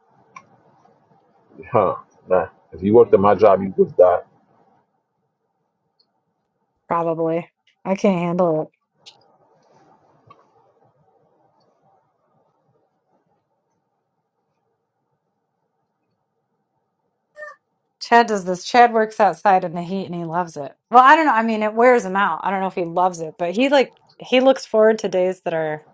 S6: Huh. Nah. If you worked at my job, you would die.
S1: Probably. I can't handle it. Chad does this. Chad works outside in the heat and he loves it. Well, I don't know. I mean, it wears him out. I don't know if he loves it, but he like he looks forward to days that are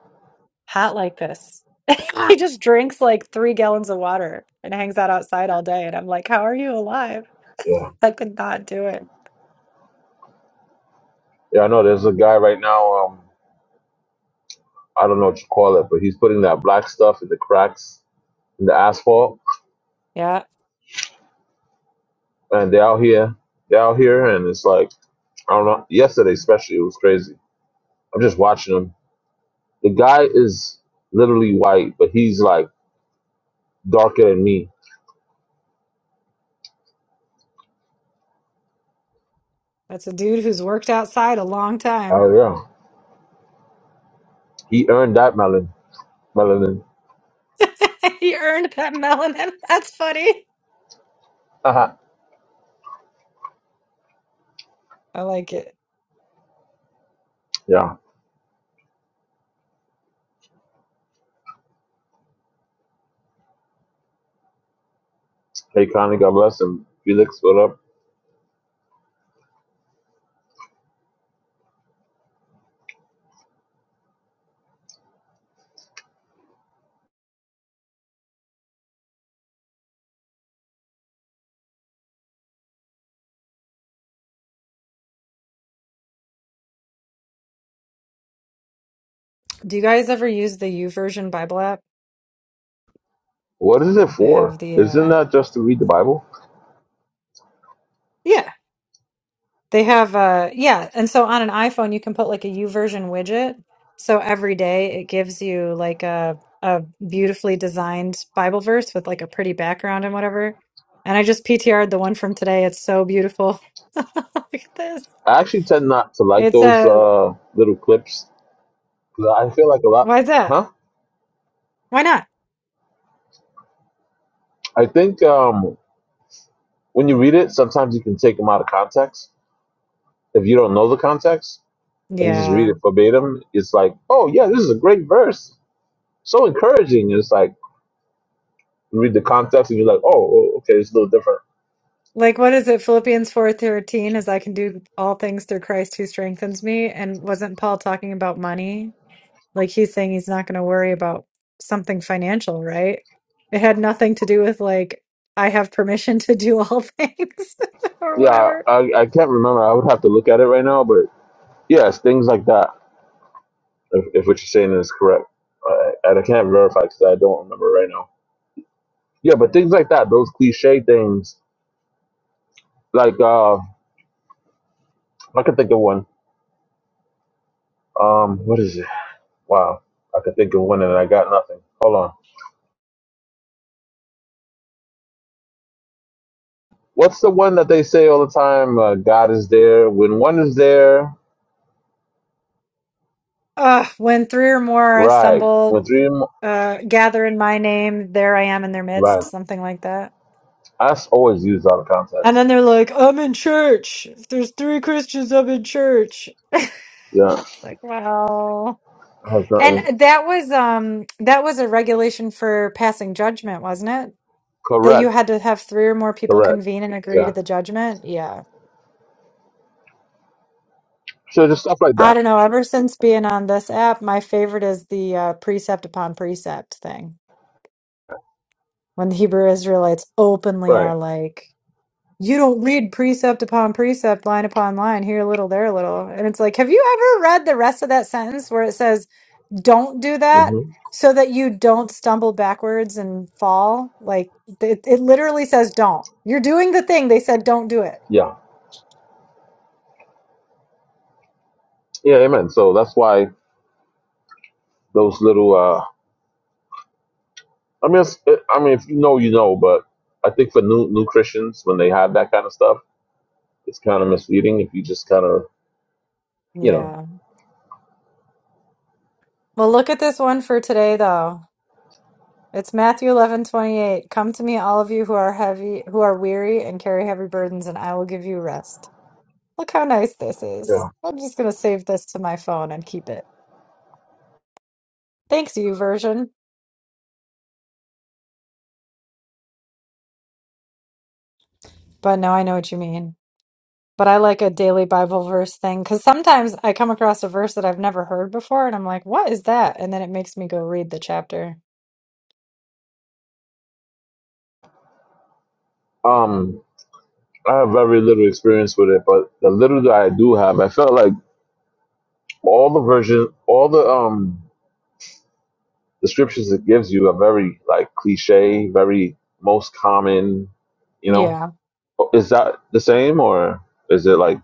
S1: hot like this. he just drinks like three gallons of water and hangs out outside all day. And I'm like, how are you alive?
S6: Yeah.
S1: I could not do it.
S6: Yeah, I know. There's a guy right now. Um, I don't know what you call it, but he's putting that black stuff in the cracks in the asphalt,
S1: Yeah.
S6: and they're out here. They're out here, and it's like I don't know. Yesterday, especially, it was crazy. I'm just watching them The guy is literally white, but he's like darker than me.
S1: That's a dude who's worked outside a long time.
S6: Oh yeah, he earned that melon melanin.
S1: he earned that melanin. That's funny.
S6: Uh-huh.
S1: I like it.
S6: Yeah. Hey, Connie, God bless him. Felix, what up?
S1: Do you guys ever use the YouVersion Bible app?
S6: What is it
S1: I have
S6: for?
S1: the
S6: Isn't
S1: uh
S6: that just to read the Bible?
S1: yeah. They have uh yeah, and so on an iPhone you can put like a YouVersion widget. So every day it gives you like a a beautifully designed Bible verse with like a pretty background and whatever. And I just PTR'd the one from today. It's so beautiful. Look at this.
S6: I actually tend not to like
S1: It's
S6: those
S1: a
S6: uh, little clips 'cause I feel like a lot.
S1: why is that?
S6: Huh?
S1: Why not?
S6: I think um, when you read it, sometimes you can take them out of context. If you don't know the context and you just read
S1: Yeah.
S6: it verbatim, it's like, oh yeah, this is a great verse, so encouraging. It's like read the context and you're like, oh, oh, okay, it's a little different.
S1: Like what is it? Philippians 4:13 is I can do all things through Christ who strengthens me. And wasn't Paul talking about money? Like he's saying he's not going to worry about something financial, right? It had nothing to do with like I have permission to do all things or
S6: Yeah,
S1: whatever.
S6: I, I can't remember. I would have to look at it right now, but yes, things like that. If, if what you're saying is correct, uh, and I can't verify because I don't remember right now. Yeah, but things like that, those cliche things, like uh, I can think of one. Um, what is it? Wow, I can think of one and I got nothing. Hold on. What's the one that they say all the time? Uh, God is there when one is there,
S1: Uh, when three or more are
S6: right? When
S1: assembled,
S6: three,
S1: uh, gather in my name, there I am in their
S6: right?
S1: midst, something like that.
S6: That's always used out of
S1: And
S6: context.
S1: then they're like, I'm in church. If there's three Christians, I'm in church. It's
S6: Yeah.
S1: like, wow.
S6: has
S1: And
S6: nothing.
S1: that was um that was a regulation for passing judgment, wasn't it? That
S6: Correct.
S1: you had to have three or more people
S6: Correct.
S1: convene and agree to
S6: Yeah.
S1: the judgment. Yeah.
S6: So just stuff like
S1: I
S6: that.
S1: don't know. Ever since being on this app, my favorite is the uh, precept upon precept thing. When the Hebrew Israelites openly are
S6: Right.
S1: like, you don't read precept upon precept, line upon line, here a little, there a little. And it's like, have you ever read the rest of that sentence where it says, don't do that
S6: hmm
S1: so that you don't stumble backwards and fall. Like it, it literally says don't. You're doing the thing. They said don't do it.
S6: Yeah. Yeah. Amen. So that's why those little. uh I mean, it's, it, I mean, if you know, you know. But I think for new new Christians, when they have that kind of stuff, it's kind of misleading if you just kind of, you know.
S1: Yeah. Well, look at this one for today though. It's Matthew 11 28. Come to me, all of you who are heavy, who are weary and carry heavy burdens, and I will give you rest. Look how nice this is.
S6: Yeah.
S1: I'm just going to save this to my phone and keep it. Thanks, you version. But now I know what you mean. but I like a daily Bible verse thing because sometimes I come across a verse that I've never heard before and I'm like, what is that? And then it makes me go read the chapter.
S6: Um, I have very little experience with it, but the little that I do have, I felt like all the version, all the um descriptions it gives you are very like cliche, very most common, you know
S1: Yeah.
S6: Is that the same or is it like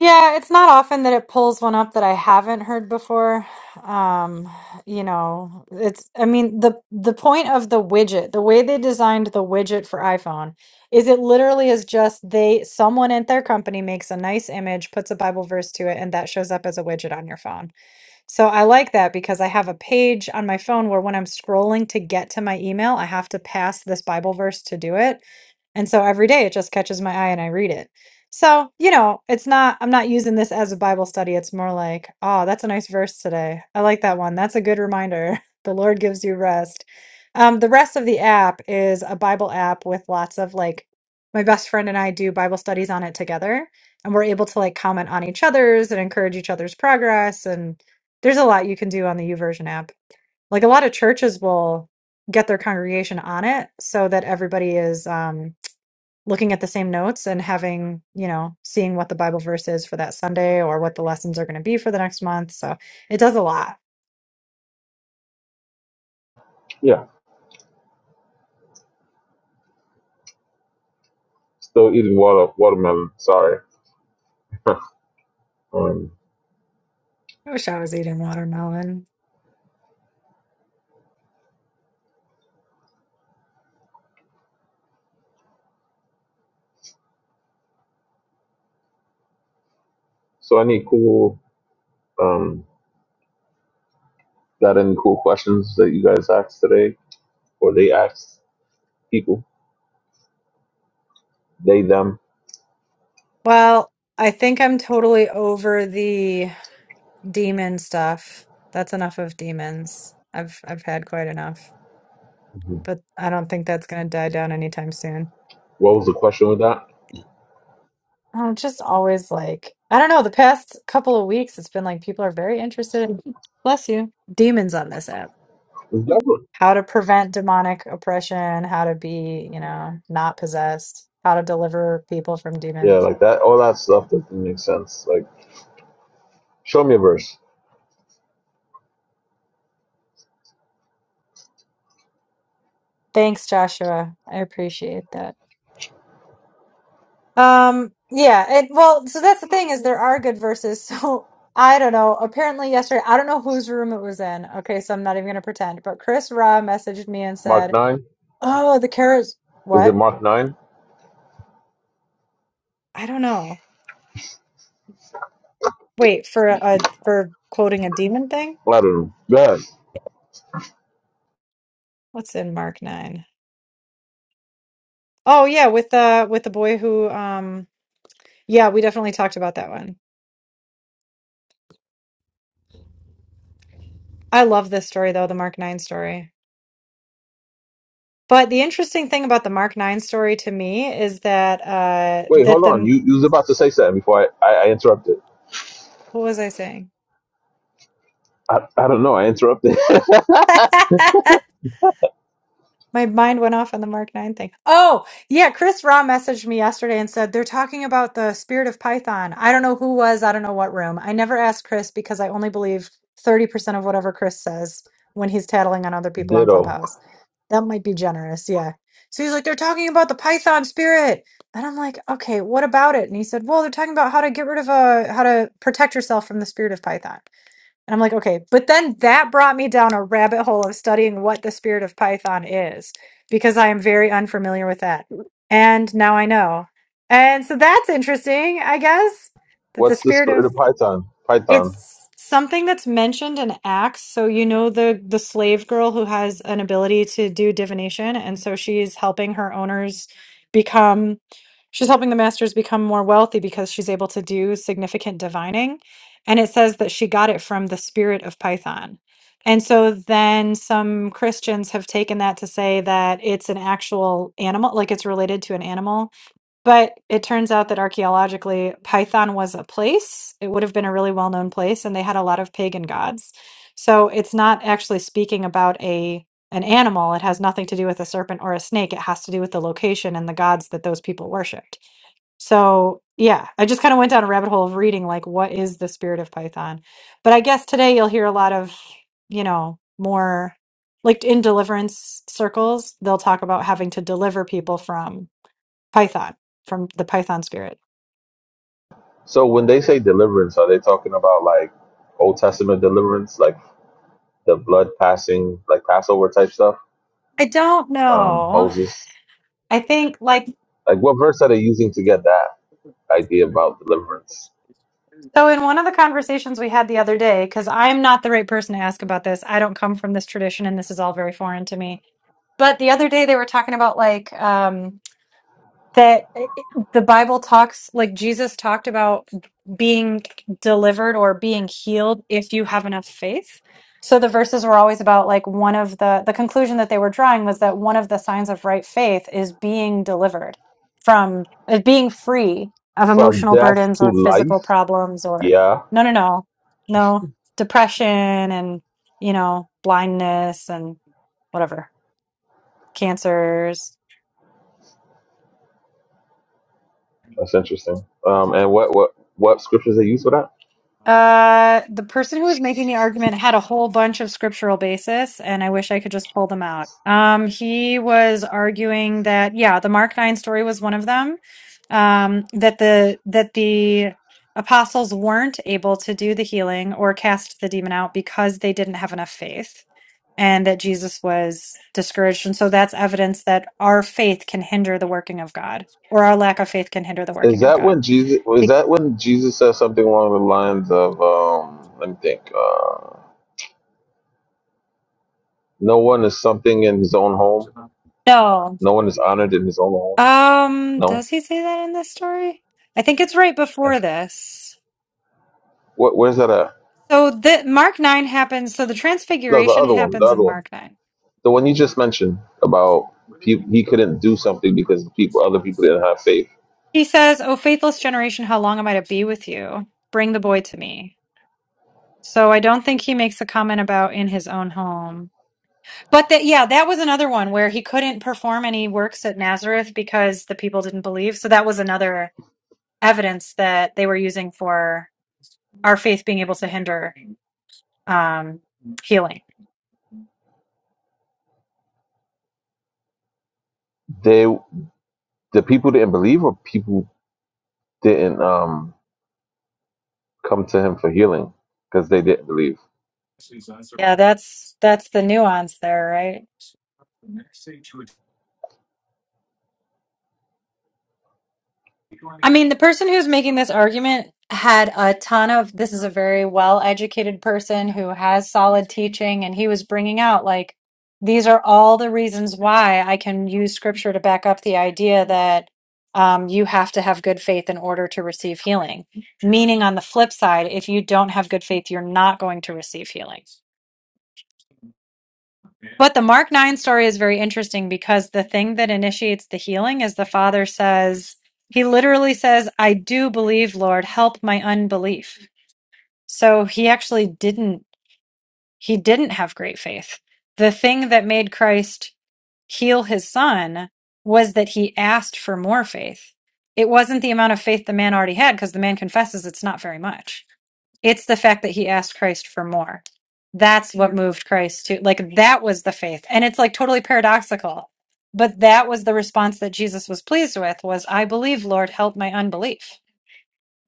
S1: Yeah, it's not often that it pulls one up that I haven't heard before. Um, you know, it's I mean the the point of the widget, the way they designed the widget for iPhone is it literally is just they someone at their company makes a nice image, puts a Bible verse to it, and that shows up as a widget on your phone. So I like that because I have a page on my phone where when I'm scrolling to get to my email, I have to pass this Bible verse to do it. And so every day it just catches my eye and I read it. So, you know, it's not, I'm not using this as a Bible study. It's more like, oh, that's a nice verse today. I like that one. That's a good reminder. The Lord gives you rest. Um, the rest of the app is a Bible app with lots of like, my best friend and I do Bible studies on it together. And we're able to like comment on each other's and encourage each other's progress. And there's a lot you can do on the YouVersion app. Like a lot of churches will get their congregation on it so that everybody is, um, looking at the same notes and having, you know, seeing what the Bible verse is for that Sunday or what the lessons are going to be for the next month. So it does a lot.
S6: yeah? Still eating water watermelon. Sorry. um,
S1: I wish I was eating watermelon.
S6: so any cool um got any cool questions that you guys asked today or they asked people they them.
S1: Well, I think I'm totally over the demon stuff. That's enough of demons. I've I've had quite enough,
S6: Mhm.
S1: but I don't think that's going to die down anytime soon.
S6: What was the question with that?
S1: Oh, it's just always like I don't know. The past couple of weeks, it's been like people are very interested in bless you demons on this app.
S6: That was-
S1: how to prevent demonic oppression, how to be, you know, not possessed, how to deliver people from
S6: Yeah,
S1: demons.
S6: like that. All that stuff doesn't make sense. Like show me a verse.
S1: Thanks, Joshua. I appreciate that. Um, yeah, it well, so that's the thing is there are good verses. So I don't know. Apparently yesterday, I don't know whose room it was in. Okay, so I'm not even gonna pretend. But Chris Ra messaged me and
S6: Mark
S1: said,
S6: nine.
S1: "Oh, the carrots.
S6: Is it
S1: What?
S6: Mark nine?
S1: I don't know. Wait for a for quoting a demon thing.
S6: I don't know. Go ahead.
S1: What's in Mark nine? Oh yeah, with uh with the boy who um Yeah, we definitely talked about that one. I love this story though, the Mark 9 story. But the interesting thing about the Mark 9 story to me is that uh
S6: Wait,
S1: that
S6: hold on.
S1: the
S6: You you was about to say something before I I, I interrupted.
S1: what was I saying?
S6: I, I don't know. I interrupted.
S1: My mind went off on the Mark 9 thing. Oh, yeah. Chris Raw messaged me yesterday and said they're talking about the spirit of Python. I don't know who was, I don't know what room. I never asked Chris because I only believe 30% of whatever Chris says when he's tattling on other people on
S6: Ditto.
S1: Clubhouse. That might be generous. Yeah. So he's like, they're talking about the Python spirit. And I'm like, okay, what about it? And he said, well, they're talking about how to get rid of a, how to protect yourself from the spirit of Python. And I'm like, okay. But then that brought me down a rabbit hole of studying what the spirit of Python is because I am very unfamiliar with that. And now I know. And so that's interesting, I guess, that the
S6: What's the
S1: spirit
S6: spirit
S1: of
S6: of Python? Python.
S1: it's something that's mentioned in Acts. So you know the the slave girl who has an ability to do divination, and so she's helping her owners become. She's helping the masters become more wealthy because she's able to do significant divining. And it says that she got it from the spirit of Python. And so then some Christians have taken that to say that it's an actual animal, like it's related to an animal but it turns out that archaeologically, Python was a place. It would have been a really well known place, and they had a lot of pagan gods. So it's not actually speaking about a an animal. It has nothing to do with a serpent or a snake. It has to do with the location and the gods that those people worshipped. So yeah, I just kind of went down a rabbit hole of reading like what is the spirit of Python. But I guess today you'll hear a lot of, you know, more like in deliverance circles, they'll talk about having to deliver people from Python from the Python spirit.
S6: So when they say deliverance, are they talking about like Old Testament deliverance, like the blood passing, like Passover type stuff?
S1: I don't
S6: Um,
S1: know.
S6: Moses.
S1: I think like
S6: Like what verse are they using to get that idea about deliverance
S1: so in one of the conversations we had the other day cuz I'm not the right person to ask about this. I don't come from this tradition and this is all very foreign to me. But the other day they were talking about like um, that eh, eh, the Bible talks, like Jesus talked about being delivered or being healed if you have enough faith. So the verses were always about like one of the the conclusion that they were drawing was that one of the signs of right faith is being delivered from uh, being free of
S6: from
S1: emotional
S6: death
S1: burdens
S6: to
S1: or
S6: life?
S1: physical problems or
S6: Yeah,
S1: no no no no depression and you know blindness and whatever cancers
S6: that's interesting. Um, and what what what scriptures they use for that?
S1: Uh, the person who was making the argument had a whole bunch of scriptural basis, and I wish I could just pull them out. Um, he was arguing that yeah, the Mark nine story was one of them. Um, that the that the apostles weren't able to do the healing or cast the demon out because they didn't have enough faith, and that Jesus was discouraged, and so that's evidence that our faith can hinder the working of God, or our lack of faith can hinder the
S6: Is
S1: working of
S6: that
S1: God.
S6: when Jesus? Is that when Jesus says something along the lines of? Um, let me think. Uh, no one is something in his own home.
S1: No.
S6: No one is honored in his own home.
S1: Um,
S6: No.
S1: does he say that in this story? I think it's right before this.
S6: What? Where's that at?
S1: So the Mark 9 happens, so the
S6: No, the
S1: transfiguration
S6: other one. The
S1: happens
S6: other
S1: in
S6: one.
S1: Mark 9.
S6: The one you just mentioned about he, he couldn't do something because people, other people didn't have faith.
S1: He says, "O faithless generation, how long am I to be with you? Bring the boy to me." So I don't think he makes a comment about in his own home. But that, yeah, that was another one where he couldn't perform any works at Nazareth because the people didn't believe. So that was another evidence that they were using for our faith being able to hinder um, healing.
S6: They, the people didn't believe, or people didn't um come to him for healing because they didn't believe.
S1: Yeah, that's that's the nuance there, right? I mean, the person who's making this argument had a ton of this is a very well educated person who has solid teaching, and he was bringing out like these are all the reasons why I can use scripture to back up the idea that um, you have to have good faith in order to receive healing. Meaning, on the flip side, if you don't have good faith, you're not going to receive healing. But the Mark 9 story is very interesting because the thing that initiates the healing is the father says, he literally says, I do believe, Lord, help my unbelief. So he actually didn't, he didn't have great faith. The thing that made Christ heal his son was that he asked for more faith. It wasn't the amount of faith the man already had because the man confesses it's not very much. It's the fact that he asked Christ for more. That's what moved Christ to, like, that was the faith. And it's like totally paradoxical. But that was the response that Jesus was pleased with was, I believe, Lord, help my unbelief.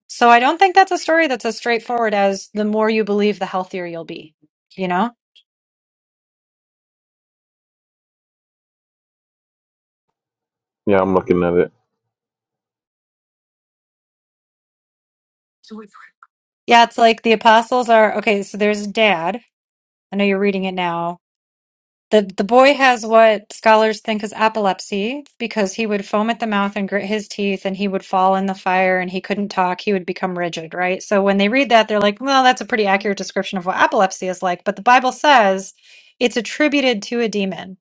S1: So I don't think that's a story that's as straightforward as the more you believe, the healthier you'll be, you know?
S6: Yeah, I'm looking at it.
S1: Yeah, it's like the apostles are, okay, so there's dad. I know you're reading it now. The the boy has what scholars think is epilepsy because he would foam at the mouth and grit his teeth and he would fall in the fire and he couldn't talk. He would become rigid, right? So when they read that, they're like, well, that's a pretty accurate description of what epilepsy is like. But the Bible says it's attributed to a demon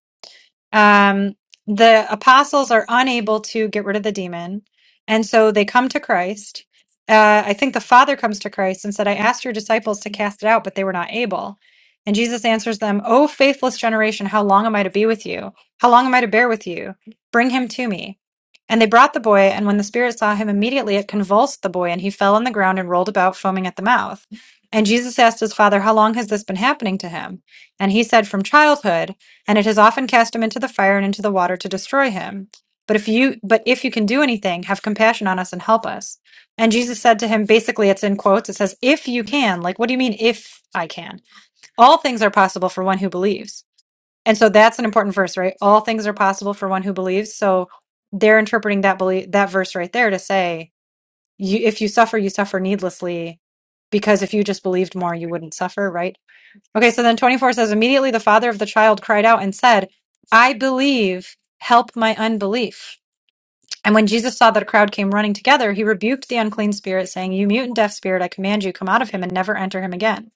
S1: um, the apostles are unable to get rid of the demon. And so they come to Christ. Uh, I think the Father comes to Christ and said, I asked your disciples to cast it out, but they were not able. And Jesus answers them, O faithless generation, how long am I to be with you? How long am I to bear with you? Bring him to me. And they brought the boy, and when the Spirit saw him, immediately it convulsed the boy, and he fell on the ground and rolled about, foaming at the mouth. And Jesus asked his father, How long has this been happening to him? And he said, From childhood and it has often cast him into the fire and into the water to destroy him. But if you but if you can do anything, have compassion on us and help us. And Jesus said to him, basically it's in quotes, it says, if you can, like what do you mean if I can? All things are possible for one who believes. And so that's an important verse, right? All things are possible for one who believes. So they're interpreting that belief that verse right there to say, you if you suffer, you suffer needlessly, because if you just believed more, you wouldn't suffer, right? Okay, so then 24 says, immediately the father of the child cried out and said, I believe, help my unbelief. And when Jesus saw that a crowd came running together, he rebuked the unclean spirit, saying, You mute and deaf spirit, I command you, come out of him and never enter him again.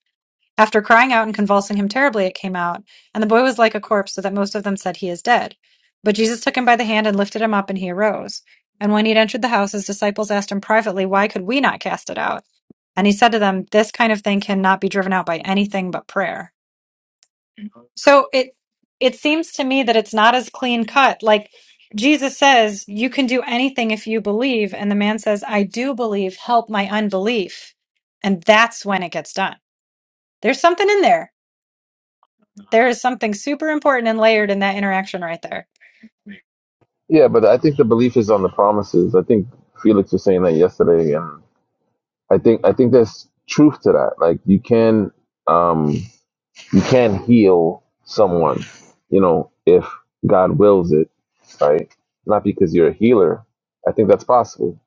S1: After crying out and convulsing him terribly, it came out, and the boy was like a corpse, so that most of them said, He is dead. But Jesus took him by the hand and lifted him up, and he arose. And when he had entered the house, his disciples asked him privately, Why could we not cast it out? And he said to them, This kind of thing cannot be driven out by anything but prayer. So it it seems to me that it's not as clean cut. Like Jesus says, you can do anything if you believe, and the man says, I do believe, help my unbelief. And that's when it gets done. There's something in there. There is something super important and layered in that interaction right there.
S6: Yeah, but I think the belief is on the promises. I think Felix was saying that yesterday, and I think I think there's truth to that. Like you can um you can heal someone, you know, if God wills it, right? Not because you're a healer. I think that's possible.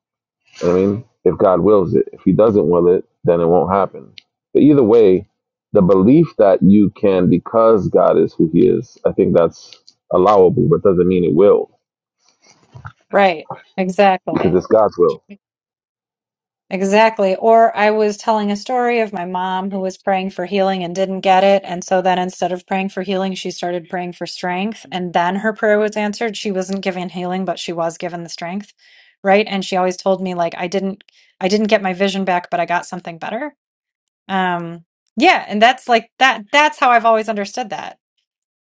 S6: I mean, if God wills it, if He doesn't will it, then it won't happen. But either way, the belief that you can because God is who He is, I think that's allowable, but doesn't mean it will
S1: Right. Exactly.
S6: because it's God's will.
S1: Exactly. Or I was telling a story of my mom who was praying for healing and didn't get it. And so then instead of praying for healing, she started praying for strength. And then her prayer was answered. She wasn't given healing, but she was given the strength. Right. And she always told me like I didn't I didn't get my vision back, but I got something better. Um yeah, and that's like that that's how I've always understood that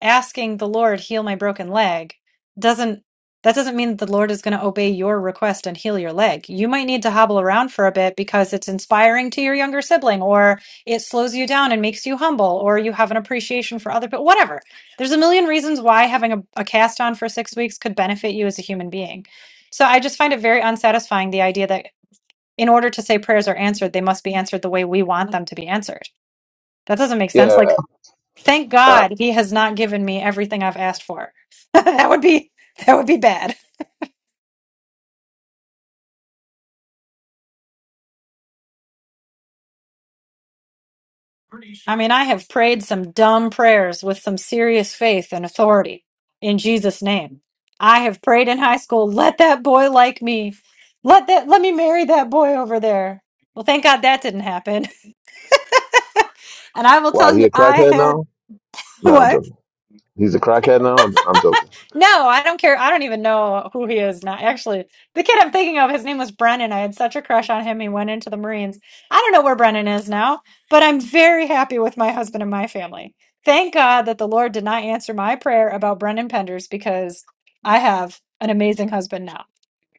S1: asking the Lord heal my broken leg doesn't that doesn't mean that the Lord is going to obey your request and heal your leg. You might need to hobble around for a bit because it's inspiring to your younger sibling or it slows you down and makes you humble or you have an appreciation for other people whatever. There's a million reasons why having a, a cast on for 6 weeks could benefit you as a human being. So I just find it very unsatisfying the idea that in order to say prayers are answered, they must be answered the way we want them to be answered. That doesn't make sense.
S6: Yeah.
S1: Like Thank
S6: Uh,
S1: God he has not given me everything I've asked for. that would be that would be bad. I mean, I have prayed some dumb prayers with some serious faith and authority in Jesus' name. I have prayed in high school, let that boy like me. Let that let me marry that boy over there. Well, thank God that didn't happen. And I will
S6: why
S1: tell
S6: he
S1: you
S6: a
S1: I
S6: crackhead
S1: had
S6: now? No, I'm
S1: what?
S6: joking. He's a crackhead now. I'm joking.
S1: No, I don't care. I don't even know who he is now. Actually, the kid I'm thinking of, his name was Brennan. I had such a crush on him. He went into the Marines. I don't know where Brennan is now, but I'm very happy with my husband and my family. Thank God that the Lord did not answer my prayer about Brennan Penders because I have an amazing husband now.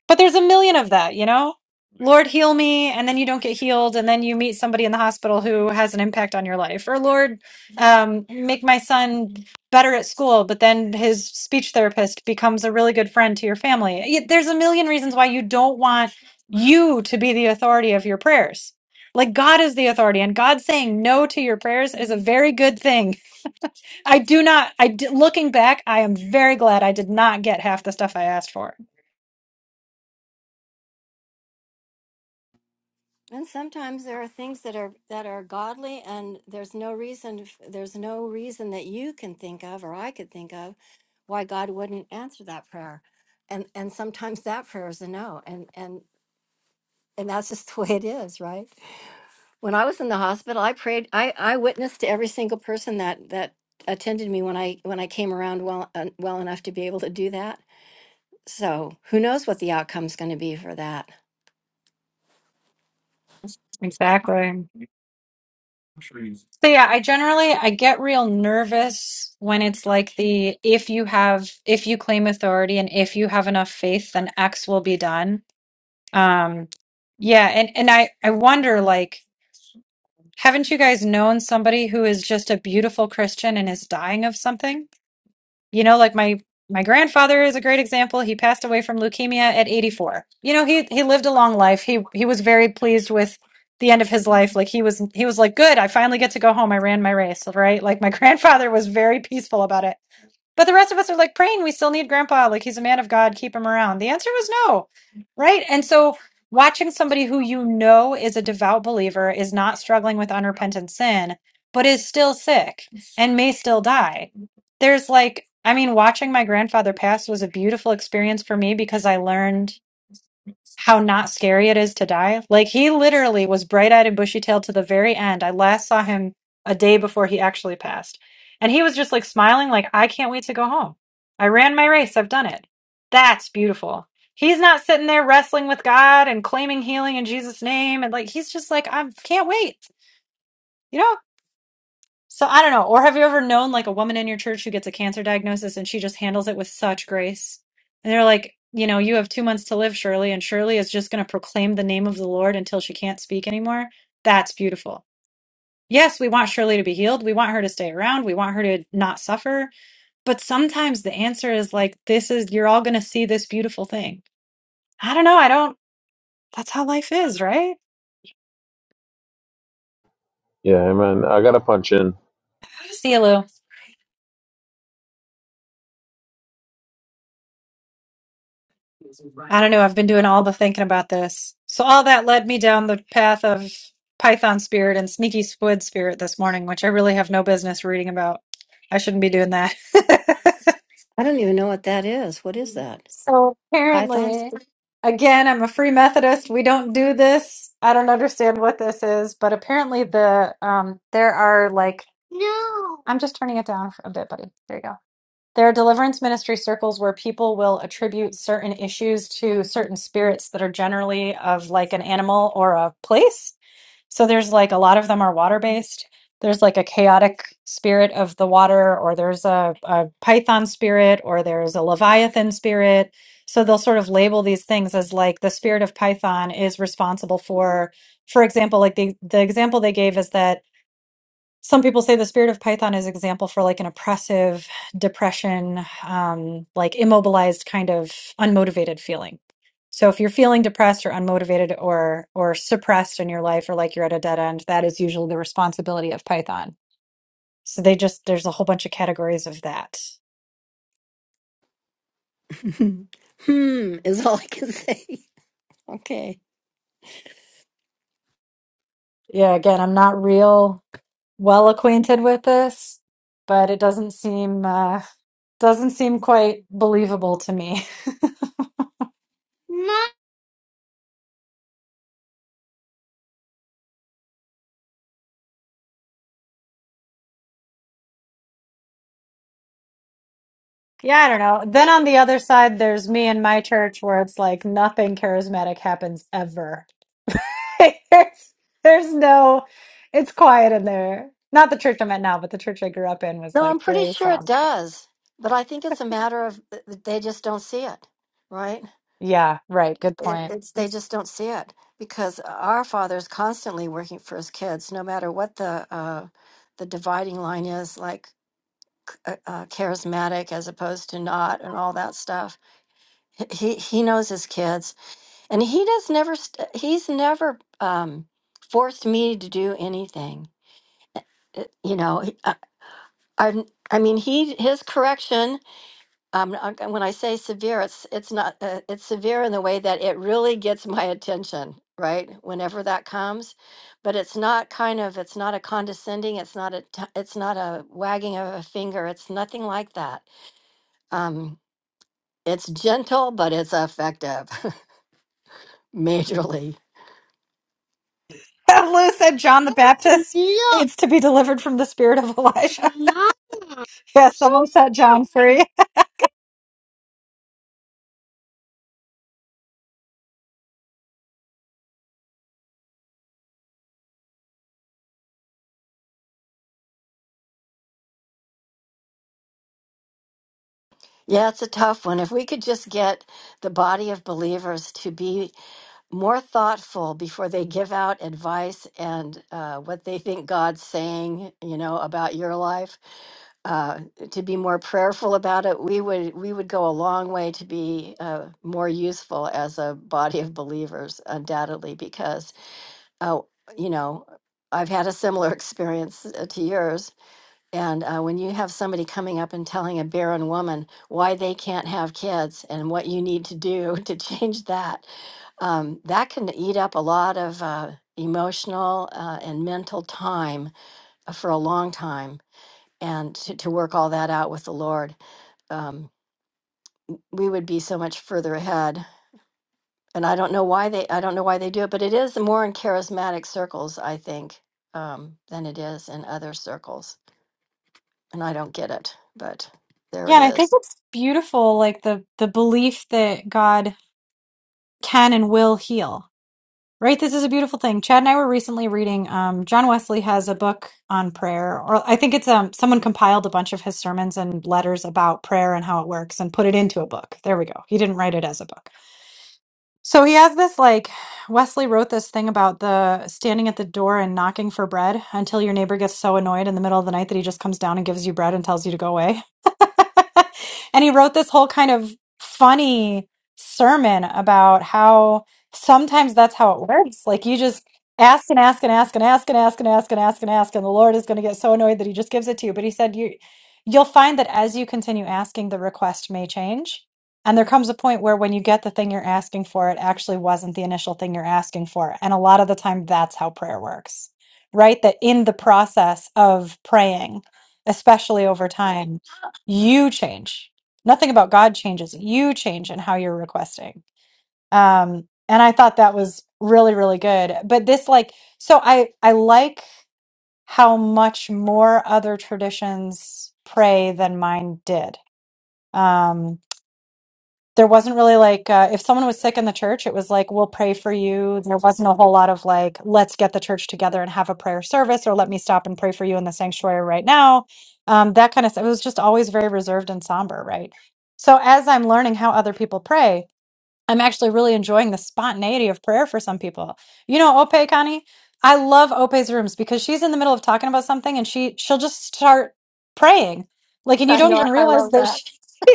S1: But there's a million of that, you know? Lord, heal me. And then you don't get healed. And then you meet somebody in the hospital who has an impact on your life. Or, Lord, um, make my son better at school. But then his speech therapist becomes a really good friend to your family. Y- There's a million reasons why you don't want you to be the authority of your prayers. Like God is the authority, and God saying no to your prayers is a very good thing. I do not, I d- looking back, I am very glad I did not get half the stuff I asked for
S3: And sometimes there are things that are that are godly, and there's no reason f- there's no reason that you can think of or I could think of why God wouldn't answer that prayer. And and sometimes that prayer is a no, and and and that's just the way it is, right? When I was in the hospital, I prayed. I I witnessed to every single person that that attended me when I when I came around well uh, well enough to be able to do that. So who knows what the outcome's going to be for that?
S1: Exactly. So yeah, I generally I get real nervous when it's like the if you have if you claim authority and if you have enough faith then X will be done. Um yeah, and and I I wonder like Haven't you guys known somebody who is just a beautiful Christian and is dying of something? You know, like my my grandfather is a great example. He passed away from leukemia at 84. You know, he he lived a long life. He he was very pleased with the end of his life. Like he was he was like, "Good, I finally get to go home. I ran my race," right? Like my grandfather was very peaceful about it. But the rest of us are like praying we still need grandpa. Like he's a man of God, keep him around. The answer was no. Right. And so watching somebody who you know is a devout believer is not struggling with unrepentant sin, but is still sick and may still die. There's like, I mean, watching my grandfather pass was a beautiful experience for me because I learned how not scary it is to die. Like he literally was bright eyed and bushy tailed to the very end. I last saw him a day before he actually passed. And he was just like smiling, like, I can't wait to go home. I ran my race. I've done it. That's beautiful. He's not sitting there wrestling with God and claiming healing in Jesus' name. And like, he's just like, I can't wait. You know? So I don't know. Or have you ever known like a woman in your church who gets a cancer diagnosis and she just handles it with such grace? And they're like, you know, you have two months to live, Shirley, and Shirley is just going to proclaim the name of the Lord until she can't speak anymore. That's beautiful. Yes, we want Shirley to be healed. We want her to stay around. We want her to not suffer. But sometimes the answer is like, this is, you're all going to see this beautiful thing. I don't know. I don't, that's how life is, right?
S6: Yeah, man. I gotta punch in.
S1: See you, Lou. I don't know. I've been doing all the thinking about this. So all that led me down the path of Python spirit and sneaky squid spirit this morning, which I really have no business reading about. I shouldn't be doing that.
S3: I don't even know what that is. What is that?
S1: so
S3: Pythons?
S1: apparently, again, I'm a free Methodist. We don't do this. I don't understand what this is, but apparently the um there are like no. I'm just turning it down for a bit, buddy. There you go. There are deliverance ministry circles where people will attribute certain issues to certain spirits that are generally of like an animal or a place. So there's like a lot of them are water based. There's like a chaotic spirit of the water, or there's a, a python spirit, or there's a leviathan spirit. So they'll sort of label these things as like the spirit of python is responsible for, for example, like the the example they gave is that some people say the spirit of python is example for like an oppressive depression um, like immobilized kind of unmotivated feeling so if you're feeling depressed or unmotivated or or suppressed in your life or like you're at a dead end that is usually the responsibility of python so they just there's a whole bunch of categories of that
S3: hmm, Hmm, is all I can say. Okay.
S1: yeah again i'm not real well acquainted with this, but it doesn't seem uh, doesn't seem quite believable to me. Yeah, I don't know. Then on the other side, there's me and my church where it's like nothing charismatic happens ever. there's, there's no, it's quiet in there. Not the church I'm at now, but the church I grew up in was
S3: No, I'm
S1: like
S3: pretty
S1: very
S3: sure it
S1: somber.
S3: does, but I think it's a matter of th- th- they just don't see it, right?
S1: Yeah, right. Good
S3: It,
S1: point.
S3: it's they just don't see it because our father is constantly working for his kids, no matter what the uh, the dividing line is, like uh, uh, charismatic as opposed to not, and all that stuff. H- He he knows his kids, and he does never. St- he's never um, forced me to do anything. it- you know I I mean he his correction um uh, when I say severe it's it's not uh, it's severe in the way that it really gets my attention right whenever that comes but it's not kind of it's not a condescending it's not a t- it's not a wagging of a finger it's nothing like that um it's gentle but it's effective majorly
S1: Lou said John the Baptist needs to be delivered from the spirit of Elijah. yeah, someone set John free.
S3: Yeah, it's a tough one. If we could just get the body of believers to be more thoughtful before they give out advice and uh, what they think God's saying, you know, about your life, uh, to be more prayerful about it, we would we would go a long way to be uh, more useful as a body of believers, undoubtedly, because uh, you know I've had a similar experience uh, to yours and uh, when you have somebody coming up and telling a barren woman why they can't have kids and what you need to do to change that, um, that can eat up a lot of uh, emotional uh, and mental time for a long time. And to, to work all that out with the Lord, um, we would be so much further ahead. And I don't know why they, I don't know why they do it, but it is more in charismatic circles, I think, um, than it is in other circles. And I don't get it, but there
S1: Yeah,
S3: it
S1: and I
S3: is.
S1: think it's beautiful, like the the belief that God can and will heal. Right, this is a beautiful thing. Chad and I were recently reading. Um, John Wesley has a book on prayer, or I think it's um, someone compiled a bunch of his sermons and letters about prayer and how it works and put it into a book. There we go. He didn't write it as a book. So he has this like Wesley wrote this thing about the standing at the door and knocking for bread until your neighbor gets so annoyed in the middle of the night that he just comes down and gives you bread and tells you to go away. and he wrote this whole kind of funny sermon about how sometimes that's how it works. Like you just ask and ask and ask and ask and ask and ask and ask and ask and the Lord is going to get so annoyed that he just gives it to you. But he said you you'll find that as you continue asking the request may change and there comes a point where when you get the thing you're asking for, it actually wasn't the initial thing you're asking for. And a lot of the time, that's how prayer works, right? That in the process of praying, especially over time, you change. Nothing about God changes. You change in how you're requesting. Um, and I thought that was really, really good. But this, like, so I, I like how much more other traditions pray than mine did. Um, there wasn't really like uh, if someone was sick in the church it was like we'll pray for you there wasn't a whole lot of like let's get the church together and have a prayer service or let me stop and pray for you in the sanctuary right now um, that kind of stuff it was just always very reserved and somber right so as i'm learning how other people pray I'm actually really enjoying the spontaneity of prayer for some people. You know, Ope Connie, I love Ope's rooms because she's in the middle of talking about something and she she'll just start praying. Like, and you
S3: I
S1: don't
S3: know.
S1: even
S3: I
S1: realize
S3: love
S1: that
S3: that.
S1: she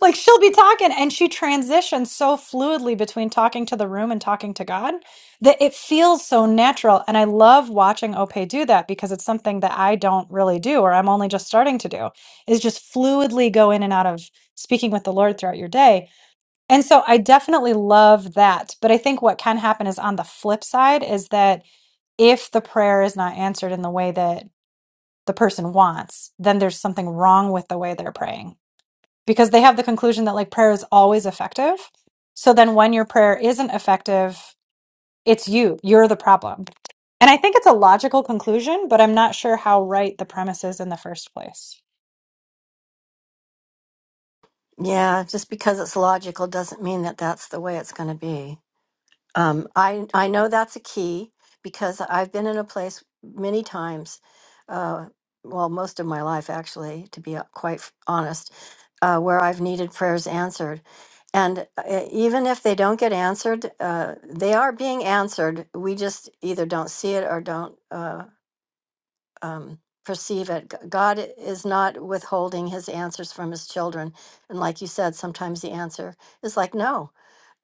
S1: like she'll be talking and she transitions so fluidly between talking to the room and talking to God that it feels so natural. And I love watching Ope do that because it's something that I don't really do or I'm only just starting to do is just fluidly go in and out of speaking with the Lord throughout your day and so I definitely love that. But I think what can happen is on the flip side is that if the prayer is not answered in the way that the person wants, then there's something wrong with the way they're praying because they have the conclusion that like prayer is always effective. So then when your prayer isn't effective, it's you, you're the problem. And I think it's a logical conclusion, but I'm not sure how right the premise is in the first place.
S3: Yeah, just because it's logical doesn't mean that that's the way it's going to be. Um, I I know that's a key because I've been in a place many times, uh, well, most of my life actually, to be uh, quite f- honest, uh, where I've needed prayers answered, and uh, even if they don't get answered, uh, they are being answered. We just either don't see it or don't. Uh, um, perceive it. G- God is not withholding his answers from his children. And like you said, sometimes the answer is like, no,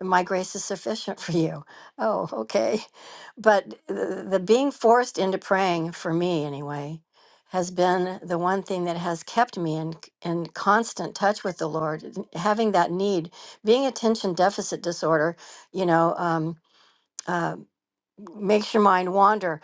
S3: my grace is sufficient for you. Oh, okay. But the, the being forced into praying, for me anyway, has been the one thing that has kept me in, in constant touch with the Lord, n- having that need. Being attention deficit disorder, you know, um, uh, makes your mind wander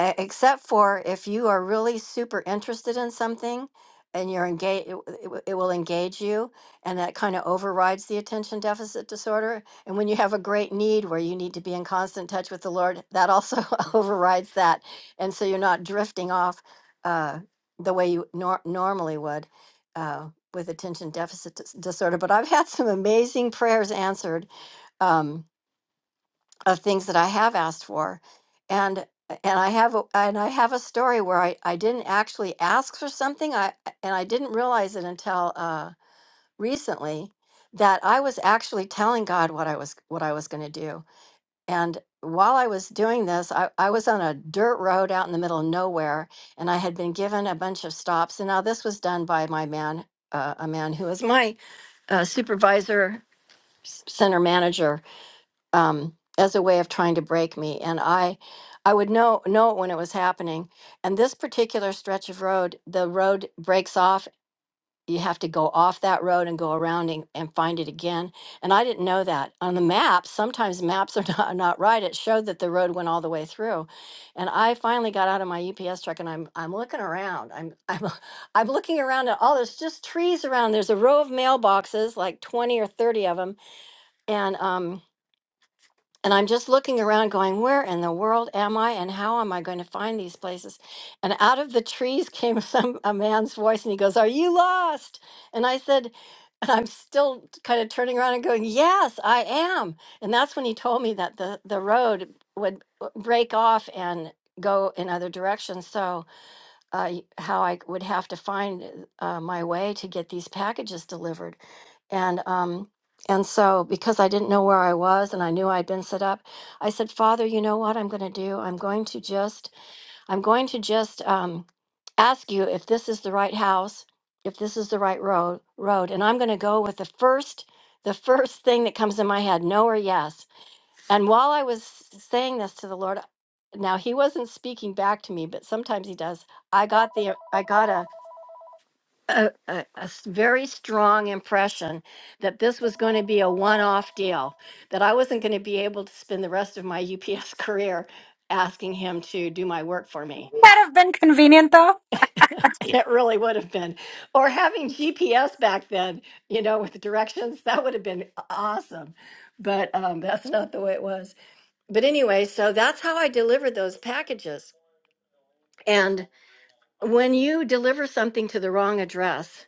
S3: e- except for if you are really super interested in something and you're engaged it, w- it w- it will engage you and that kind of overrides the attention deficit disorder and when you have a great need where you need to be in constant touch with the lord that also overrides that and so you're not drifting off uh, the way you nor- normally would uh, with attention deficit dis- disorder but i've had some amazing prayers answered Um, of things that I have asked for. And and I have a, and I have a story where I, I didn't actually ask for something I and I didn't realize it until uh, recently that I was actually telling God what I was what I was going to do. And while I was doing this, I, I was on a dirt road out in the middle of nowhere, and I had been given a bunch of stops. And now this was done by my man, uh, a man who was my uh, supervisor, s- center manager, um, as a way of trying to break me. And I, I would know know it when it was happening. And this particular stretch of road, the road breaks off. You have to go off that road and go around and, and find it again. And I didn't know that on the map. Sometimes maps are not, not right. It showed that the road went all the way through. And I finally got out of my UPS truck and I'm I'm looking around. I'm I'm I'm looking around at all there's just trees around. There's a row of mailboxes, like 20 or 30 of them. And um and I'm just looking around going, where in the world am I and how am I going to find these places? And out of the trees came some a man's voice and he goes, Are you lost? And I said, and I'm still kind of turning around and going, Yes, I am. And that's when he told me that the, the road would break off and go in other directions. So uh, y- how I would have to find uh, my way to get these packages delivered, and um, and so because I didn't know where I was and I knew I'd been set up, I said, Father, you know what I'm going to do? I'm going to just I'm going to just um, ask you if this is the right house, if this is the right road road, and I'm going to go with the first the first thing that comes in my head, no or yes. And while I was saying this to the Lord, now he wasn't speaking back to me, but sometimes he does. I got the I got a a, a- a s- very strong impression that this was going to be a one-off deal, that I wasn't going to be able to spend the rest of my UPS career asking him to do my work for me.
S1: Wouldn't that have been convenient though?
S3: It really would have been. Or having GPS back then, you know, with the directions, that would have been uh, awesome. But um, that's not the way it was. But anyway, so that's how I delivered those packages. And when you deliver something to the wrong address,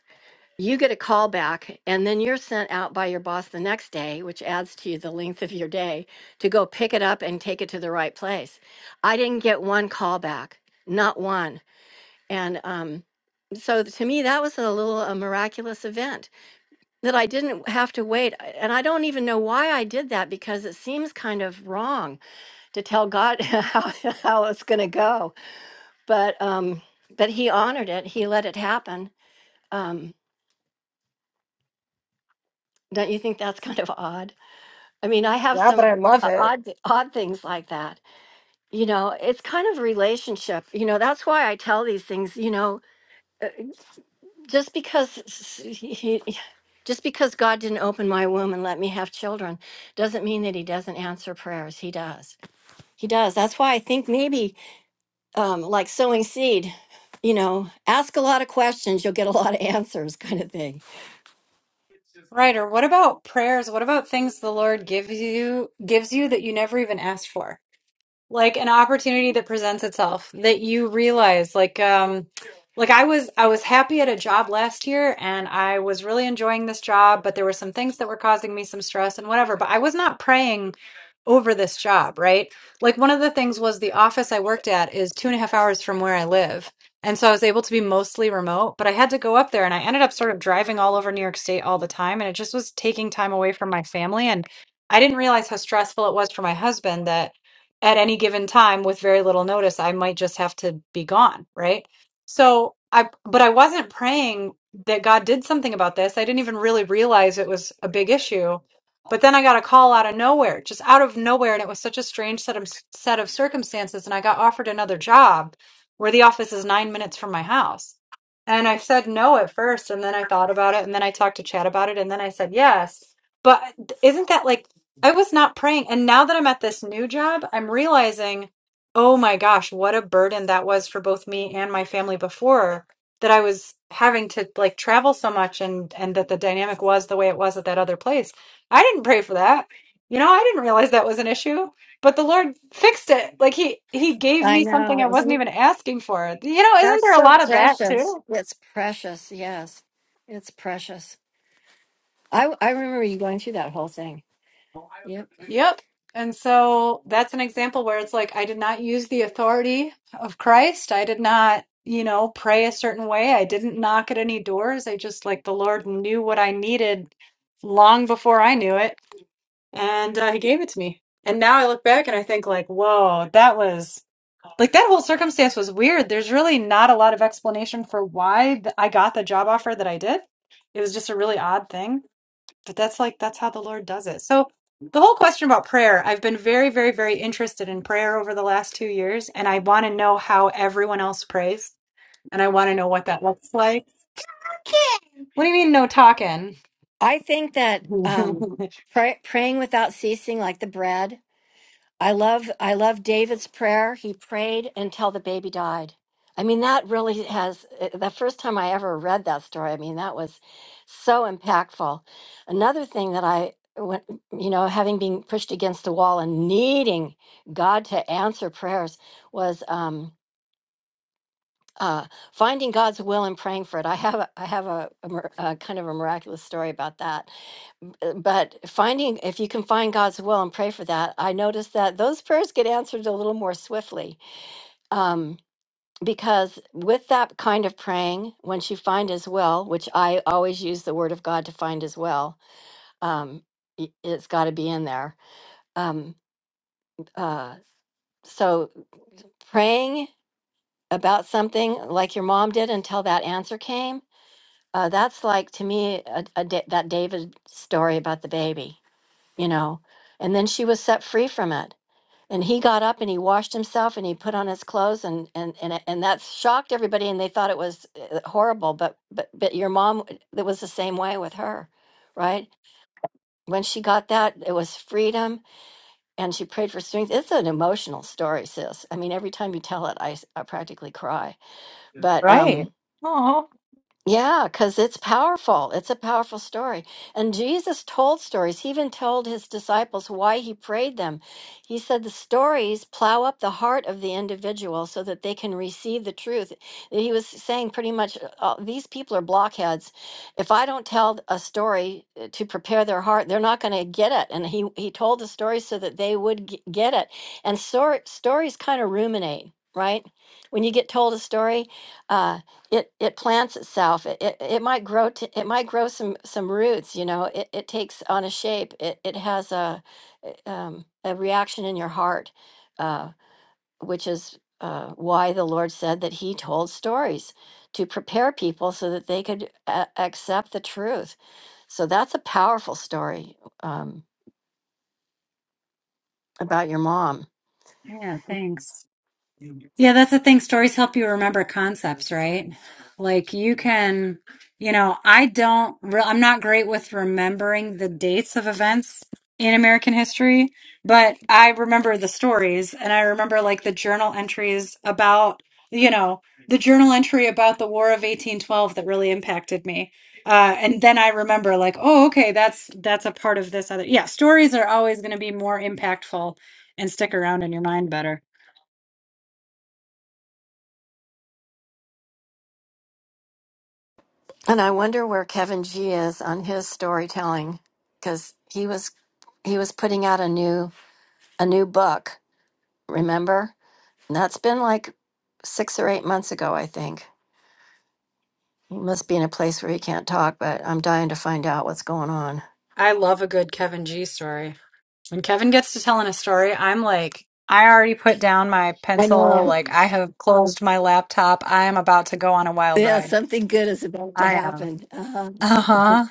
S3: you get a call back and then you're sent out by your boss the next day, which adds to the length of your day to go pick it up and take it to the right place. I didn't get one call back, not one. And um, so to me, that was a little a miraculous event that I didn't have to wait. And I don't even know why I did that because it seems kind of wrong to tell God how, how it's going to go. But um, but he honored it. He let it happen. Um, don't you think that's kind of odd? I mean, I have
S1: Yeah,
S3: some
S1: but I love
S3: uh,
S1: it.
S3: odd th- odd things like that. You know, it's kind of relationship. You know, that's why I tell these things. You know, uh, just because s- s- he. Just because God didn't open my womb and let me have children doesn't mean that He doesn't answer prayers. He does. He does. That's why I think maybe um, like sowing seed. You know, ask a lot of questions, you'll get a lot of answers, kind of thing.
S1: Right, or what about prayers? What about things the Lord gives you gives you that you never even asked for? like an opportunity that presents itself that you realize like um like I was I was happy at a job last year and I was really enjoying this job but there were some things that were causing me some stress and whatever but I was not praying over this job right like one of the things was the office I worked at is two and a half hours from where I live and so I was able to be mostly remote but I had to go up there and I ended up sort of driving all over New York State all the time and it just was taking time away from my family and I didn't realize how stressful it was for my husband that at any given time with very little notice i might just have to be gone right so i but i wasn't praying that god did something about this i didn't even really realize it was a big issue but then i got a call out of nowhere just out of nowhere and it was such a strange set of set of circumstances and i got offered another job where the office is 9 minutes from my house and i said no at first and then i thought about it and then i talked to chad about it and then i said yes but isn't that like I was not praying. And now that I'm at this new job, I'm realizing, oh my gosh, what a burden that was for both me and my family before that I was having to like travel so much and and that the dynamic was the way it was at that other place. I didn't pray for that. You know, I didn't realize that was an issue, but the Lord fixed it. Like he he gave
S3: I
S1: me something
S3: know.
S1: I wasn't
S3: Isn't
S1: even asking for. You know, isn't
S3: that's
S1: there a
S3: so
S1: lot of that
S3: precious?
S1: too?
S3: It's precious. Yes, it's precious. I I remember you going through that whole thing. Yep.
S1: Yep. And so that's an example where it's like, I did not use the authority of Christ. I did not, you know, pray a certain way. I didn't knock at any doors. I just, like, the Lord knew what I needed long before I knew it. And uh, He gave it to me. And now I look back and I think, like, whoa, that was like that whole circumstance was weird. There's really not a lot of explanation for why th- I got the job offer that I did. It was just a really odd thing but that's like that's how the Lord does it. So the whole question about prayer, I've been very, very, very interested in prayer over the last two years, and I want to know how everyone else prays, and I want to know what that looks like. What do you mean no talking?
S3: I think that um, Mm. pray, praying without ceasing, like the bread, I love I love David's prayer. He prayed until the baby died. I mean that really has uh, the first time I ever read that story. I mean that was so impactful. Another thing that I went, you know, having been pushed against the wall and needing God to answer prayers was. Um, uh, finding God's will and praying for it. I have a, I have a, a, mir- a kind of a miraculous story about that. M- uh, But finding if you can find God's will and pray for that, I noticed that those prayers get answered a little more swiftly. Um, because with that kind of praying, once you find His will, which I always use the Word of God to find His will, um, i- it's got to be in there. Um, uh, so praying about something like your mom did until that answer came Uh, that's like to me a, a Da- that David story about the baby, you know. And then she was set free from it. And he got up and he washed himself and he put on his clothes and and and it- and that shocked everybody and they thought it was uh, horrible. But but but your mom, it was the same way with her, right? When she got that, it was freedom, and she prayed for strength. It's an emotional story, sis. I mean, every time you tell it, I, s- I practically cry. But um,
S1: Right. Oh,
S3: Yeah, because it's powerful. It's a powerful story. And Jesus told stories. He even told his disciples why he prayed them. He said the stories plow up the heart of the individual so that they can receive the truth. He was saying pretty much uh, these people are blockheads. If I don't tell a story uh, to prepare their heart, they're not going to get it. And he, he told the story so that they would g- get it. And stor- stories kind of ruminate, right? When you get told a story, uh, it it plants itself it, it, it might grow to, it might grow some some roots you know it, it takes on a shape it, it has a uh, um, a reaction in your heart uh, which is uh, why the lord said that he told stories to prepare people so that they could uh, accept the truth so that's a powerful story um, about your mom
S1: Yeah, thanks. Yeah, that's the thing. Stories help you remember concepts, right? Like you can, you know, I don't, re- I'm not great with remembering the dates of events in American history, but I remember the stories and I remember like the journal entries about, you know, the journal entry about the War of 1812 that really impacted me. Uh, and then I remember like, oh, okay, that's that's a part of this other. Yeah, stories are always going to be more impactful and stick around in your mind better.
S3: And I wonder where Kevin G is on his storytelling cuz he was he was putting out a new a new book, remember? And that's been like 6 or 8 months ago, I think. He must be in a place where he can't talk, but I'm dying to find out what's going on.
S1: I love a good Kevin G story. When Kevin gets to telling a story, I'm like, I already put down my
S3: I
S1: pencil.
S3: know.
S1: Like, I have closed my laptop. I am about to go on a wild
S3: Yeah,
S1: ride.
S3: something good is about to
S1: I am.
S3: happen. Uh-huh.
S1: Uh huh.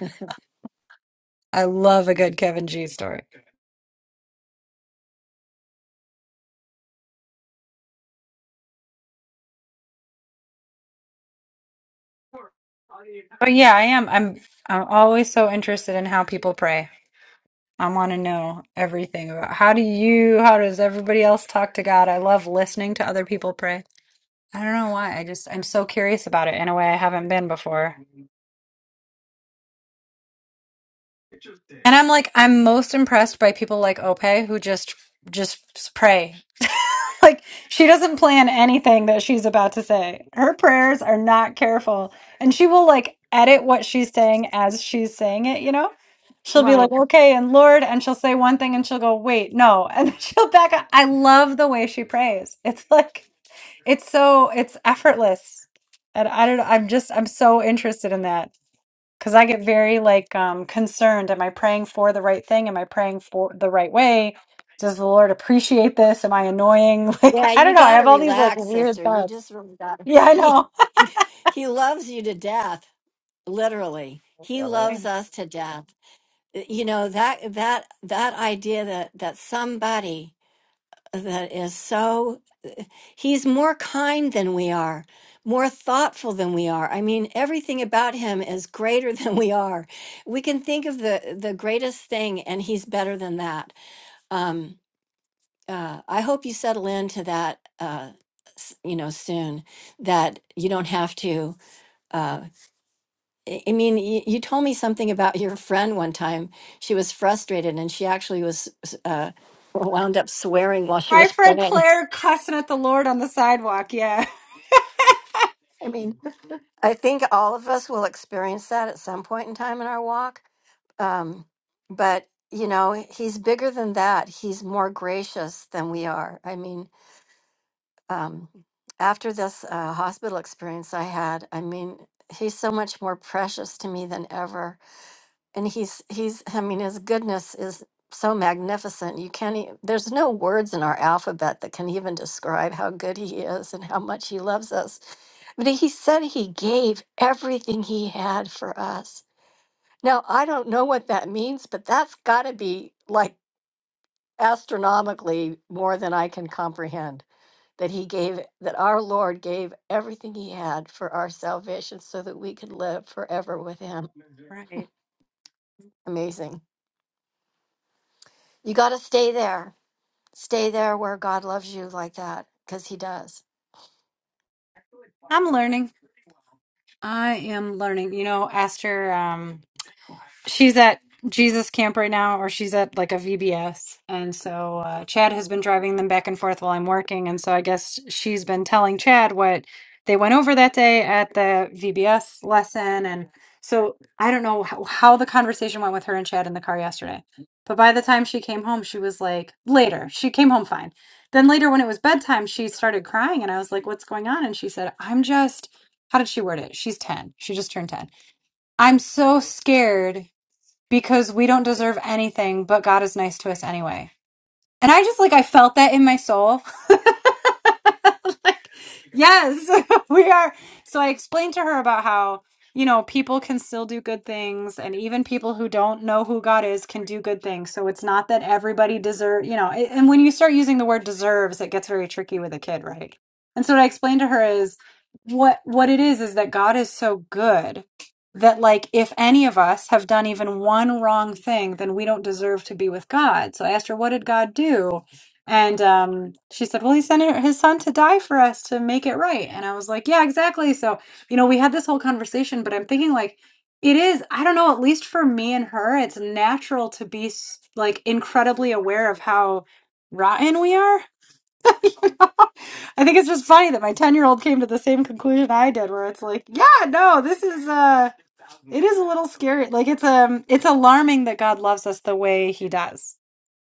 S1: I love a good Kevin G story. But yeah, I am. I'm. I'm always so interested in how people pray. I want to know everything about how do you, how does everybody else talk to God? I love listening to other people pray. I don't know why. I just I'm so curious about it in a way I haven't been before. And I'm like, I'm most impressed by people like Ope who just just pray. Like she doesn't plan anything that she's about to say. Her prayers are not careful, and she will like edit what she's saying as she's saying it. You know, she'll be like, "Okay," and Lord, and she'll say one thing, and she'll go, "Wait, no," and then she'll back up. I love the way she prays. It's like it's so it's effortless, and I don't know. I'm just I'm so interested in that because I get very like um concerned. Am I praying for the right thing? Am I praying for the right way? Does the Lord appreciate this? Am I annoying? Like,
S3: Yeah,
S1: I don't
S3: you
S1: know. I
S3: got to
S1: have all these like
S3: relax,
S1: weird
S3: sister. You
S1: thoughts.
S3: just really got to.
S1: Yeah, I know.
S3: He, he loves you to death, literally. He loves us to death. You know that that that idea that that somebody that is so he's more kind than we are, more thoughtful than we are. I mean, everything about him is greater than we are. We can think of the the greatest thing, and he's better than that. Um, uh, I hope you settle into that, uh, s- you know, soon. That you don't have to. Uh, I I mean, you, you told me something about your friend one time. She was frustrated, and she actually was s- uh, wound up swearing while she
S1: My
S3: was
S1: friend
S3: praying.
S1: Claire cussing at the Lord on the sidewalk. Yeah.
S3: I mean, I think all of us will experience that at some point in time in our walk. Um, but you know, he's bigger than that. He's more gracious than we are. I mean, um, after this uh, hospital experience I had, I mean, he's so much more precious to me than ever. And he's, he's, I mean, his goodness is so magnificent. You can't, e- there's no words in our alphabet that can even describe how good he is and how much he loves us. But he said he gave everything he had for us. Now, I don't know what that means, but that's got to be like astronomically more than I can comprehend that he gave that our lord gave everything he had for our salvation so that we could live forever with him
S1: Right.
S3: amazing you got to stay there stay there where god loves you like that because he does
S1: I'm learning. I am learning. You know, Esther, um she's at Jesus camp right now, or she's at like a VBS. And so uh, Chad has been driving them back and forth while I'm working. And so I guess she's been telling Chad what they went over that day at the VBS lesson. And so I don't know how, how the conversation went with her and Chad in the car yesterday. But by the time she came home, she was like, later, she came home fine. Then later, when it was bedtime, she started crying. And I was like, what's going on? And she said, I'm just, how did she word it? She's 10. She just turned 10. I'm so scared because we don't deserve anything, but God is nice to us anyway. And I just like I felt that in my soul. like, yes, we are. So I explained to her about how, you know, people can still do good things and even people who don't know who God is can do good things. So it's not that everybody deserve, you know, a- and when you start using the word deserves, it gets very tricky with a kid, right? And so what I explained to her is what what it is is that God is so good that like if any of us have done even one wrong thing then we don't deserve to be with god so i asked her what did god do and um, she said well he sent his son to die for us to make it right and i was like yeah exactly so you know we had this whole conversation but i'm thinking like it is i don't know at least for me and her it's natural to be s- like incredibly aware of how rotten we are I think it's just funny that my 10 year old came to the same conclusion I did, where it's like, yeah, no, this is, uh, it is a little scary. Like, it's, um, it's alarming that God loves us the way he does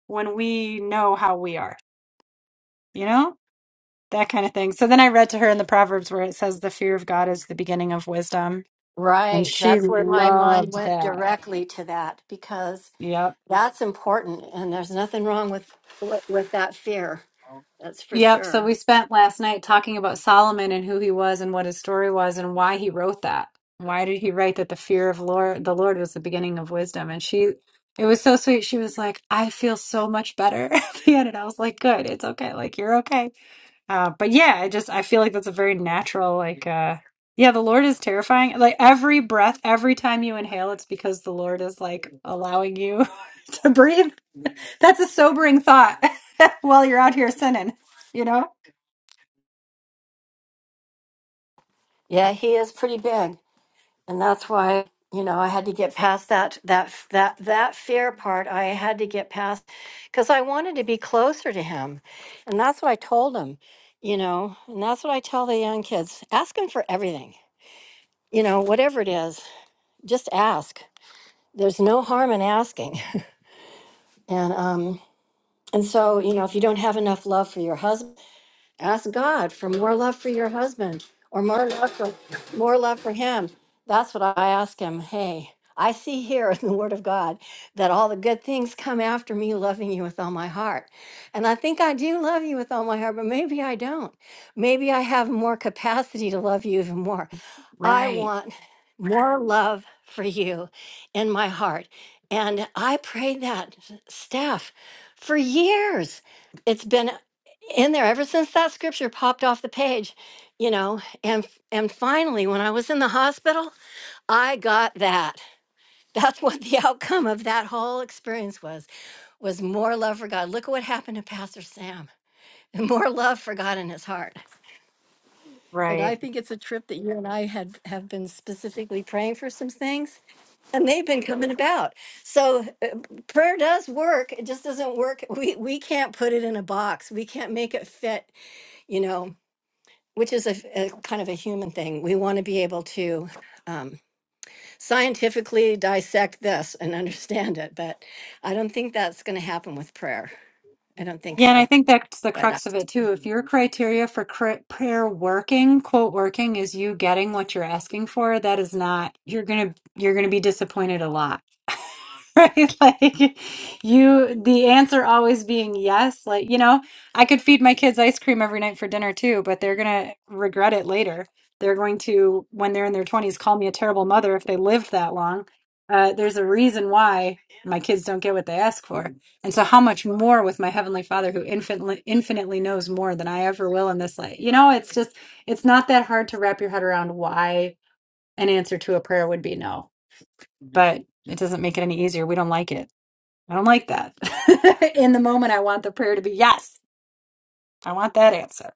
S1: when we know how we are, you know, that kind of thing. So then I read to her in the Proverbs where it says, the fear of God is the beginning of wisdom. And
S3: Right.
S1: she
S3: That's where my mind
S1: loved
S3: went
S1: that.
S3: directly to that because
S1: Yep.
S3: that's important and there's nothing wrong with with, with that fear. That's for
S1: Yep. So
S3: sure.
S1: we spent last night talking about Solomon and who he was and what his story was and why he wrote that. Why did he write that the fear of Lord the Lord was the beginning of wisdom? And she it was so sweet. She was like, I feel so much better at the end. And I was like, good, it's okay. Like you're okay. Uh but yeah, I just I feel like that's a very natural, like uh yeah, the Lord is terrifying. Like every breath, every time you inhale, it's because the Lord is like allowing you to breathe. That's a sobering thought while you're out here sinning, you know?
S3: Yeah, he is pretty big. and that's why you know i had to get past that that that that fear part i had to get past because i wanted to be closer to him and that's what i told him you know and that's what i tell the young kids ask him for everything you know whatever it is just ask there's no harm in asking and um and so you know if you don't have enough love for your husband Ask God for more love for your husband or more love for more love for him. That's what I ask him. Hey, I see here in the word of God that all the good things come after me loving you with all my heart. And I think I do love you with all my heart, but maybe I don't. Maybe I have more capacity to love you even more. I
S1: Right,
S3: want more love for you in my heart. And I prayed that s- staff for years. It's been in there ever since that scripture popped off the page, you know. And f- and finally when I was in the hospital, I got that. That's what the outcome of that whole experience was was more love for God. Look at what happened to Pastor Sam. More love for God in his heart. And
S1: right.
S3: I think it's a trip that you and I had have been specifically praying for some things, and they've been coming about. So uh, prayer does work. It just doesn't work. We we can't put it in a box. We can't make it fit. You know, which is a, a kind of a human thing. We want to be able to um, scientifically dissect this and understand it, but I don't think that's going to happen with prayer. I don't think
S1: Yeah, and I
S3: so.
S1: think that's the
S3: But uh,
S1: crux of it too. If your criteria for cra- prayer working, quote working, is you getting what you're asking for, that is not you're gonna you're gonna be disappointed a lot. Right? Like you the answer always being yes, like you know, I could feed my kids ice cream every night for dinner too, but they're gonna regret it later. They're going to, when they're in their 20s, call me a terrible mother if they lived that long. Uh, there's a reason why my kids don't get what they ask for and so, how much more with my Heavenly Father who infinitely, infinitely knows more than I ever will in this life? You know, it's just, it's not that hard to wrap your head around why an answer to a prayer would be no, but it doesn't make it any easier. We don't like it. I don't like that. in the moment, I want the prayer to be yes. I want that answer.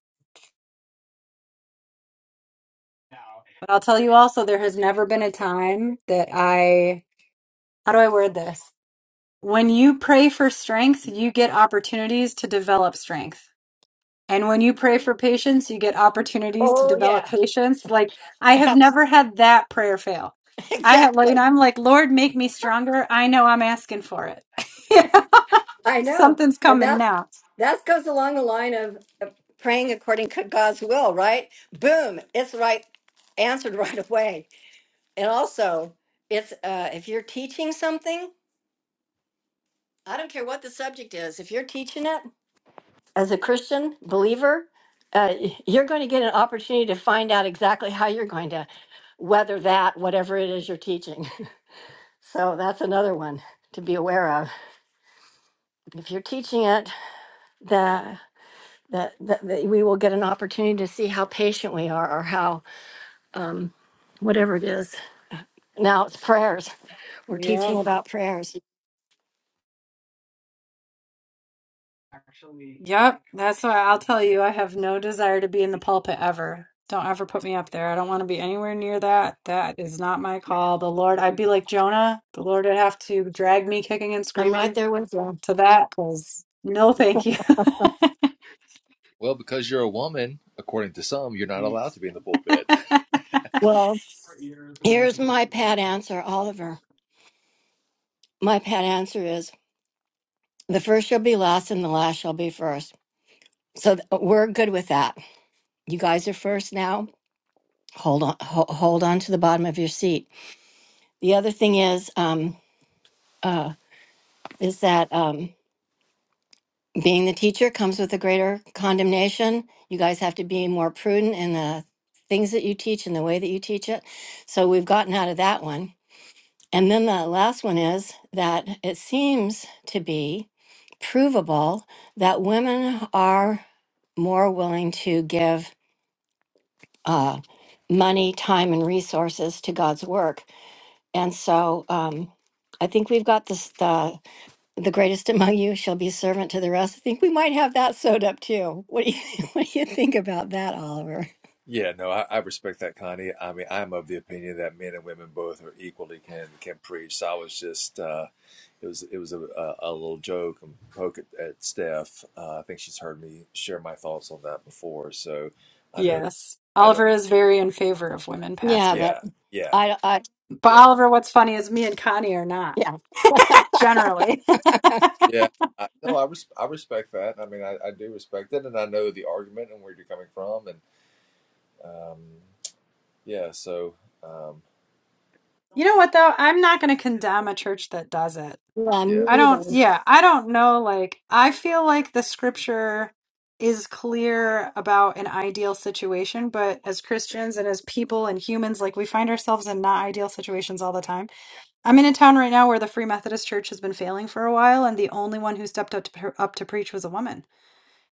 S1: But I'll tell you also, there has never been a time that I, how do I word this? When you pray for strength, you get opportunities to develop strength And when you pray for patience, you get opportunities to
S3: oh
S1: develop
S3: yeah,
S1: patience. Like I have never had that prayer fail. I have, like,
S3: exactly.
S1: you know, I'm like, Lord, make me stronger. I know I'm asking for it. Yeah.
S3: I know,
S1: Something's
S3: and
S1: coming
S3: that's
S1: now.
S3: that goes along the line of of praying according to God's will, right? Boom, it's right answered right away. And also, it's uh, if you're teaching something, I don't care what the subject is. If you're teaching it as a Christian believer, uh, y- you're going to get an opportunity to find out exactly how you're going to weather that, whatever it is you're teaching. so that's another one to be aware of. If you're teaching it, that, that, that we will get an opportunity to see how patient we are or how um, whatever it is. Now it's prayers. We're
S1: Yeah.
S3: teaching about prayers.
S1: Yep. That's why I'll tell you, I have no desire to be in the pulpit ever. Don't ever put me up there. I don't want to be anywhere near that. That is not my call. The Lord, I'd be like Jonah. The Lord would have to drag me kicking and
S3: I'm right
S1: screaming
S3: there with you.
S1: to that because no, thank you.
S5: Well, because you're a woman, according to some, you're not allowed to be in the pulpit.
S3: Well, here's my pat answer, Oliver. My pat answer is the first shall be last and the last shall be first. So th- we're good with that. You guys are first now. Hold on, ho- hold on to the bottom of your seat. The other thing is, um, uh, is that. Um, being the teacher comes with a greater condemnation. You guys have to be more prudent in the things that you teach and the way that you teach it. So we've gotten out of that one. And then the last one is that it seems to be provable that women are more willing to give uh, money, time, and resources to God's work. And so um, I think we've got this. The the greatest among you shall be servant to the rest. I think we might have that sewed up too. What do you what do you think about that, Oliver?
S5: Yeah, no, I, I respect that, Connie. I mean, I'm of the opinion that men and women both are equally can can preach. So I was just, uh, it was it was a, a, a little joke and poke at, at Steph. Uh, I think she's heard me share my thoughts on that before, so I know,
S1: Yes.
S5: I know,
S1: Oliver is very in favor of women
S3: Yeah,
S1: pastors.
S3: but
S5: yeah, yeah,
S3: I I
S1: But
S5: yeah,
S1: Oliver, what's funny is me and Connie are not,
S3: yeah.
S1: generally.
S5: yeah. I, no, I res I respect that. I mean, I, I do respect it, and I know the argument and where you're coming from, and um, yeah, so um,
S1: You know what though? I'm not going to condemn a church that does it.
S3: yeah
S5: yeah.
S1: I
S3: me either.
S1: don't, yeah, I don't know. Like, I feel like the scripture is clear about an ideal situation, but as Christians and as people and humans, like, we find ourselves in not ideal situations all the time. I'm in a town right now where the Free Methodist Church has been failing for a while, and the only one who stepped up to pre- up to preach was a woman.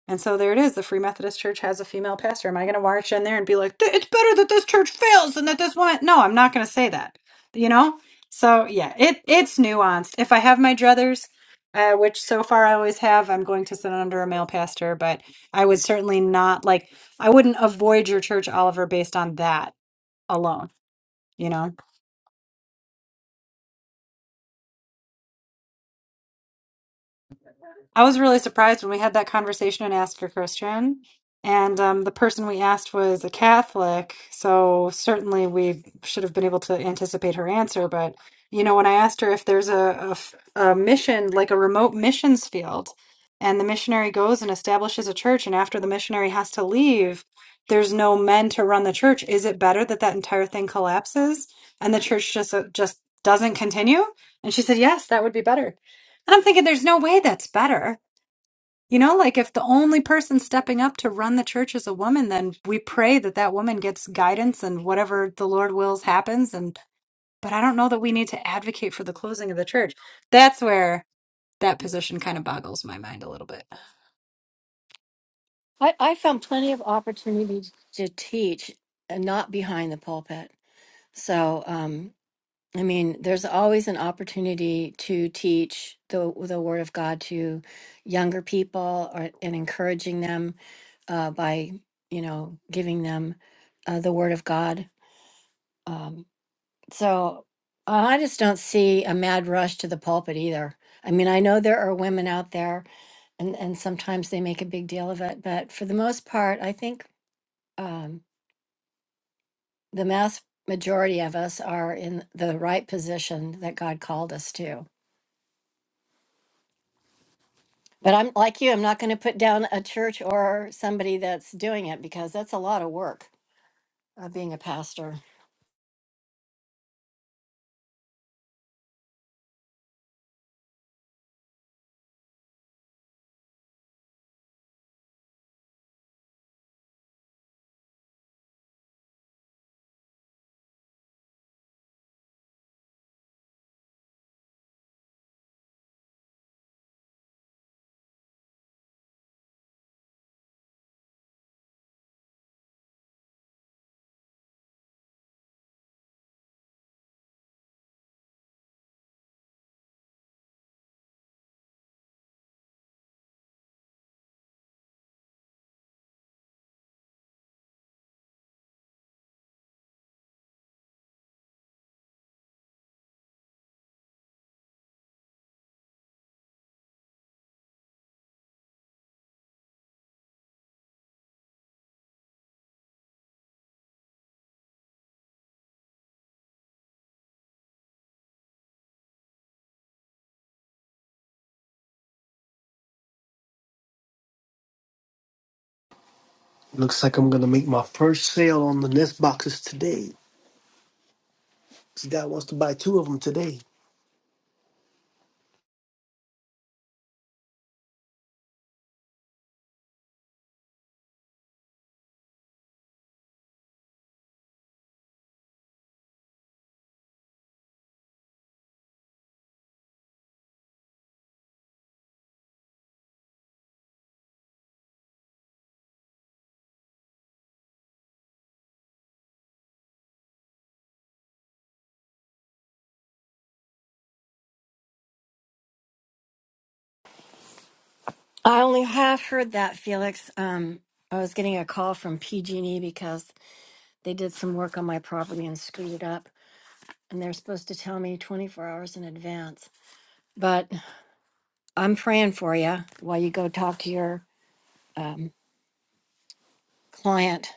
S1: And so there it is. The Free Methodist Church has a female pastor. Am I going to march in there and be like, "Th- "It's better that this church fails than that this woman"? No, I'm not going to say that. You know. So yeah, it it's nuanced. If I have my druthers, uh, which so far I always have, I'm going to sit under a male pastor. But I would certainly not like. I wouldn't avoid your church, Oliver, based on that alone. You know. I was really surprised when we had that conversation and asked for Christian. And um, the person we asked was a Catholic, so certainly we should have been able to anticipate her answer. But you know, when I asked her if there's a, a f- a mission, like a remote missions field, and the missionary goes and establishes a church, and after the missionary has to leave, there's no men to run the church. Is it better that that entire thing collapses and the church just uh, just doesn't continue? And she said, yes, that would be better. And I'm thinking, there's no way that's better. You know, like if the only person stepping up to run the church is a woman, then we pray that that woman gets guidance and whatever the Lord wills happens. And but I don't know that we need to advocate for the closing of the church. That's where that position kind of boggles my mind a little bit.
S3: I, I found plenty of opportunities to teach and not behind the pulpit. So um I mean, there's always an opportunity to teach the the word of God to younger people or, and encouraging them uh, by you know giving them uh, the word of God. um. So I just don't see a mad rush to the pulpit either. I mean, I know there are women out there and, and sometimes they make a big deal of it, but for the most part, I think um, the mass majority of us are in the right position that God called us to. But I'm like you, I'm not going to put down a church or somebody that's doing it because that's a lot of work of being a pastor.
S2: Looks like I'm gonna make my first sale on the Nest boxes today. This guy wants to buy two of them today.
S3: I only have heard that, Felix. Um, I was getting a call from PG&E because They did some work on my property and screwed it up. And they're supposed to tell me 24 hours in advance. But I'm praying for you while you go talk to your um, client.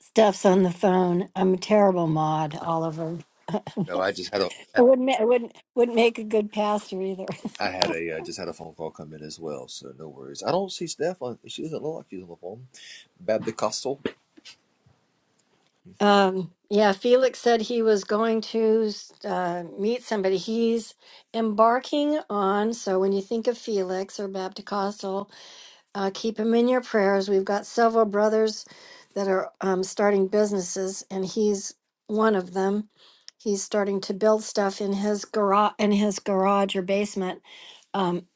S3: Stuff's on the phone. I'm a terrible mod, Oliver.
S5: No, I just had
S3: I
S5: a,
S3: wouldn't, ma- I wouldn't, wouldn't make a good pastor either.
S5: I had a I just had a phone call come in as well, so no worries. I don't see Steph on. She doesn't look like she's on the phone. Bab the Costal.
S3: Um, yeah, Felix said he was going to uh, meet somebody. He's embarking on. So when you think of Felix or Baptist Uh, keep him in your prayers. We've got several brothers that are um, starting businesses, and he's one of them. He's starting to build stuff in his garage, in his garage or basement. Um,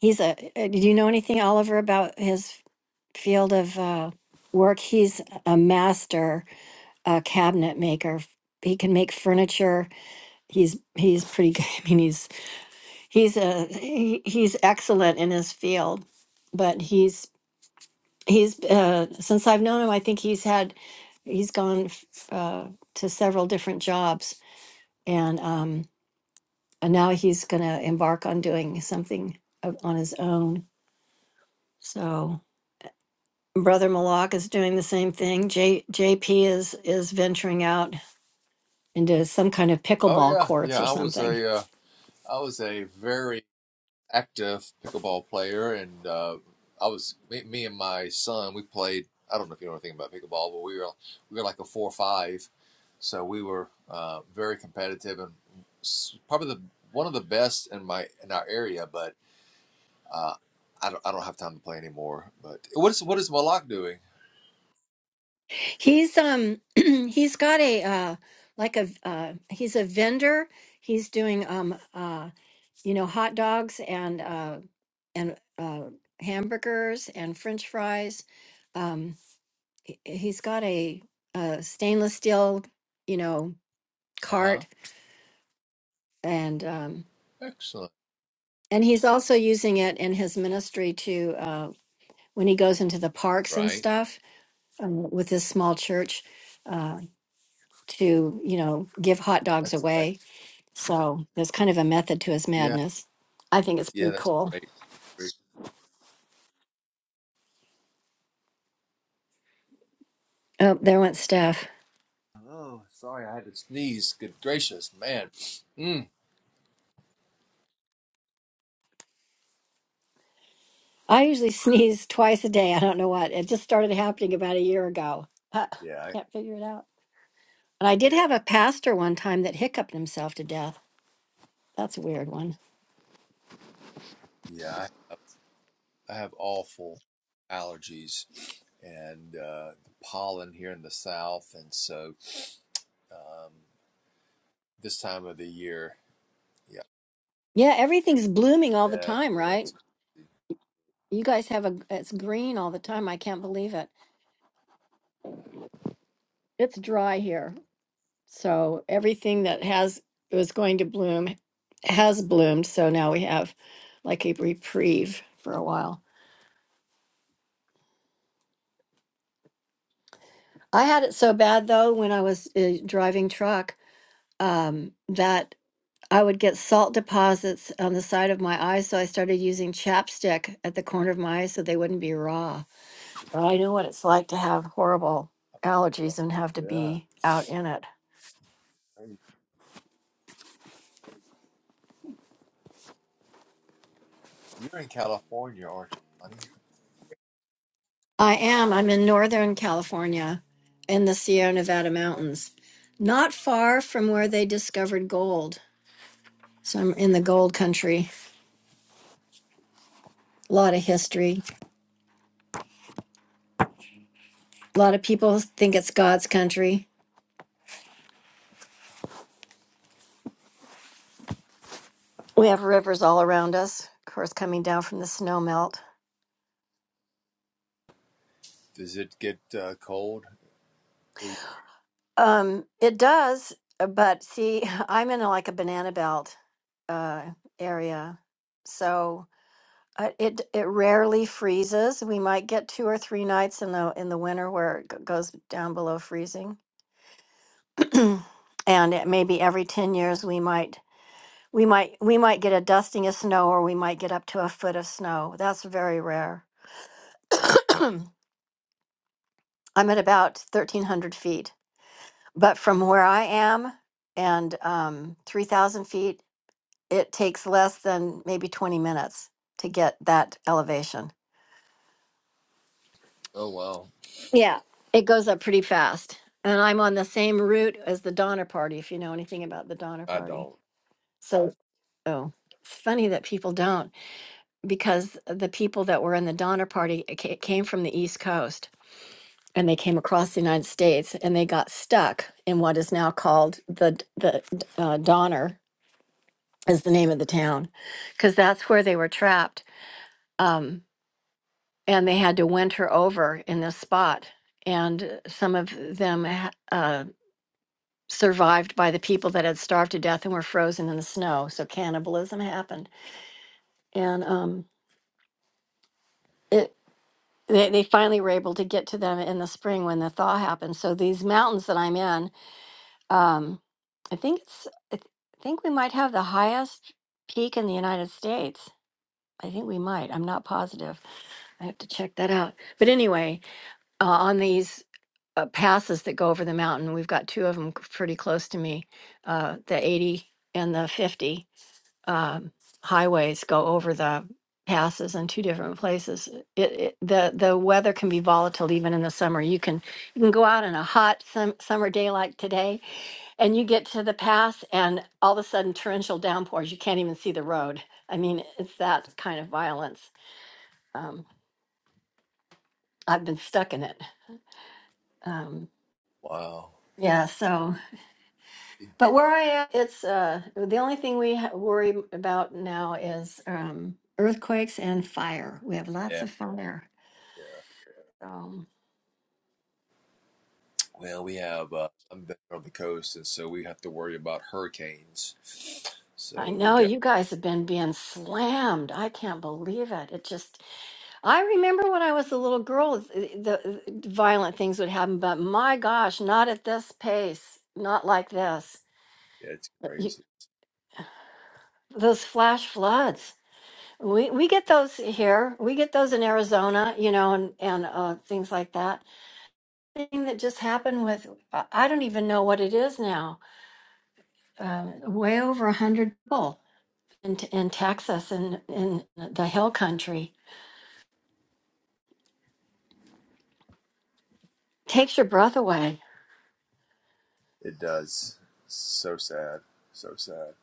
S3: he's a. uh, Did you know anything, Oliver, about his field of uh, work? He's a master uh, cabinet maker. He can make furniture. He's he's pretty good. I mean, he's he's a he, he's excellent in his field, but he's he's uh, since I've known him, I think he's had he's gone f- uh, to several different jobs, and um, and now he's going to embark on doing something o- on his own. So brother Malak is doing the same thing. J JP is is venturing out into some kind of
S5: Oh
S3: pickleball
S5: yeah,
S3: courts
S5: yeah.
S3: or
S5: I was
S3: something.
S5: a uh, I was a very active pickleball player, and uh, I was me, me and my son. We played. I don't know if you know anything about pickleball, but we were we were like a four or five, so we were uh, very competitive and s- probably the one of the best in my in our area. But uh, I don't I don't have time to play anymore. But what is what is Malak doing?
S3: He's um he's got a uh like a uh he's a vendor. He's doing um uh you know hot dogs and uh and uh, hamburgers and french fries. Um, he- he's got a, uh stainless steel, you know,
S5: Uh huh.
S3: cart and um,
S5: Excellent.
S3: and he's also using it in his ministry to uh, when he goes into the parks and
S5: Right.
S3: stuff um, with his small church uh, to you know give hot dogs
S5: That's ex-
S3: away. So there's kind of a method to his
S5: yeah.
S3: madness. I think it's
S5: Yeah,
S3: pretty
S5: that's
S3: cool.
S5: great. Great.
S3: Oh, there went Steph.
S5: Oh, sorry, I had to sneeze. Good gracious, man. Mm.
S3: I usually sneeze twice a day. I don't know what. It just started happening about a year ago. Uh,
S5: Yeah, I,
S3: can't figure it out. And I did have a pastor one time that hiccuped himself to death. That's a weird one.
S5: yeah. I have, I have awful allergies, and uh, the pollen here in the south, and so um, this time of the year, yeah,
S3: Yeah, everything's blooming all the
S5: yeah,
S3: time,
S5: yeah.
S3: right?
S5: It's
S3: You guys have a it's green all the time. I can't believe it. It's dry here. So everything that has was going to bloom has bloomed. So now we have like a reprieve for a while. I had it so bad though when I was uh, driving truck um, that I would get salt deposits on the side of my eyes, so I started using chapstick at the corner of my eyes so they wouldn't be raw. But I know what it's like to have horrible allergies
S5: oh,
S3: and have to
S5: yeah.
S3: be out in it.
S5: Hey, You're in California, aren't you, honey?
S3: I am. I'm in Northern
S5: Okay.
S3: California in the Sierra Nevada
S5: Why not?
S3: mountains, not far from where they discovered gold. So I'm in the gold country. A lot of history. A lot of people think it's God's country. We have rivers all around us, of course, coming down from the snow melt.
S5: Does it get uh, cold? Where you?
S3: Um, it does, uh, but see, I'm in a, like a banana belt uh, area, so uh, it it rarely freezes. We might get two or three nights in the in the winter where it g- goes down below freezing, and it maybe every ten years we might we might we might get a dusting of snow, or we might get up to a foot of snow. That's very rare. I'm at about thirteen hundred feet, but from where I am and um, three thousand feet it takes less than maybe 20 minutes to get that elevation.
S5: Oh wow.
S3: Yeah. It goes up pretty fast. And I'm on the same route as the Donner Party, if you know anything about the Donner
S5: I
S3: Party.
S5: don't.
S3: So, oh, it's funny that people don't because the people that were in the Donner Party ca- came from the East Coast and they came across the United States and they got stuck in what is now called the, the uh, Donner is the name of the town because that's where they were trapped. Um, and they had to winter over in this spot. And some of them ha- uh, survived by the people that had starved to death and were frozen in the snow. So cannibalism happened, and um, it they, they finally were able to get to them in the spring when the thaw happened. So these mountains that I'm in, um, I think it's I th- think we might have the highest peak in the United States. I think we might. I'm not positive. I have to check that out. But anyway, uh, on these uh, passes that go over the mountain. We've got two of them pretty close to me. Uh, the 80 and the 50 um, highways go over the passes in two different places. It, it, the the weather can be volatile even in the summer. You can you can go out on a hot sum, summer day like today, and you get to the pass, and all of a sudden torrential downpours. You can't even see the road. I mean, it's that kind of violence. Um, I've been stuck in it. Um,
S5: Wow.
S3: yeah, so. But where I am, it's uh, the only thing we ha- worry about now is um, earthquakes and fire. We have
S5: Yeah.
S3: lots of fire.
S5: Yeah.
S3: So
S5: Well, we have, uh, I'm back on the coast, and so we have to worry about hurricanes.
S3: I
S5: So we
S3: know
S5: got,
S3: you guys have been being slammed. I can't believe it. It just, I remember when I was a little girl, th- the the violent things would happen, but my gosh, not at this pace, not like this.
S5: yeah, it's
S3: You-
S5: crazy.
S3: Those flash floods. We, we get those here. We get those in Arizona, you know, and, and uh, things like that thing that just happened with I I don't even know what it is now. Uh, way over a hundred people in in Texas and in, in the Hill Country takes your breath away.
S5: It does. So sad. So sad.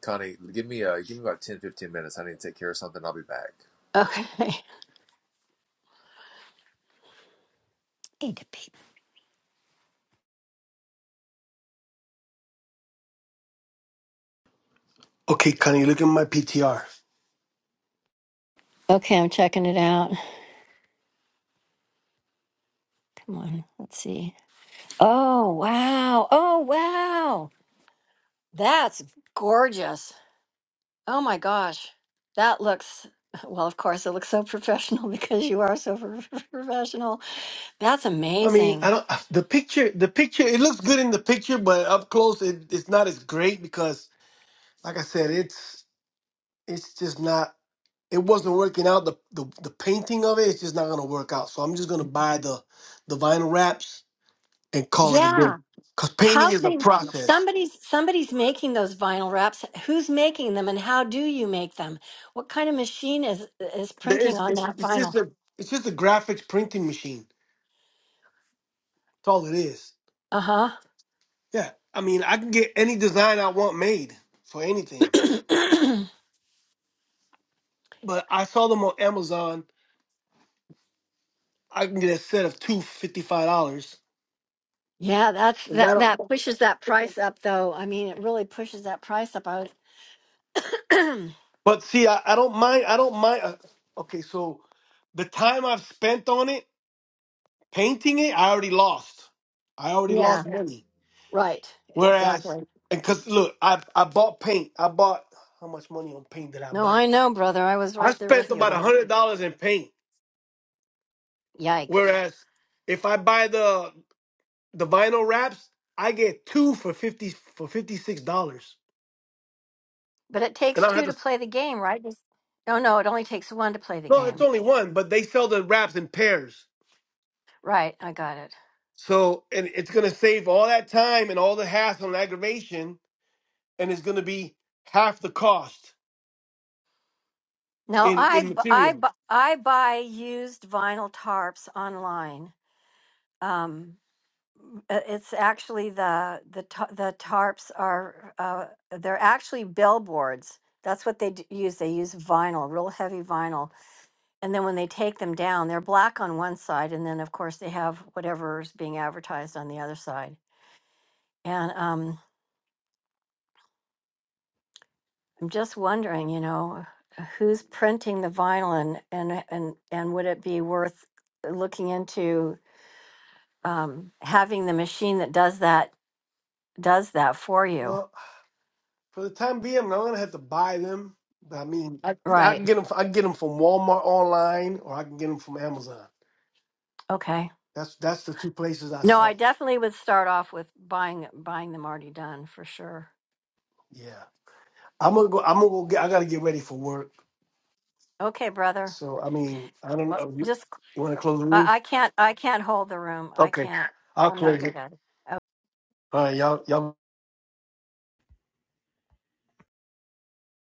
S5: Connie, give me, uh, give me about 10 15 minutes. I need to take care of something. I'll be back.
S3: Okay, Need to be.
S2: Okay, Connie, look at my PTR.
S3: okay, I'm checking it out. Come on, let's see. Oh wow! Oh wow! That's gorgeous. Oh my gosh, that looks. Well, of course, it looks so professional because you are so pro- professional. That's
S2: I mean, I
S3: amazing.
S2: don't. The picture, the picture, it looks good in the picture, but up close, it, it's not as great because, like I said, it's. it's just not it wasn't working out the, the the painting of it it's just not gonna work out so i'm just gonna buy the the vinyl wraps and call it a
S3: Yeah.
S2: day because painting
S3: How
S2: is a
S3: can
S2: process
S3: somebody's somebody's making those vinyl wraps? Who's making them, and how do you make them? What kind of machine is is
S2: There
S3: printing
S2: is-
S3: on
S2: it's,
S3: that
S2: it's just
S3: vinyl?
S2: a it's just a graphics printing machine that's all it is
S3: Uh huh.
S2: yeah i mean i can get any design i want made for anything but i saw them on amazon i can get a set of two fifty five dollars
S3: yeah, that's
S2: and
S3: that
S2: that
S3: that pushes that price up, though. I mean, it really pushes that price up. I would.
S2: but see I, I don't mind i don't mind uh, okay so the time i've spent on it Painting it, I already lost. I already
S3: yeah,
S2: lost money.
S3: right,
S2: Whereas,
S3: exactly.
S2: because look, I I bought paint. I bought how much money on paint did I
S3: No,
S2: buy?
S3: I know, brother. I was
S2: I
S3: right there with
S2: spent
S3: you
S2: about
S3: the
S2: a
S3: whole.
S2: hundred
S3: time.
S2: dollars in paint.
S3: Yikes!
S2: Whereas, if I buy the the vinyl wraps, I get two for fifty for fifty six dollars,
S3: But it
S2: and
S3: takes
S2: I don't have
S3: two to
S2: to.
S3: play the game, right? Just- No, no, it only takes one to play the
S2: No, it's
S3: game.
S2: only one, but they sell the wraps in pairs.
S3: Right, I got it.
S2: So, and it's gonna save all that time and all the hassle and aggravation, and it's gonna be half the cost
S3: No,
S2: in
S3: I
S2: in
S3: b- I
S2: materials.
S3: b- I buy used vinyl tarps online. Um, uh, it's actually the the ta- the tarps are uh, they're actually billboards. That's what they d- use. They use vinyl, real heavy vinyl, and then when they take them down, they're black on one side, and then of course they have whatever's being advertised on the other side. And um, I'm just wondering, you know, who's printing the vinyl, and and and and would it be worth looking into? um, having the machine that does that does that for you.
S2: Well, For the time being, I'm not gonna have to buy them. But I mean, I, I can
S3: Right.
S2: get them. I can get them from Walmart online, or I can get them from Amazon.
S3: Okay.
S2: That's that's the two places I
S3: No, I
S2: saw.
S3: definitely would start off with buying buying them already done for sure.
S2: Yeah, I'm gonna go. I'm gonna go. Get, I gotta get ready for work.
S3: Okay, brother.
S2: So I mean, I don't
S3: Well,
S2: know. You,
S3: Just
S2: you want to close the room?
S3: I, I can't I can't hold the room. I
S2: Okay,
S3: can't.
S2: I'll
S3: I'm not
S2: close it.
S3: good at it.
S2: All right, y'all. Y'all.